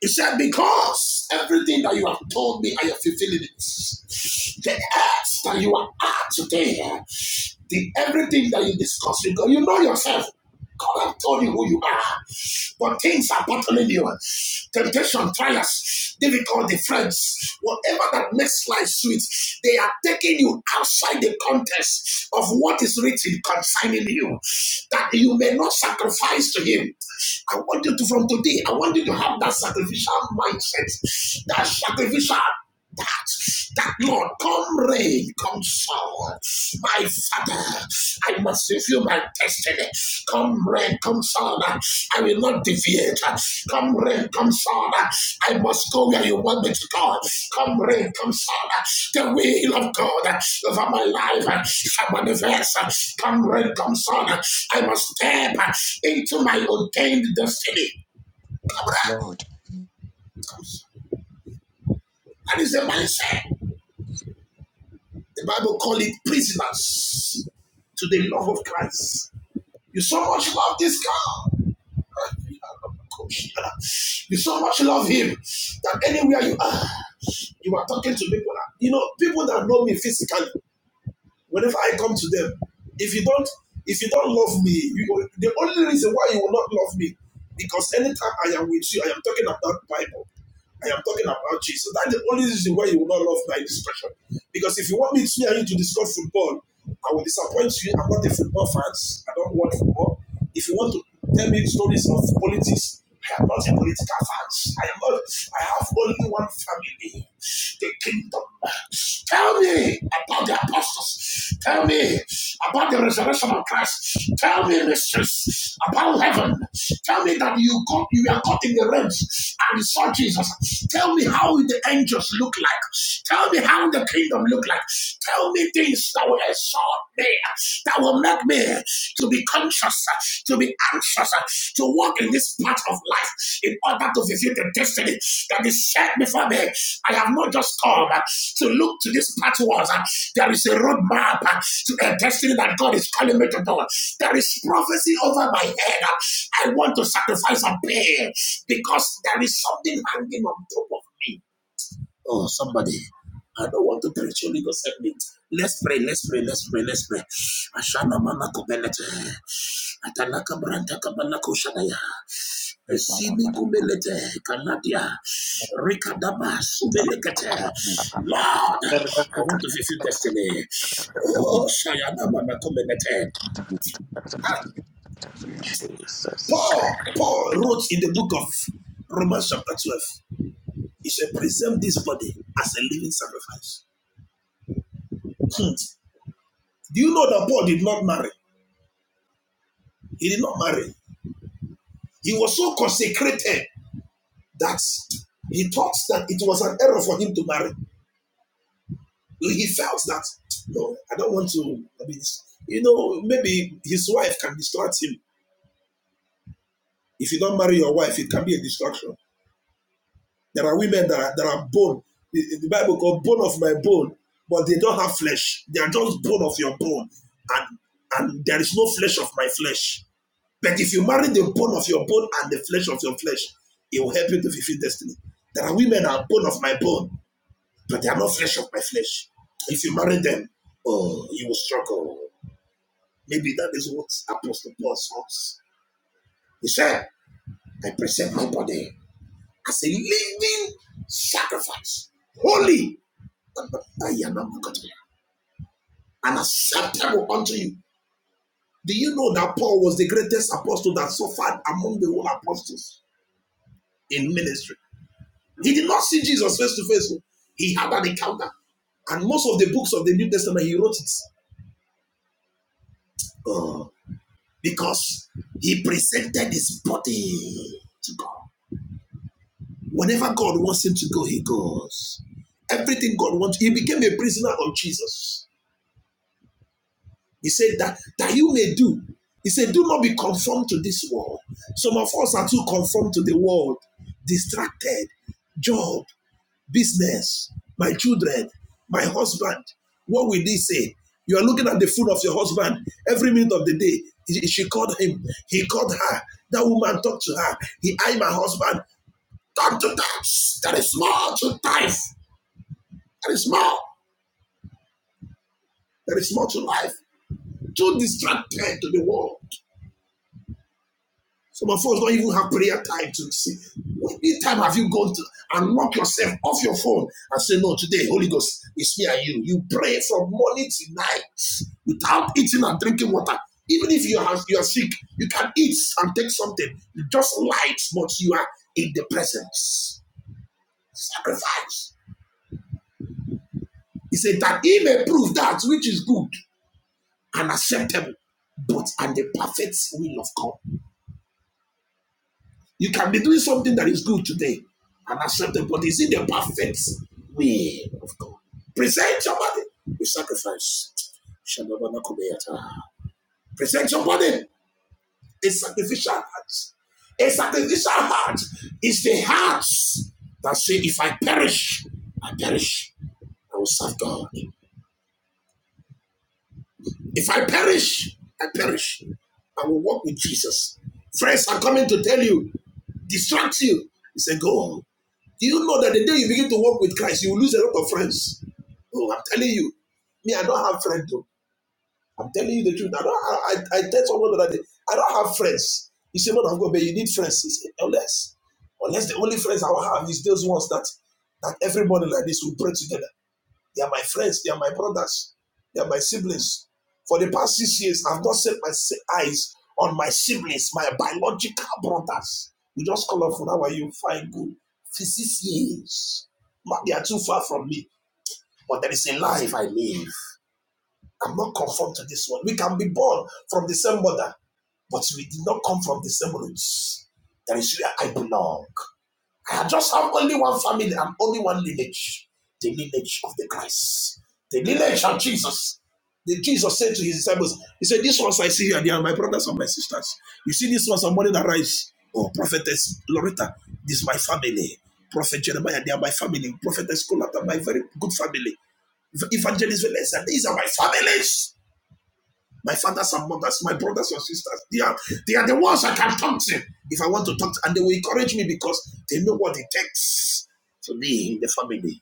C: He said, Because everything that you have told me, I have fulfilled it. The earth that you are at today the everything that you discuss with God, you know yourself. God has told you who you are. But things are bottling you. Temptation, trials, difficulty, friends, whatever that makes life sweet, they are taking you outside the context of what is written concerning you, that you may not sacrifice to Him. I want you to, from today, I want you to have that sacrificial mindset, that sacrificial that that Lord, come rain, come shower. My Father, I must fulfill my destiny. Come rain, come shower. I will not deviate. Come rain, come shower. I must go where you want me to go. Come rain, come shower. The will of God over my life shall manifest. Come rain, come shower. I must step into my ordained destiny. That is the mindset. The Bible call it prisoners to the love of Christ. You so much love this God. <laughs> You so much love him that anywhere you are, you are talking to people. that- You know, people that know me physically, Whenever I come to them, if you don't, if you don't love me, you, the only reason why you will not love me, because anytime I am with you, I am talking about Bible. I am talking about Jesus. That's the only reason why you will not love my discussion. Because if you want me to hear you to discuss football, I will disappoint you. I'm not a football fans. I don't watch football. If you want to tell me stories of politics, I am not a political fans. I am not. I have only one family, the kingdom. Tell me about the resurrection of Christ. Tell me, mysteries about heaven. Tell me that you got you are caught in the realms and you saw Jesus. Tell me how the angels look like. Tell me how the kingdom look like. Tell me things that were saw there that will make me to be conscious, uh, to be anxious, uh, to walk in this path of life in order to fulfill the destiny that is set before me. I have not just come uh, to look to this path towards. uh, There is a roadmap uh, to a destiny that God is calling me to do. There is prophecy over my head. uh, I want to sacrifice and pay because there is something hanging on top of me. Oh, somebody. I don't want to preach your legal segment. Let's pray, let's pray, let's pray, let's pray. Ashana mana kubelete. Atanaka branta kabana kushanaya.
G: Hey, Baba,
C: Esini
G: Baba, Baba.
C: kubelete. Kanadia. Rikadaba subele.
G: Mm,
C: Lord, I want to fulfill the name.
G: mm.
C: Oh, Shaya. Paul, Paul wrote in the book of Romans chapter 12. He said, present this body as a living sacrifice. Hmm. Do you know that Paul did not marry? He did not marry. He was so consecrated that he thought that it was an error for him to marry. He felt that, no, I don't want to. I mean, you know, maybe his wife can distract him. If you don't marry your wife, it can be a distraction. There are women that are, that are bone. The, the Bible called bone of my bone, but they don't have flesh. They are just bone of your bone. And, and there is no flesh of my flesh. But if you marry the bone of your bone and the flesh of your flesh, it will help you to fulfill destiny. There are women that are bone of my bone but they are not flesh of my flesh. If you marry them, oh, you will struggle. Maybe that is what Apostle Paul says. He said, I present my body as a living sacrifice, holy, and I acceptable unto you. Do you know that Paul was the greatest apostle that suffered among the whole apostles in ministry? He did not see Jesus face to face. oh. He had an encounter. And most of the books of the New Testament, he wrote it. Oh. because he presented his body to God. Whenever God wants him to go, he goes. Everything God wants, he became a prisoner of Jesus. He said that that you may do. He said, "Do not be conformed to this world." Some of us are too conformed to the world, distracted, job, business, my children, my husband. What will they say? You are looking at the food of your husband every minute of the day. She called him. He called her. That woman talked to her. He, I, my husband, talk to that. There is more to life. There is more. There is more to life. Too distracted to the world. Some of us don't even have prayer time to see. What time have you gone to and knock yourself off your phone and say, No, today, Holy Ghost, it's me and you. You pray from morning to night without eating and drinking water. Even if you are you are sick, you can eat and take something. You just light, but you are in the presence. Sacrifice. He said that he may prove that which is good and acceptable, but and the perfect will of God. You can be doing something that is good today and acceptable, but it's in the perfect will of God. Present your body with sacrifice. Present your body a sacrificial heart. A sacrificial heart is the heart that say, if I perish, I perish. I will serve God. If I perish, I perish. I will walk with Jesus. Friends are coming to tell you, distract you. He said, Go on. Do you know that the day you begin to walk with Christ, you will lose a lot of friends? Oh, I'm telling you, me, I don't have friends. Though. I'm telling you the truth. I don't. I, I, I tell someone the other day, I don't have friends. He said, "Man of God, but you need friends." He said, "Unless, unless the only friends I will have is those ones that that everybody like this will pray together." They are my friends. They are my brothers. They are my siblings. For the past six years, I've not set my si- eyes on my siblings, my biological brothers. You just call up for how are you? Fine, good. For six years. But they are too far from me. But there is a life I live. I'm not conformed to this one. We can be born from the same mother, but we did not come from the same roots. That is where I belong. I just have only one family and only one lineage the lineage of the Christ, the lineage of Jesus. The Jesus said to his disciples, He said, These ones I see here, they are my brothers and my sisters. You see, these ones are money that rise. Oh, prophetess Loretta, this is my family. Prophet Jeremiah, they are my family. Prophetess Colata, my very good family. Evangelist Valencia, these are my families my fathers and mothers, my brothers and sisters. They are they are the ones I can talk to if I want to talk to, and they will encourage me because they know what it takes to be in the family.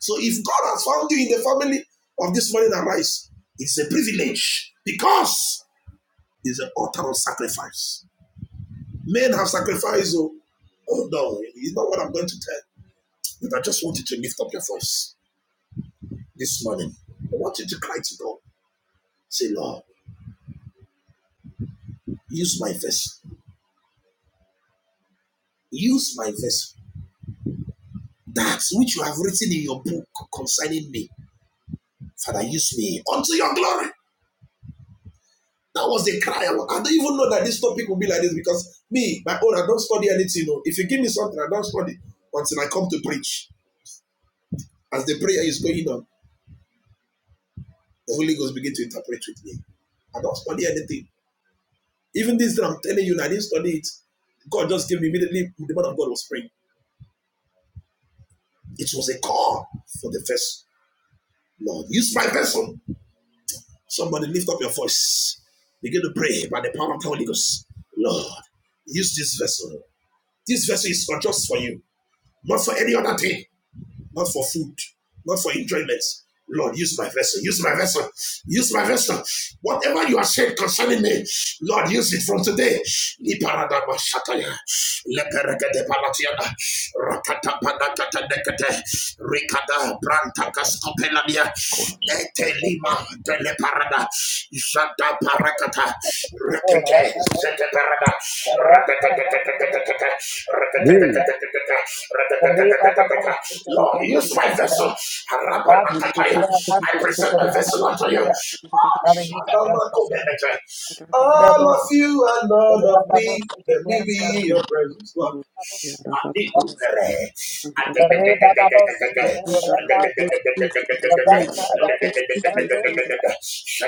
C: So if God has found you in the family of this morning arise, it's a privilege because it's an altar of sacrifice. Men have sacrificed. Oh, oh no, it's not what I'm going to tell. But I just want you to lift up your voice this morning. I want you to cry to God. Say, Lord, use my vessel. Use my vessel that which you have written in your book concerning me. Father, use me unto your glory. That was the cry. I don't even know that this topic will be like this because me, my own, I don't study anything. oh. If you give me something, I don't study until I come to preach. As the prayer is going on, the Holy Ghost begin to interpret with me. I don't study anything. Even this that I'm telling you, I didn't study it. God just gave me immediately. The man of God was praying. It was a call for the first Lord. Use my person. Somebody lift up your voice. Begin to pray by the power of the Holy Ghost. Lord, use this vessel. This vessel is not just for you, not for any other thing not for food, not for enjoyment. Lord, use my vessel, use my vessel, use my vessel. Whatever you have said concerning me, Lord, use it from today.
A: Oh, ra ra ra ra ra ra ra ra. Ah, Lord,
G: Hey.
A: ah. Re ba ba
C: <laughs>
A: ba.
C: Lord,
A: Thank
C: use
A: you,
C: my vessel.
A: God.
C: Arate,
A: Ah, Lord, ah, ah, Lord, ah, ra ra ra. Father, you got that for sure. Ra ba ba ba. Ra ba ba. Yes, God.
C: Lord, I
A: Re ba ba ba.
C: Adededededededede.
A: Oh, ra ba. Ba ba.
C: Adedededededededede.
A: Ra ra ra. Son, Lord.
B: you.
C: Adedededededededede.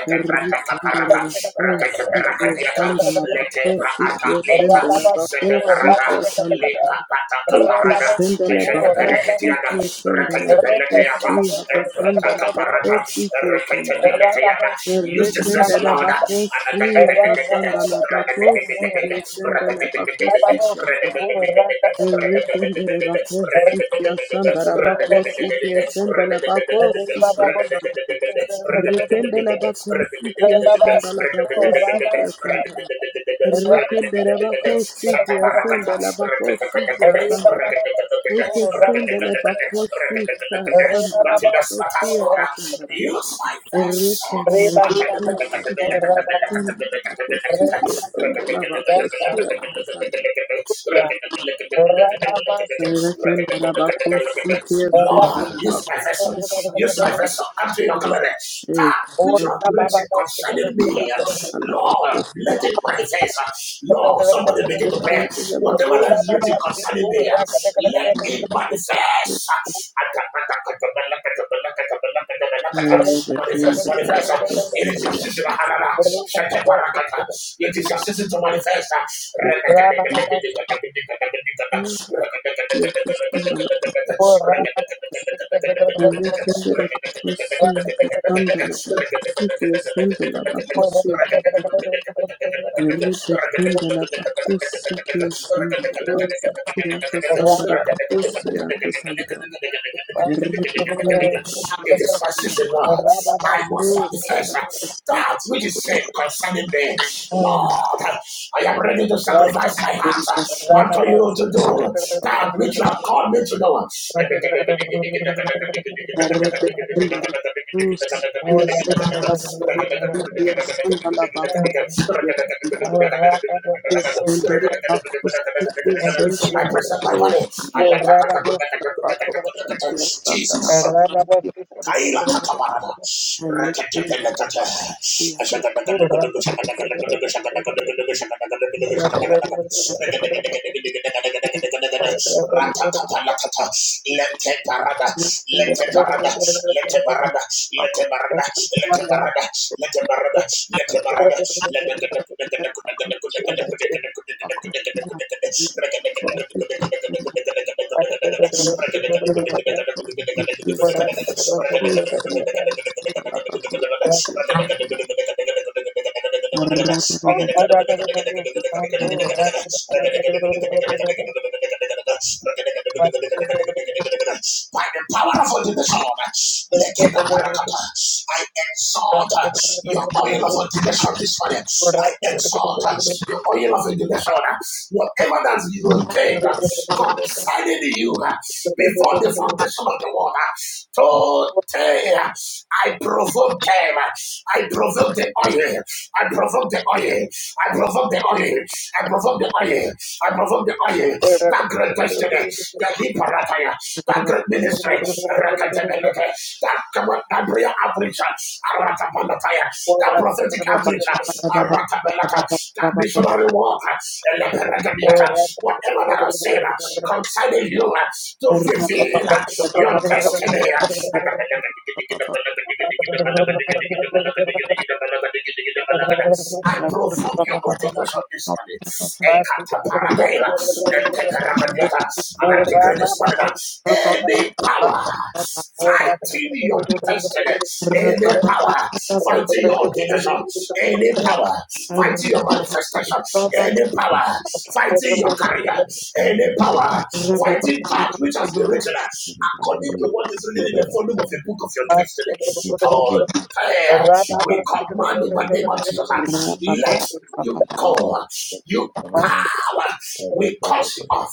B: Sandala Rekundere bako sikia
C: Rakateberakadiata.
B: sandara bako
C: Letebraata lita.
A: Rababa
C: Zedebarada.
B: sikia
C: Use this vessel, Lord.
B: sendele bako sikia Rekende la bako sikia
C: <laughs>
B: sunda la
C: But in
B: bako sandara. Rekende la bako sikia sunda la bako sandara. Eke sende la bako
A: Rabba
B: sandara
C: the
B: bako sikia
C: Satasora,
B: sandara.
C: use my vessel.
B: Rekende la bako sandara bako sikia sandara bako sandara.
C: Look at the
B: Rekende la bako sikia
C: Lord,
B: sandara
C: use my
B: bako
C: vessel, use my vessel unto your glory. That which you have written concerning me,
B: sandara
C: Lord,
B: bako
C: let it manifest. Lord, somebody begin to pray. Whatever that is written concerning me, let it manifest.
B: Move
C: Manifest,
B: the temple
C: manifest.
B: of Christ.
C: It is your season. Hanana. Shete parakata. It is your season to manifest. <laughs> It is my season, Lord. I must manifest that which is said concerning me. Lord, I am ready to sacrifice my hands
B: Thank you.
C: unto you to do that which you have called me to do. <laughs>
A: Thank you,
C: I present my body. I let Jesus. Kaila Katamarana,
A: Jesus.
C: Rekatepelekate, Ratatapalakata, Lete Parada, Lete
B: Thank
C: Parada, Lete Parada, Lete Parada, Lete Parada, Lete Parada, Lete
A: Thank
C: Parada, Lete Barada, by the power of ordination, let it not barakata. I exalt your oil of ordination this morning. I exalt your oil of ordination whatever that it was paid uh, concerning you uh, before the
A: you.
C: foundation of the world. uh, Today, uh, I provoke them. uh, I provoke the oil. I provoke the oil. I provoke the oil. I provoke the oil. I provoke the oil.
A: Thank
C: That great destiny, that he parataya, that great ministry. Rakatabalata, That command- that prayer outreach, Arakapalataya, that prophetic outreach, Arakabelata, that missionary work, Eleperagamiata, whatever that is said concerning you uh, to fulfill uh, your
B: you.
C: destiny.
A: you.
C: <laughs> I
B: Rapa
C: provoke your contemplation this morning. Ekataparadela, eteperagadiata. And I declare this morning that any power fighting your destiny, any power fighting your ordination, any power fighting your manifestation, any power fighting your career, any power fighting that which has been written according to what is written in the volume of the book of your destiny. told
A: Thank
C: Fire. We command in the name of Jesus. Let you go. You pass power. We cut you off.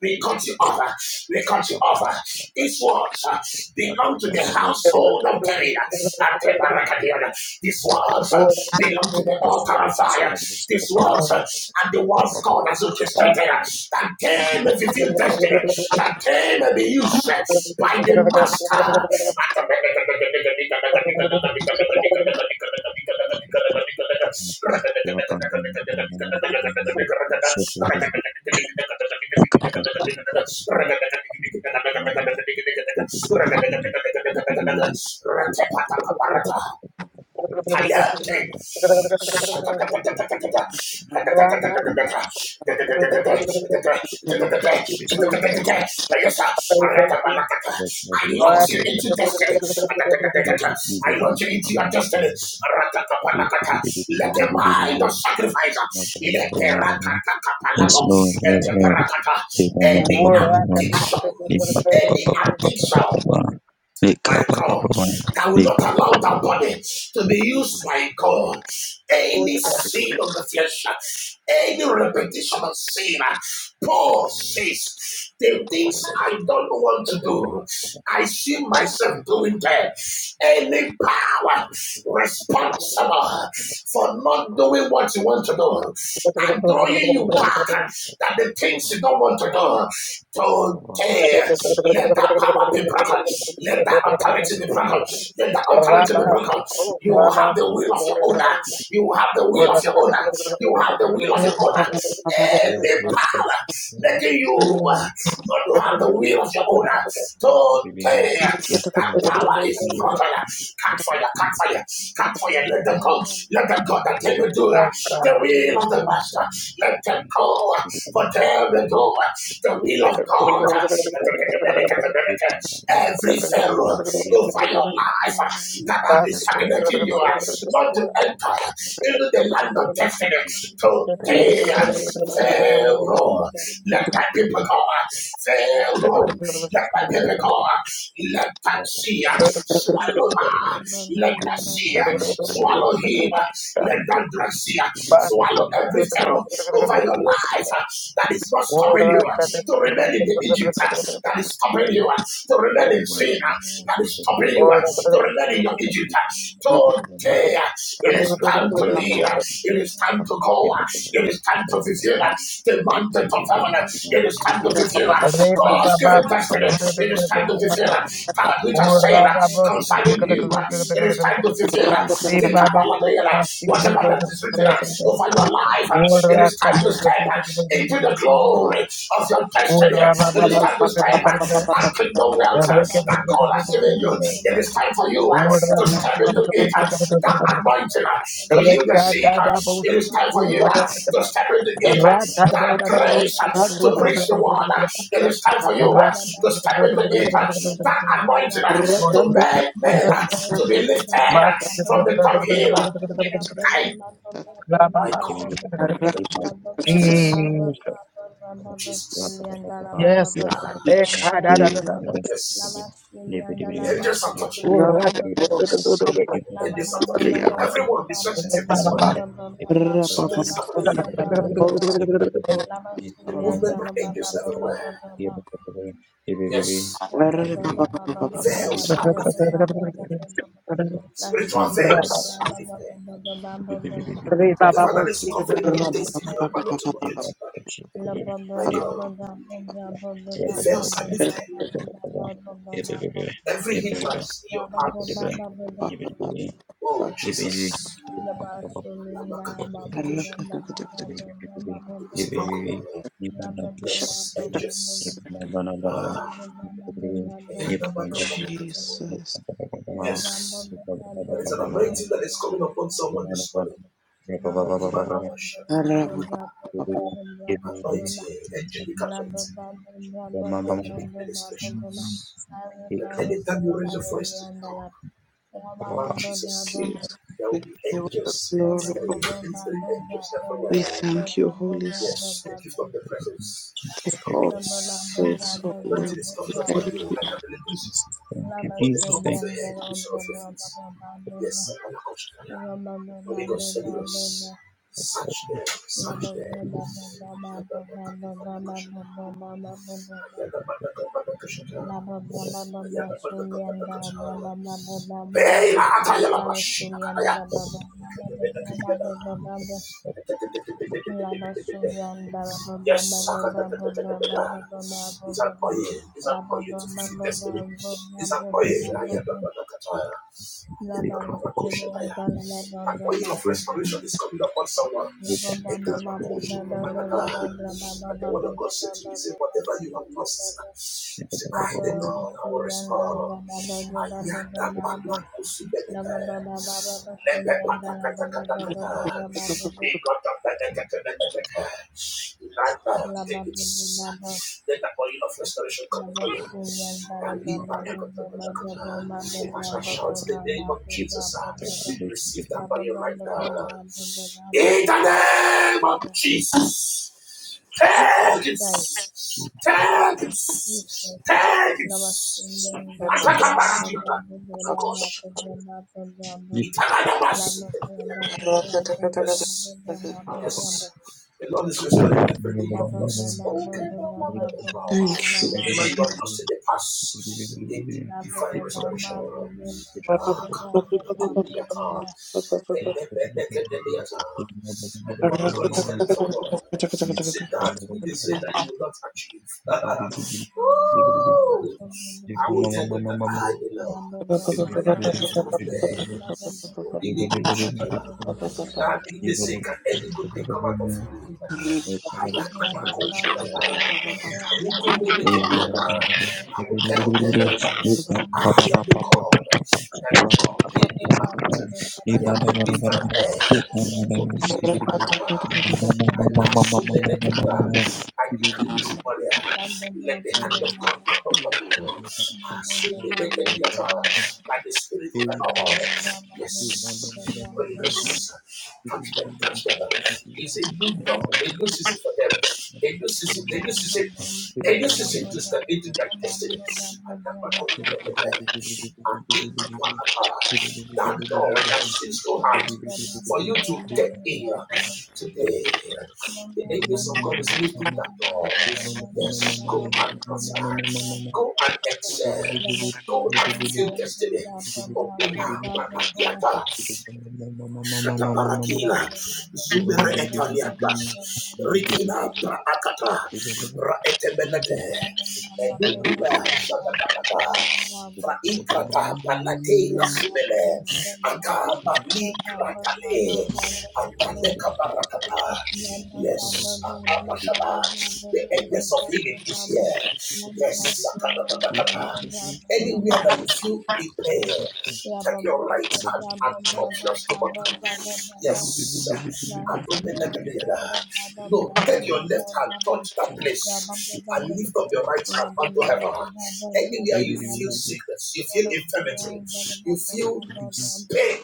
C: We cut you off. We cut you off. These words uh, belong to the household of David. Ateparakadiana. These words uh, belong to the altar of fire. These words uh, are the ones God has orchestrated uh, that came and fulfilled destiny, that came and be used uh, by the Master. <laughs> Rakata Kayate. I launch
A: you, Jesus. Thank you.
C: you into destiny. I launch you into your destiny. Let the mind of sacrifice let the rakakakapalato, let the any
A: Lord, I
C: addiction,
A: thank
C: any
A: you.
C: addiction. By God, that will not allow that body to be used by God. Any sin of the flesh, any repetition of sin, Paul says, the things I don't want to do, I see myself doing them. Any power responsible for not doing what you want to do,
A: Yes,
C: I'm drawing you back that the things you don't want to do. Today,
G: Baba.
C: Let that power be broken. Let that authority be broken. Let that authority be broken. You will have the will of your owner. You will have the will of your owner. You will have the will of your owner.
G: Yes,
C: Any
G: yes, yes,
C: power
G: yes. Lord.
C: making you uh, not to have the will of your owner.
G: Thank you, baby, baby.
C: Today,
G: Yes,
C: that
G: Lord. Baba.
C: power is
G: Jesus,
C: broken.
G: Jesus,
C: Cut fire,
G: Jesus,
C: cut
G: Jesus.
C: fire, cut fire. Let them go. Let them go. That they will do uh, the
A: God.
C: will of the
A: Jesus.
C: master. Let them go. For them will do the will of God. Every Pharaoh over your life
H: Thank
C: that has been stagnating you not to
A: Basket.
C: enter into the land of destiny
A: Baba,
C: today. Pharaoh, let my people go. Pharaoh, let my people go. Let that sea swallow her. Let that sea swallow him. Let that Red Sea swallow every pharaoh over your life that is not stopping you to remain in the Egypt that is stopping you to remain in sin that is stopping you to remain in your Egypt. Today, it is time to lead. It is time to go. It is time to fulfill the mandate given fulfillment. It is time to fulfill uh, God's
H: you.
C: given destiny. It is time to fulfill uh, God, which
H: Baba
C: has said uh, concerning you. uh, It is time to fulfill uh, the Kabbalah, uh, whatever that is written uh, over your life. uh, It
A: Yes,
C: is time to step uh, into the glory of your destiny. It is time to step uh, that kingdom wealth uh, that God has given you. It is time for you. uh, to step into it, uh, that anointing uh, to heal the sick. uh, It is time for you
H: Baba,
C: uh, to step into it, uh, that grace uh, to preach the
H: Baba,
C: word. uh, It is time for you uh, to step into it, uh, that anointing uh,
H: Baba,
C: to make men uh,
H: Lava
C: to be lifted uh, from the top here. It is time. Jesus. Jesus.
A: God.
C: Yes.
H: Sulianda
C: The
H: Lava
C: angels are touching you.
A: That
C: The angels are touching
H: Baba
C: you. Everyone be sensitive this morning. Something is happening here. The movement of angels everywhere.
H: Baba Baba
C: Yes.
H: La
C: Veils are lifted. Spiritual veils are lifted. Whatever that is covering the
B: Jesus.
C: destiny of adults to locate you, my God, the veils are lifted. Every hindrance in your past. Oh, Jesus. It is broken, oh Lord. Yes, angels. Ah,
B: Jesus.
H: La la
C: yes. There is
H: la
C: an anointing that is coming upon someone this morning. Anointing, angelic anointing. angelic ministrations. That anytime you raise your voice to talk about Jesus, there
B: We
C: will be
B: give you all the
C: angels
B: glory. oh,
C: ministering, ministering angels
B: We
C: everywhere.
B: thank you, Holy Spirit.
C: Yes, the gift of the presence.
B: Take all
C: Yes.
B: praise,
C: The
B: O Lord.
C: anointing is
B: We
C: coming upon you like a electricity from the top of your head to the sole of your feet. Yes, Holy Ghost,
H: la
C: Holy us.
H: Lama
C: Search them,
H: La
C: search
H: ba
C: them.
H: ba ba ba ba ba ba ba ba ba ba ba
C: Ayadabakadabakashata.
H: ba ba ba ba ba.
C: Ayadabakadabakashata.
H: La ba ba ba ba ba Sulianda ba
C: Ayadabakadabakashata.
H: ba ba ba ba ba ba ba.
C: Beila ataya la
H: La ba
C: bashi
H: Sulianda
C: akaya.
H: la ba ba ba ba ba ba ba ba ba ba ba. La ba Sulianda la ba ba ba ba
C: Yes,
H: ba
C: akada.
H: ba ba ba ba ba ba ba
C: it's an
H: ba ba.
C: oil, it's an
H: La ba
C: oil
H: ba
C: to
H: ba ba
C: fulfill
H: ba ba ba
C: destiny.
H: ba
C: It's an
H: ba
G: Thank
C: oil.
G: you,
H: ba ba
C: Ayada
H: ba.
C: barakataya.
H: La
G: baby.
H: ba
C: Ayada
G: Come, Baba, Baba.
C: barakoshataya.
H: Sulianda la ba
C: An
H: ba
C: oil
H: ba
C: of
H: ba
G: Thank
H: ba.
C: restoration is coming upon someone.
G: you,
H: Jesus
G: Baba.
C: And
G: Thank you,
C: the word of God said to me, say, whatever you have lost, you
G: baby,
C: say,
G: Baba,
C: I
G: Baba,
C: the
G: Baba.
C: Lord, I will restore. Ayada balakusubeleke. Lepe patakatakata. Ikotapeleketepelekete. Lata, Take it. Let the oil of restoration come upon you. As I shout the name of Jesus, uh, receive that by your right now. In the name of Jesus. Take it.
H: Christ.
C: Take it.
H: Jesus.
C: Take it. Attack a barrage. Gosh. Italian Yes.
B: Thank you.
C: Yes. The Lord is restoring everything you have lost. Okay. blah, blah, blah, blah, Whatever you have lost in the past, in divine restoration. Ah, come on, Kumiyata.
H: Love,
C: Elebedekedeliata. And the one of God is telling someone, he said, that me this
G: Thank you, baby, baby, baby, baby, baby. Mama, mama, mama, mama. Baby, baby, baby, baby, baby, baby. Baby, baby, baby, baby, baby.
C: that I
G: Baby, baby. Baba, Baba, Baba.
B: Thank
G: Hey,
B: you.
G: Baba,
H: Thank
G: Baba, Baba, Baba.
C: will
G: Hey, Baba, Baba, Baba, Baba.
C: uh, I
G: Hey,
C: will tell them that
G: Baba,
C: I
G: Baba,
C: am
G: Baba,
C: the
G: Baba.
C: God that you
G: Mama,
C: called them about. I am the lifter of
B: Oh, thank you,
C: air.
B: Jesus.
C: Alasumelekida. I decree this morning, ah, let the hand of God come upon you. Asumelekediata. By the Spirit of the Lord. Yes. Holy Ghost, touch them, touch them. It's a new dawn, a new season for them, a new season, a new season, a new season to step into their destiny. And I'm not going to be better and Ikapakara. That door that seems so hard for you to get in
H: you.
C: today.
H: Thank
C: The angels of God is lifting that door. Yes, go and prosper. Go and excel. Go and fulfill destiny. Opina Banadiata. Taparakila, Zubere Etariandas, Rikina Praakata, Raetebelete, Edukuba Zadabanata, Fraikata Panate Lasubele, Akama Likratale, Adale
H: you.
C: Kabarakata.
H: Yeah,
C: Yes, Abashada, the angels of healing is here. Yes, Sakadabanakata. Anywhere that you feel in pain, take your right hand and touch your stomach. Yes. Adomelegadiada. No, take your left hand, touch that place, and lift up your right hand unto heaven. Anywhere you feel sickness, you feel infirmity, you feel pain,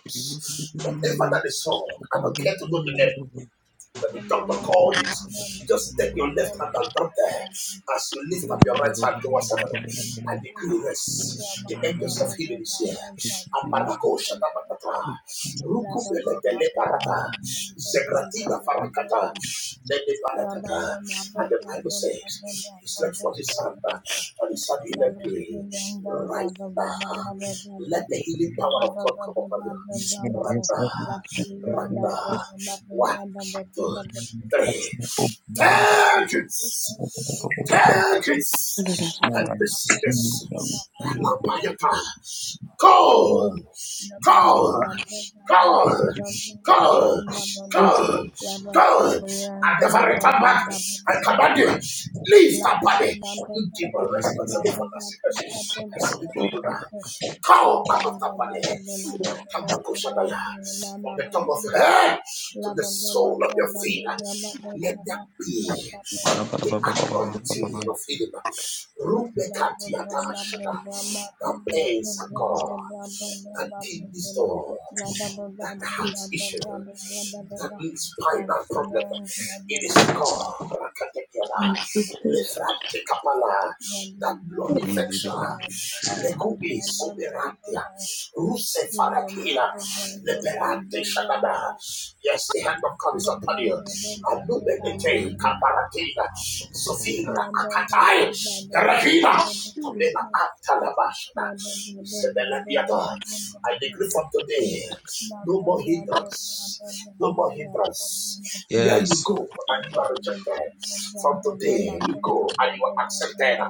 C: whatever that is wrong, I don't care to go to them. That the doctor called it. Just take your left hand and drop there. As you lift up your right hand towards heaven, and decree this. The angels of healing is here. Aparako shatabatata. Rukubele bele parata. Zegratina farakata.
H: La
C: Lele barakata. And the Bible says, He stretched forth his hand and he said, Healing be right now. Let the healing power of God come upon you. Right now. Right now. Why? four, three.
H: Deeper to see, deeper to
C: Vengeance!
H: see, deeper to La
C: Vengeance! I
H: ba ba
C: receive this.
H: ba
C: i not by your power. Call! Call! Call! Call!
H: ba ba ba ba ba ba ba ba ba. La ba ba ba ba ba ba ba ba ba ba ba ba.
C: Call!
H: La ba
C: Call! and
H: soyanga la
C: never
H: ba
C: return
H: ba
C: back.
H: ba ba ba ba
C: I command
H: ba
C: you,
H: ba.
C: leave
H: La
C: that
H: ba ba ba
C: body.
H: ba ba ba ba
C: You demon
H: ba ba ba ba
C: responsible
H: ba
C: for that
H: ba ba ba ba.
C: sickness. I speak to you now.
H: La
C: Go
H: ba
C: out of
H: ba
C: that
H: ba ba ba
C: body.
H: ba la ba
C: And
H: ba
C: come
H: ba
C: back to Shadaya.
H: soyanga la
C: From
H: ba
C: the
H: ba
C: top
H: ba
C: of
H: ba.
C: your head to
H: La
C: the
H: ba ba ba ba
C: sole
H: ba
C: of
H: ba
C: your
H: ba ba
C: feet.
H: ba
C: Let
H: ba
C: that be
H: ba ba ba.
C: the anointing of healing. Rubekatiata Shada. The pains are gone. The kidney stone that heart issue, that spinal problem, it is gone. Rakatekela, lefratekapala, That blood infection, lekubi soberatia, farakila, leperate shadada. Yes, the hand of God is upon you. Lumete kaparatina, Sofira akatai, Rahina, Tobela
H: London,
C: atalabashana, Isabella Biada. I decree from today, no more hindrance, no more hindrance. Where you go and you are rejected, from today you go and you are accepted.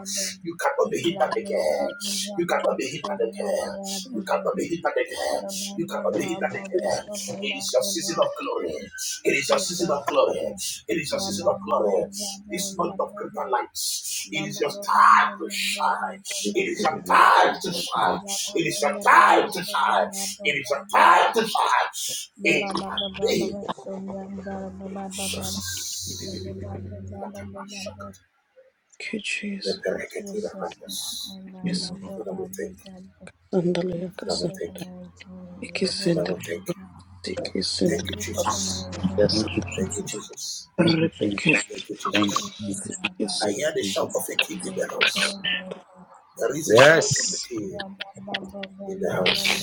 C: You cannot be hindered again. You cannot be hindered again. You cannot be hindered again. You cannot be hindered again. It is your season of glory. It is your season of
H: Jesus.
C: glory. It is your season of glory. This month of greater
H: Jesus, Jesus' Jesus' Jesus'
C: lights. It is your time to shine.
B: Thank
C: It is your time to shine.
B: you,
C: Let
B: Jesus.
C: the record hear our hand.
B: Yes.
C: Father, we thank you.
B: Sandalaya
C: Father, we thank
B: kasanda.
C: you. Father,
B: Ikisende.
C: we thank you.
B: Ikisende.
C: Thank you, Jesus.
B: Yes.
C: Thank you, Jesus.
B: Rebecca.
C: Thank you, Jesus.
B: Yes.
C: I hear the shout of a king in the house.
G: Yes.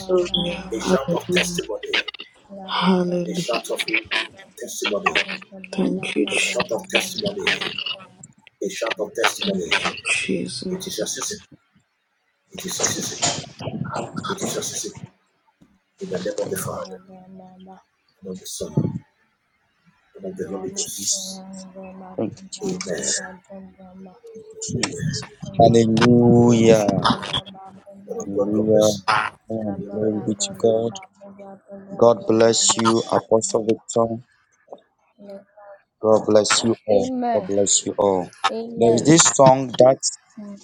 B: Hallelujah.
H: Amen.
B: Hallelujah. Thank you, Jesus.
H: Amen. Hmm.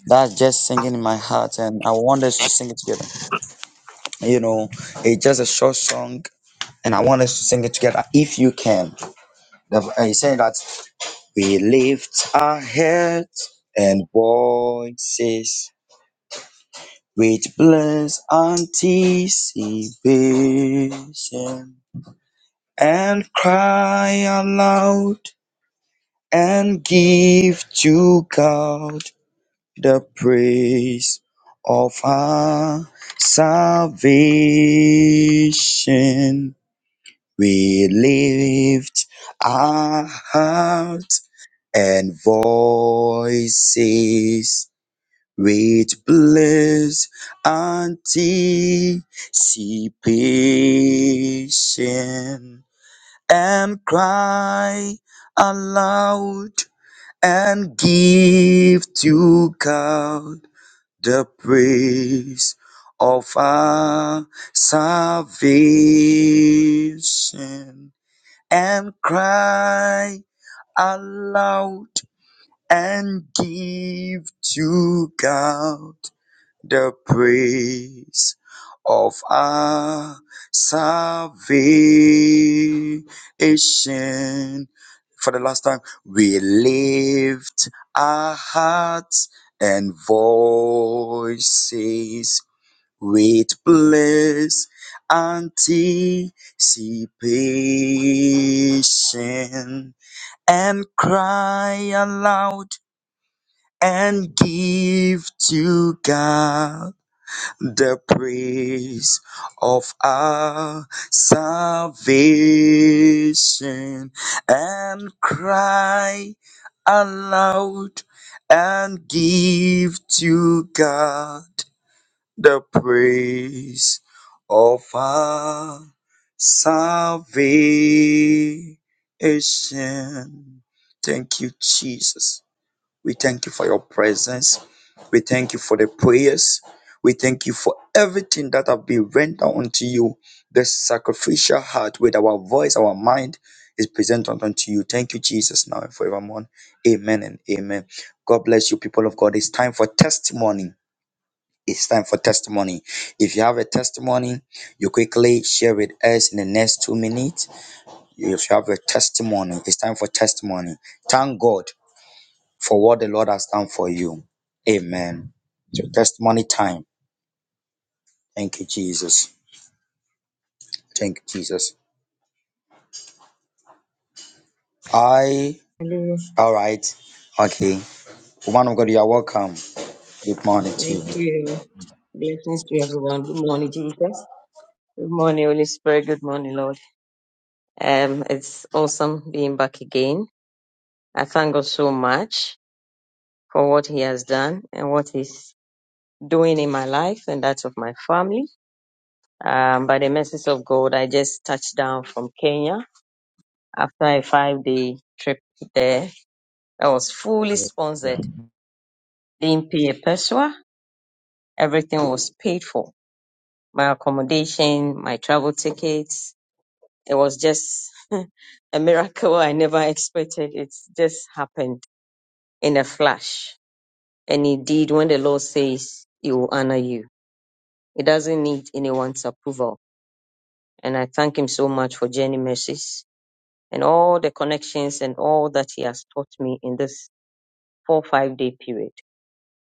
G: And we lift our hearts and voices with bliss anticipation and cry aloud and give to God the praise of
I: Hallelujah. Thank you. Blessings to everyone. Good morning, Jesus. Good morning, Holy Spirit. Good morning, Lord. Um, it's awesome being back again. I thank God so much for what He has done and what He's doing in my life and that of my family. Um, by the mercies of God, I just touched down from Kenya after a five-day trip there. I was fully sponsored. Didn't pay a peswa. Everything was paid for. My accommodation, my travel tickets, It was just <laughs> a miracle I never expected. It just happened in a flash. And indeed, when the Lord says, He will honor you, it doesn't need anyone's approval. And I thank Him so much for Jenny Mercies and all the connections and all that He has taught me in this four, five day period.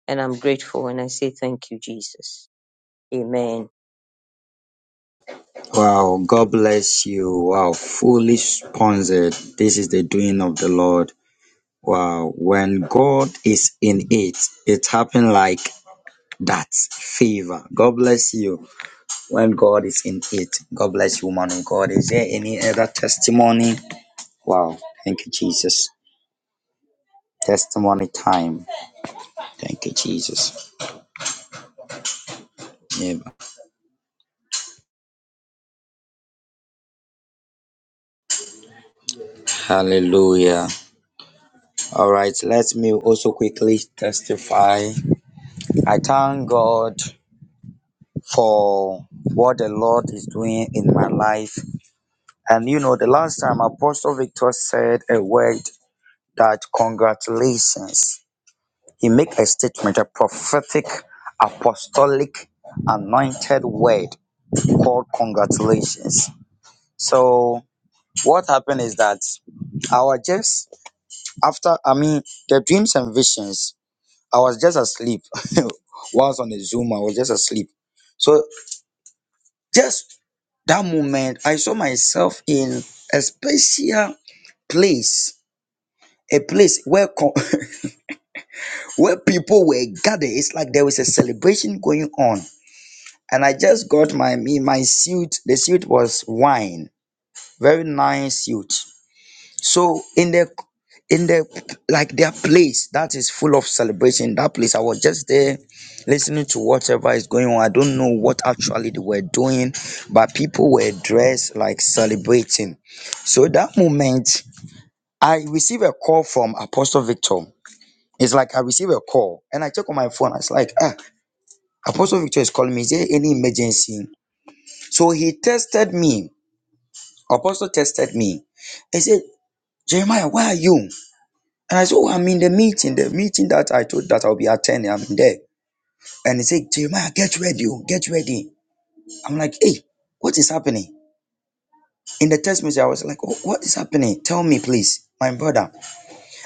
I: And I'm grateful and I say thank you, Jesus. Amen.
G: what happened is that I was just after I mean the dreams and visions, I was just asleep. <laughs> Once on the Zoom, I was just asleep. So just that moment, I saw myself in a special place. A place where co- <laughs> where people were gathered. It's like there was a celebration going on, and I just got my me my suit. The suit was wine, very nice youth so in the in the like their place that is full of celebration that place i was just there listening to whatever is going on i don't know what actually they were doing but people were dressed like celebrating so that moment i received a call from apostle victor it's like i receive a call and i check on my phone i was like ah apostle victor is calling me is there any emergency so he tested me apostle tested me he said jeremiah where are you And I said, Oh, I'm in the meeting, the meeting that I told that I'll be attending. I'm in there. And he said, Jeremiah, get ready, oh, get ready. I'm like, Hey, what is happening? In the text message, I was like, oh, What is happening? Tell me, please, my brother.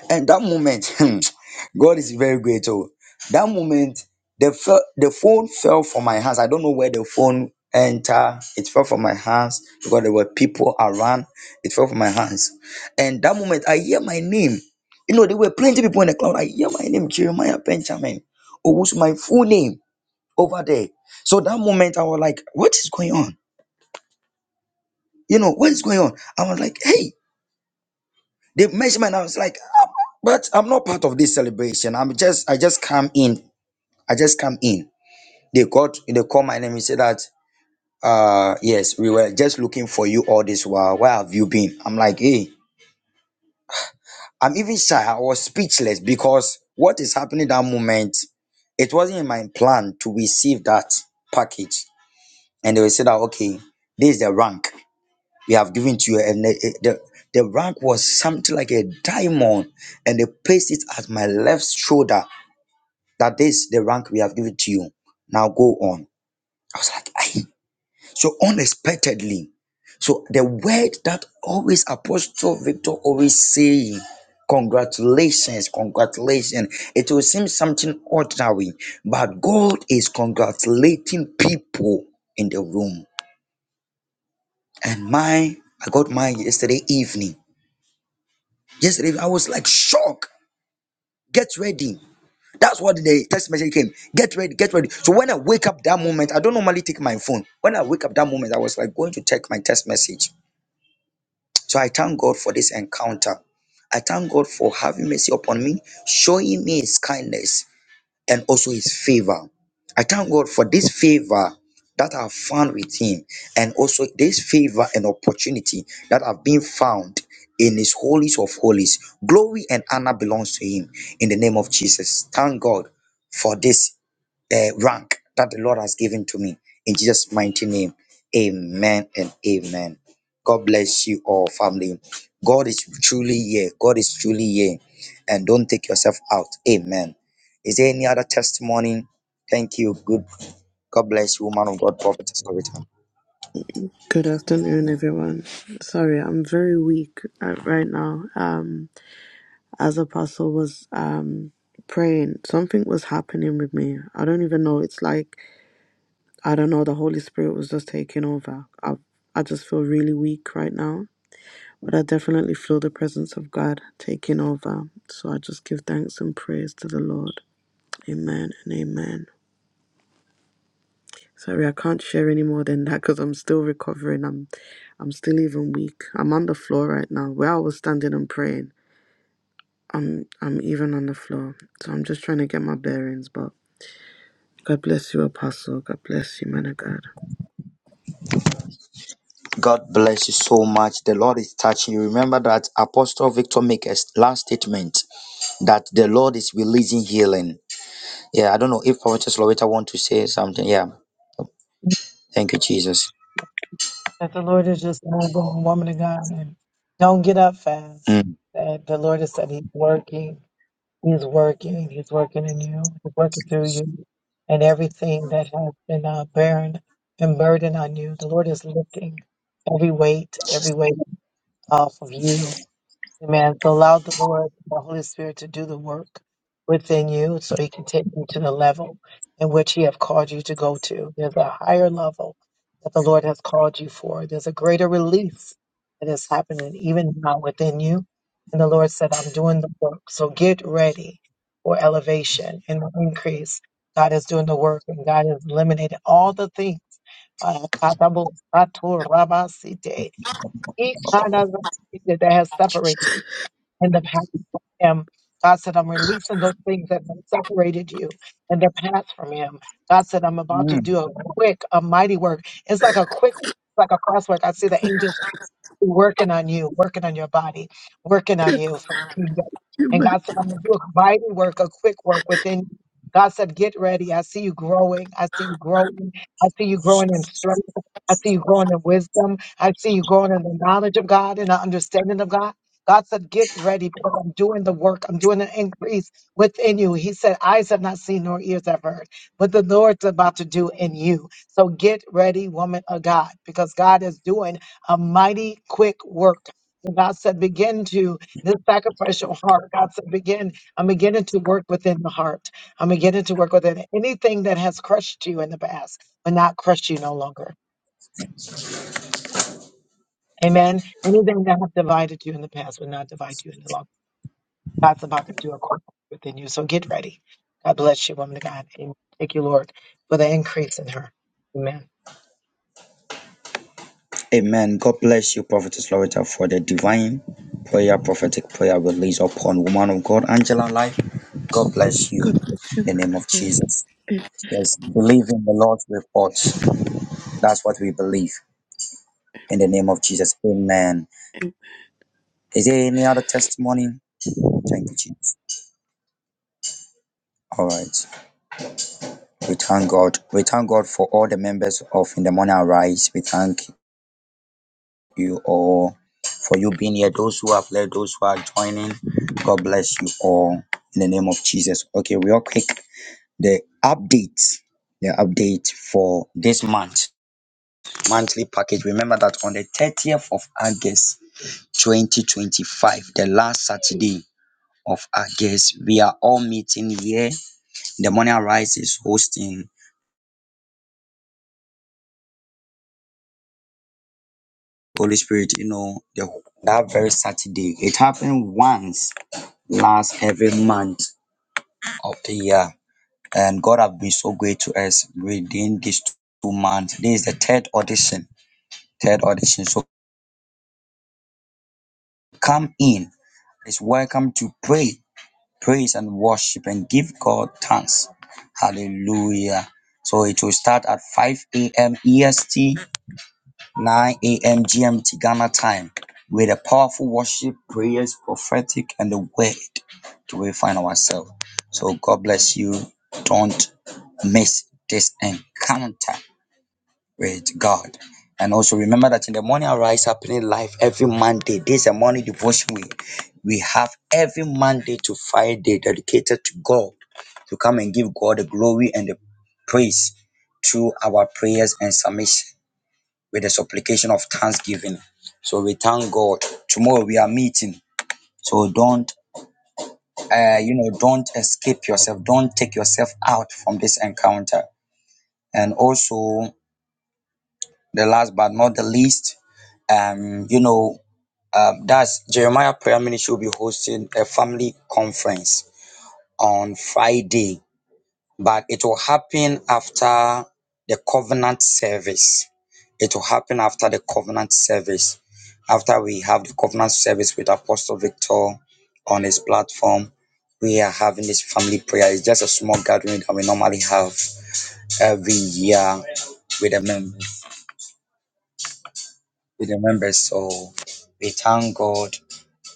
G: And that moment, <laughs> God is very great. Oh, that moment, the fe- the phone fell from my hands. I don't know where the phone entered. It fell from my hands because there were people around. It fell from my hands. And that moment, I hear my name. You know, there were plenty of people in the crowd. I hear my name, Jeremiah Benjamin, or was my full name over there. So that moment, I was like, what is going on? You know, what is going on? I was like, hey. They measured me and I was like, "Ah, but I'm not part of this celebration. I'm just I just come in. I just come in. They got they called my name and said that uh yes, we were just looking for you all this while. Where have you been? I'm like, hey, I'm even shy. I was speechless because what is happening that moment, it wasn't in my plan to receive that package. And they will say that okay, this is the rank. we have given to you. And the, the, the rank was something like a diamond, and they placed it at my left shoulder. That is the rank we have given to you. Now go on. I was like, Aye. so unexpectedly. So the word that always Apostle Victor always saying, congratulations, congratulations. It will seem something ordinary, but God is congratulating people in the room. And my I got mine yesterday evening Yesterday, I was like shocked. Get ready. That's what the text message came. Get ready, get ready. So when I wake up that moment, I don't normally take my phone. When I wake up that moment, I was like going to check my text message. So I thank God for this encounter. I thank God for having mercy upon me, showing me his kindness and also his favor. I thank God for this favor that I've found with him, and also this favor and opportunity that I've been found in his holies of holies. Glory and honor belongs to him in the name of Jesus. Thank God for this uh, rank that the Lord has given to me in Jesus' mighty name. Amen and amen. God bless you all, family. God is truly here. God is truly here. And don't take yourself out. Amen. Is there any other testimony? Thank you. Good. God bless you, woman of God, prophetess Loretta.
B: Good afternoon, everyone. Sorry, I'm very weak uh, right now. Um, as Apostle was um praying, something was happening with me. I don't even know. It's like I don't know. The Holy Spirit was just taking over. I, I just feel really weak right now, but I definitely feel the presence of God taking over. So I just give thanks and praise to the Lord. Amen and amen. Sorry, I can't share any more than that because I'm still recovering. I'm, I'm still even weak. I'm on the floor right now where I was standing and praying. I'm, I'm even on the floor. So I'm just trying to get my bearings. But God bless you, Apostle. God bless you, man of God.
G: God bless you so much. The Lord is touching you. Remember that Apostle Victor Maker's last statement that the Lord is releasing healing. Yeah, I don't know if prophetess Loretta want to say something. Yeah. Thank you, Jesus.
A: the Lord is just moving, woman of God, and don't get up fast.
G: Mm.
A: That the Lord has said He's working, He's working, He's working in you, He's working through you, and everything that has been uh, barren and burden on you, the Lord is lifting every weight, every weight off of you. Amen. So allow the Lord, the Holy Spirit, to do the work within you so he can take you to the level in which he have called you to go to. There's a higher level that the Lord has called you for. There's a greater release that is happening even now within you. And the Lord said, I'm doing the work. So get ready for elevation and increase. God is doing the work and God is eliminating all the things. That has separated in the past from him. God said, I'm releasing those things that have separated you in the past from him. God said, I'm about to do a quick, a mighty work. It's like a quick, like a crosswork. I see the angels working on you, working on your body, working on you. So, and God said, I'm going to do a mighty work, a quick work within you. God said, get ready. I see you growing. I see you growing. I see you growing in strength. I see you growing in wisdom. I see you growing in the knowledge of God and the understanding of God. God said, get ready because I'm doing the work. I'm doing an increase within you. He said, eyes have not seen nor ears have heard what the Lord's about to do in you. So get ready, woman of God, because God is doing a mighty quick work. And God said, begin to this sacrificial heart. God said, begin. I'm beginning to work within the heart. I'm beginning to work within it. anything that has crushed you in the past will not crush you no longer. Amen. Anything that has divided you in the past will not divide you any longer. God's about to do a work within you. So get ready. God bless you, woman of God. Amen. Thank you, Lord, for the increase in her. Amen.
G: Amen. God bless you, prophetess Loretta, for the divine prayer, prophetic prayer release upon woman of God, Angela Life. God bless you.
B: God bless you,
G: In the
B: man
G: name
B: of
G: of
B: God.
G: Jesus. Yes, believe in the Lord's report. That's what we believe. In the name of Jesus, amen. Is there any other testimony? Thank you, Jesus. All right. We thank God. We thank God for all the members of In the Morning Arise. We thank you all for you being here. Those who have left, those who are joining, God bless you all in the name of Jesus. Okay, real quick, the update, the update for this month, monthly package. Remember that on the 30th of August 2025, the last Saturday. of our guests. We are all meeting here. The morning rise is hosting Holy Spirit, you know, the, that very Saturday. It happened once last every month of the year. And God have been so great to us within these two months. This is the third audition. Third audition. So come in. It's welcome to pray, praise and worship and give God thanks. Hallelujah. So it will start at 5 a.m. EST 9 a.m. GMT Ghana time with a powerful worship, prayers, prophetic, and the word to refine ourselves. So God bless you. Don't miss this encounter with God. And also remember that in the morning arise happening live every Monday. This is a morning devotion week. We have every Monday to Friday dedicated to God to come and give God the glory and the praise through our prayers and submission with the supplication of thanksgiving. So we thank God. Tomorrow we are meeting. So don't, uh, you know, don't escape yourself. Don't take yourself out from this encounter. And also, the last but not the least, um, you know, um, that's Jeremiah Prayer Ministry will be hosting a family conference on Friday but it will happen after the covenant service. It will happen after the covenant service. After we have the covenant service with Apostle Victor on his platform, we are having this family prayer. It's just a small gathering that we normally have every year with the members. With the members, so we thank God.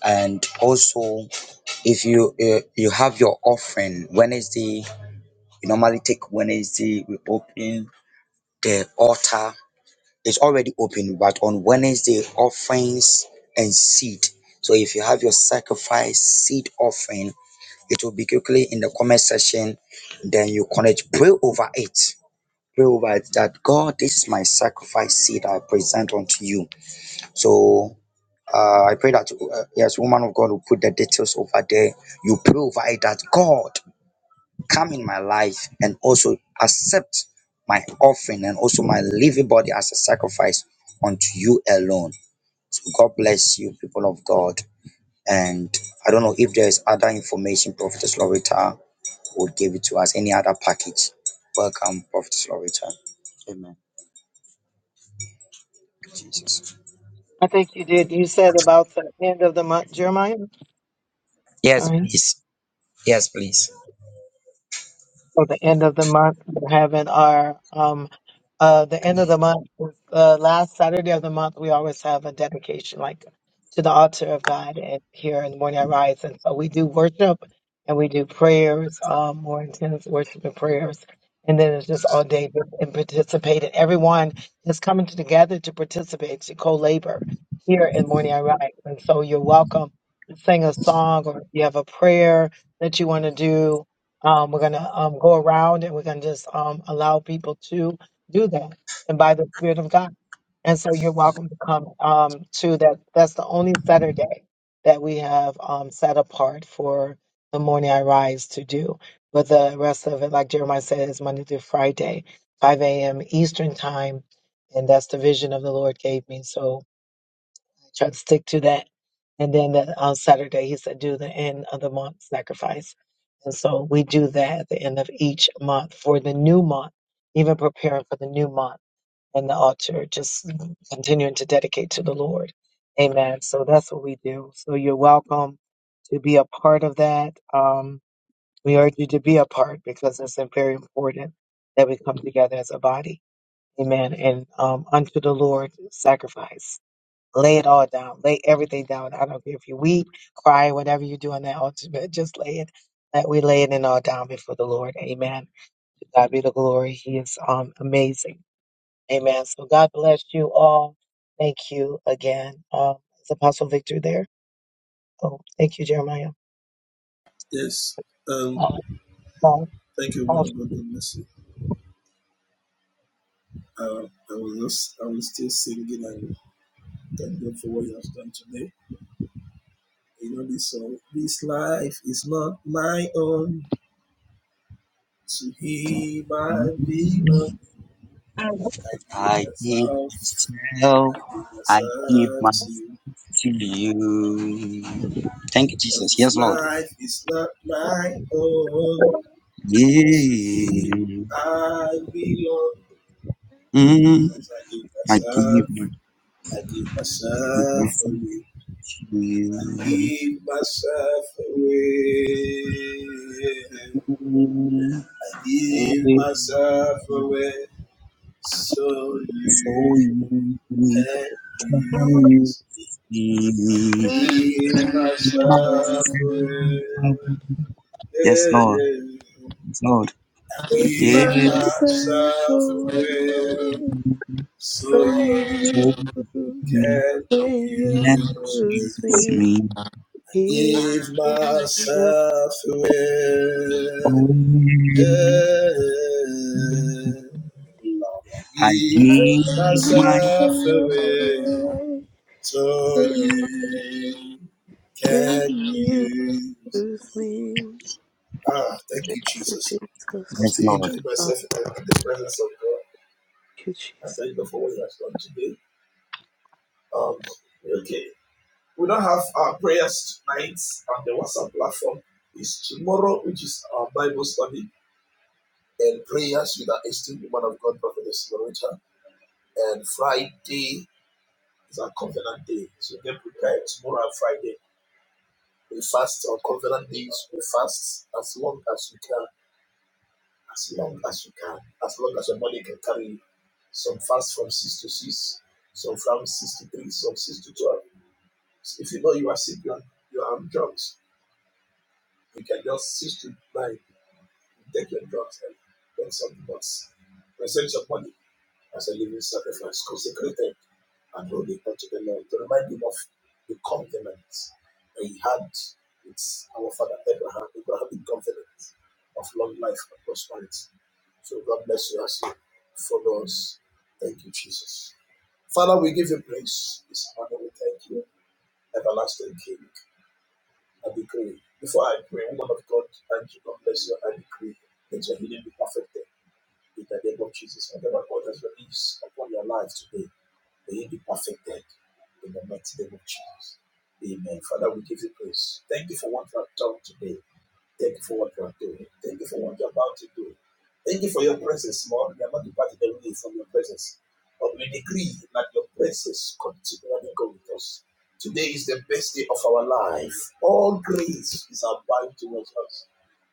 G: And also, if you uh, you have your offering Wednesday, we normally take Wednesday. We open the altar It's already open, but on Wednesday, offerings and seed. So if you have your sacrifice seed offering, it will be quickly in the comment section. Then you connect, pray over it. Pray over it that God, this is my sacrifice seed I present unto you. So uh, I pray that, uh, yes, woman of God will put the details over there. You pray over it that God, come in my life and also accept my offering and also my living body as a sacrifice unto you alone. So God bless you, people of God. And I don't know if there is other information Prophetess Loretta would give it to us, any other package. Welcome, Prophetess Loretta. Amen. Jesus.
A: I think you did. You said about the end of the month, Jeremiah.
G: Yes,
A: Sorry.
G: please. Yes, please.
A: for the end of the month. We're having our um uh the end of the month is uh, last Saturday of the month. We always have a dedication like to the altar of God and here in the morning I rise. And so we do worship and we do prayers, um more intense worship and prayers. And then it's just all day and participate. And everyone is coming together to participate, to co-labor here in Morning I Rise. And so you're welcome to sing a song or if you have a prayer that you want to do um, we're gonna um, go around and we're gonna just um, allow people to do that, and by the Spirit of God. And so you're welcome to come um, to that. That's the only Saturday that we have um, set apart for the morning I rise to do. But the rest of it, like Jeremiah said, is Monday through Friday, 5 a.m. Eastern time, and that's the vision of the Lord gave me. So try to stick to that. And then that on Saturday, he said, do the end of the month sacrifice. And so we do that at the end of each month for the new month, even preparing for the new month and the altar, just continuing to dedicate to the Lord. Amen. So that's what we do. So you're welcome to be a part of that. Um, we urge you to be a part because it's very important that we come together as a body. Amen. And um, unto the Lord, sacrifice. Lay it all down. Lay everything down. I don't care if you weep, cry, whatever you do on that altar, <laughs> but just lay it. That we lay it in all down before the Lord. Amen. To God be the glory. He is um amazing. Amen. So God bless you all. Thank you again. Um, is Apostle Victor there? Oh, I am.
C: Yes. Um, thank you, one of God, God bless Uh, I was just, I was still singing and thank God for what you have done today. You know this song. This life is not my own. To he might be
A: I
C: I give myself, I give myself to you. Cause this life is not my own. To he I belong. Cause I give myself, I give myself away. Give myself away. I give myself away so
G: So
C: you
G: you we
C: can
G: can you
C: use me. Give myself away.
G: Yes, Lord. So
C: I
G: yeah,
C: give
B: myself
C: myself
B: away
C: away so
B: from
C: you
G: for
B: you.
G: me
C: can
B: Can you
G: and
C: use me.
B: use me?
C: I Give
B: Myself
C: myself away. Lord, I give
G: me.
C: myself away
B: away.
C: so you
B: Can
C: can
B: you
C: use
B: use
C: me.
B: me?
C: Ah, thank you,
B: Thank you,
C: Jesus. I'm
B: Jesus.
G: Yes,
C: still
G: Lord.
C: enjoying
B: Thank
C: myself in the, in the presence of God.
B: you,
C: I
B: Jesus.
C: thank God for what He has done today. Um, okay, we don't have our prayers tonight on the WhatsApp platform. It's tomorrow, which is our Bible study and prayers with our esteemed woman of God, Prophetess Loretta. And Friday is our covenant day, so get prepared. Tomorrow and Friday, we fast on covenant days. We fast as long as we can as long as you can, as long as your money can carry you. Some fast from 6 to 6, some from 6 to 3, some 6 to 12. So if you know you are sick, you are, you are on drugs, you can just 6 to 9, take your drugs and get some bucks. Present your money as a living sacrifice consecrated and holy unto the Lord to remind him of the covenant that he had with our father Abraham, Abrahamic covenant of long life and prosperity. So God bless you as you follow us. Thank you, Jesus. Father, we give you praise. This morning we thank you, everlasting King. I decree. Before I pray, woman of God, thank you God bless you, I decree that your healing be perfected. In the name of Jesus, whatever God has released upon your life today, may it be perfected in the mighty name of Jesus. Amen. Father, we give you praise. Thank you for what you have done today. Thank you for what you are doing. Thank you for what you're about to do. Thank you for your presence, Lord. We are not departed away from your presence. But we decree that your presence continually go with us. Today is the best day of our life. All grace is abound towards us.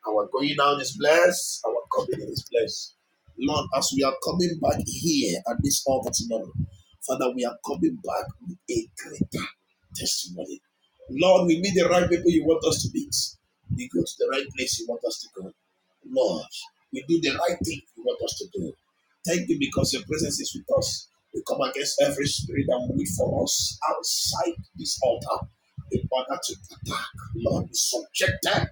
C: Our going down is blessed. Our coming in is blessed. Lord, as we are coming back here at this altar tomorrow, Father, we are coming back with a greater testimony. Lord, we meet the right people you want us to meet. We go to the right place you want us to go. Lord, we do the right thing you want us to do. Thank you because your presence is with us. We come against every spirit that will wait for us outside this altar in order to attack. Lord, we subject them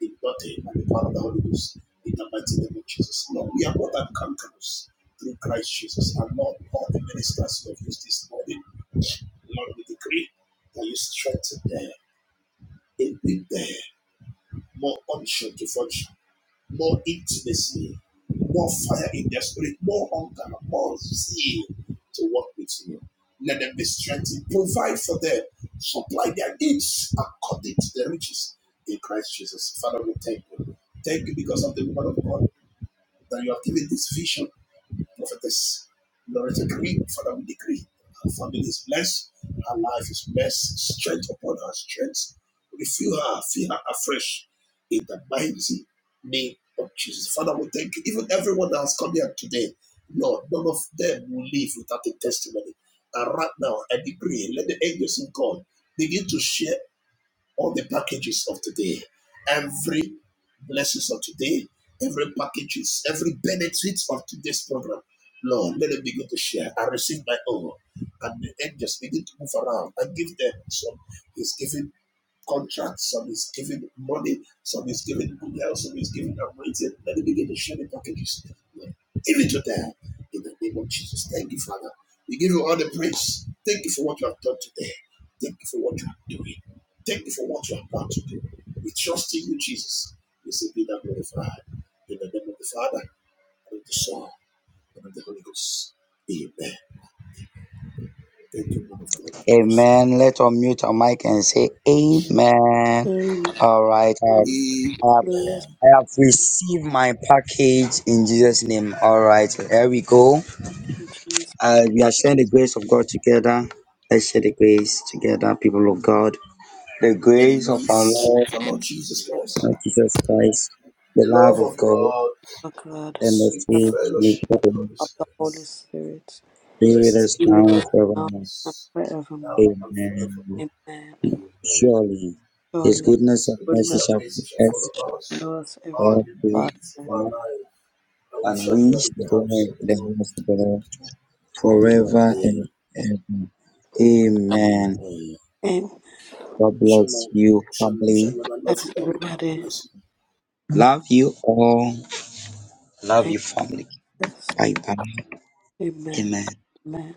C: in body and the power of the Holy Ghost in the mighty name of Jesus. Lord, we are more than conquerors through Christ Jesus. And Lord, all the ministers who have used this morning, Lord, we decree that you strengthen them, equip them, more unction to function more intimacy, more fire in their spirit, more hunger, more zeal to work with you. Let them be strengthened. Provide for them. Supply their needs according to the riches in Christ Jesus. Father, we thank you. Thank you because of the word of God that you have given this vision prophetess Loretta Green. Father, we decree Our family is blessed, Our life is blessed, strength upon her strength. Refill her, fill her afresh in the mighty name of Jesus. Father, we thank you. Even everyone that has come here today, Lord, none of them will leave without a testimony. And right now, I decree, let the angels in God begin to share all the packages of today, every blessings of today, every packages, every benefit of today's program. Lord, let them begin to share. I receive my own. And the angels begin to move around and give them some. He's giving contracts, some is giving money, some is giving good health, some is giving anointing. Let me begin to share the packages. Give it to them in the name of Jesus. Thank you, Father. We give you all the praise. Thank you for what you have done today. Thank you for what you are doing. Thank you for what you are about to do. We trust in you, Jesus. We say, be thou glorified. In the name of the Father, and of the Son, and of the Holy Ghost. Amen. Thank you, man of God. God bless.
G: Amen. Let's unmute our mic and say amen.
B: Amen.
G: All right. I,
C: you.
G: I, I
C: Amen.
B: Bless
G: have received my package in Jesus' name. All right. Here we go.
B: you, Jesus,
G: Uh, we are sharing the grace of God together. Let's share the grace together, people of God. The
C: May the
G: grace of our
C: grace
G: Lord
C: of our Lord Jesus Christ,
G: Lord Jesus Christ, the
C: the love
G: love of
C: of
G: God,
C: God,
B: our
C: and
B: God,
C: the
G: and the
C: sweet
B: the Father
G: faith with
C: fellowship of the
G: God
C: Holy
B: of the
C: Spirit
B: Holy Spirit.
G: be with
C: rest
G: us
C: and
B: You will
G: now and
C: abide
B: now
C: with
G: forevermore.
B: and
C: us now
B: forevermore.
C: and
G: Amen.
C: forevermore.
B: Amen.
C: Amen.
G: Surely, His
B: Surely.
G: goodness
C: His
G: and mercy
C: goodness
B: goodness
C: and
G: shall
C: mercy shall
G: follow us
C: follow us
B: knows everything
C: all
G: All
C: the
G: those
B: about
C: days
B: that.
C: of our
G: are
C: life, and we shall dwell in
G: unleashed
C: the house
G: during
C: of the
G: the
C: Lord
G: house of the Lord
C: forever and
G: forever
C: ever.
G: and ever. Amen.
C: Amen.
B: And
G: God bless
C: Shalom,
G: you,
C: shalom,
G: family.
C: shalom. I love
B: that's
C: you all. God
B: everybody.
C: bless you.
G: Love you all. Love you,
B: thank
G: family.
B: us.
G: Bye bye.
B: Amen.
G: Amen.
B: Amen.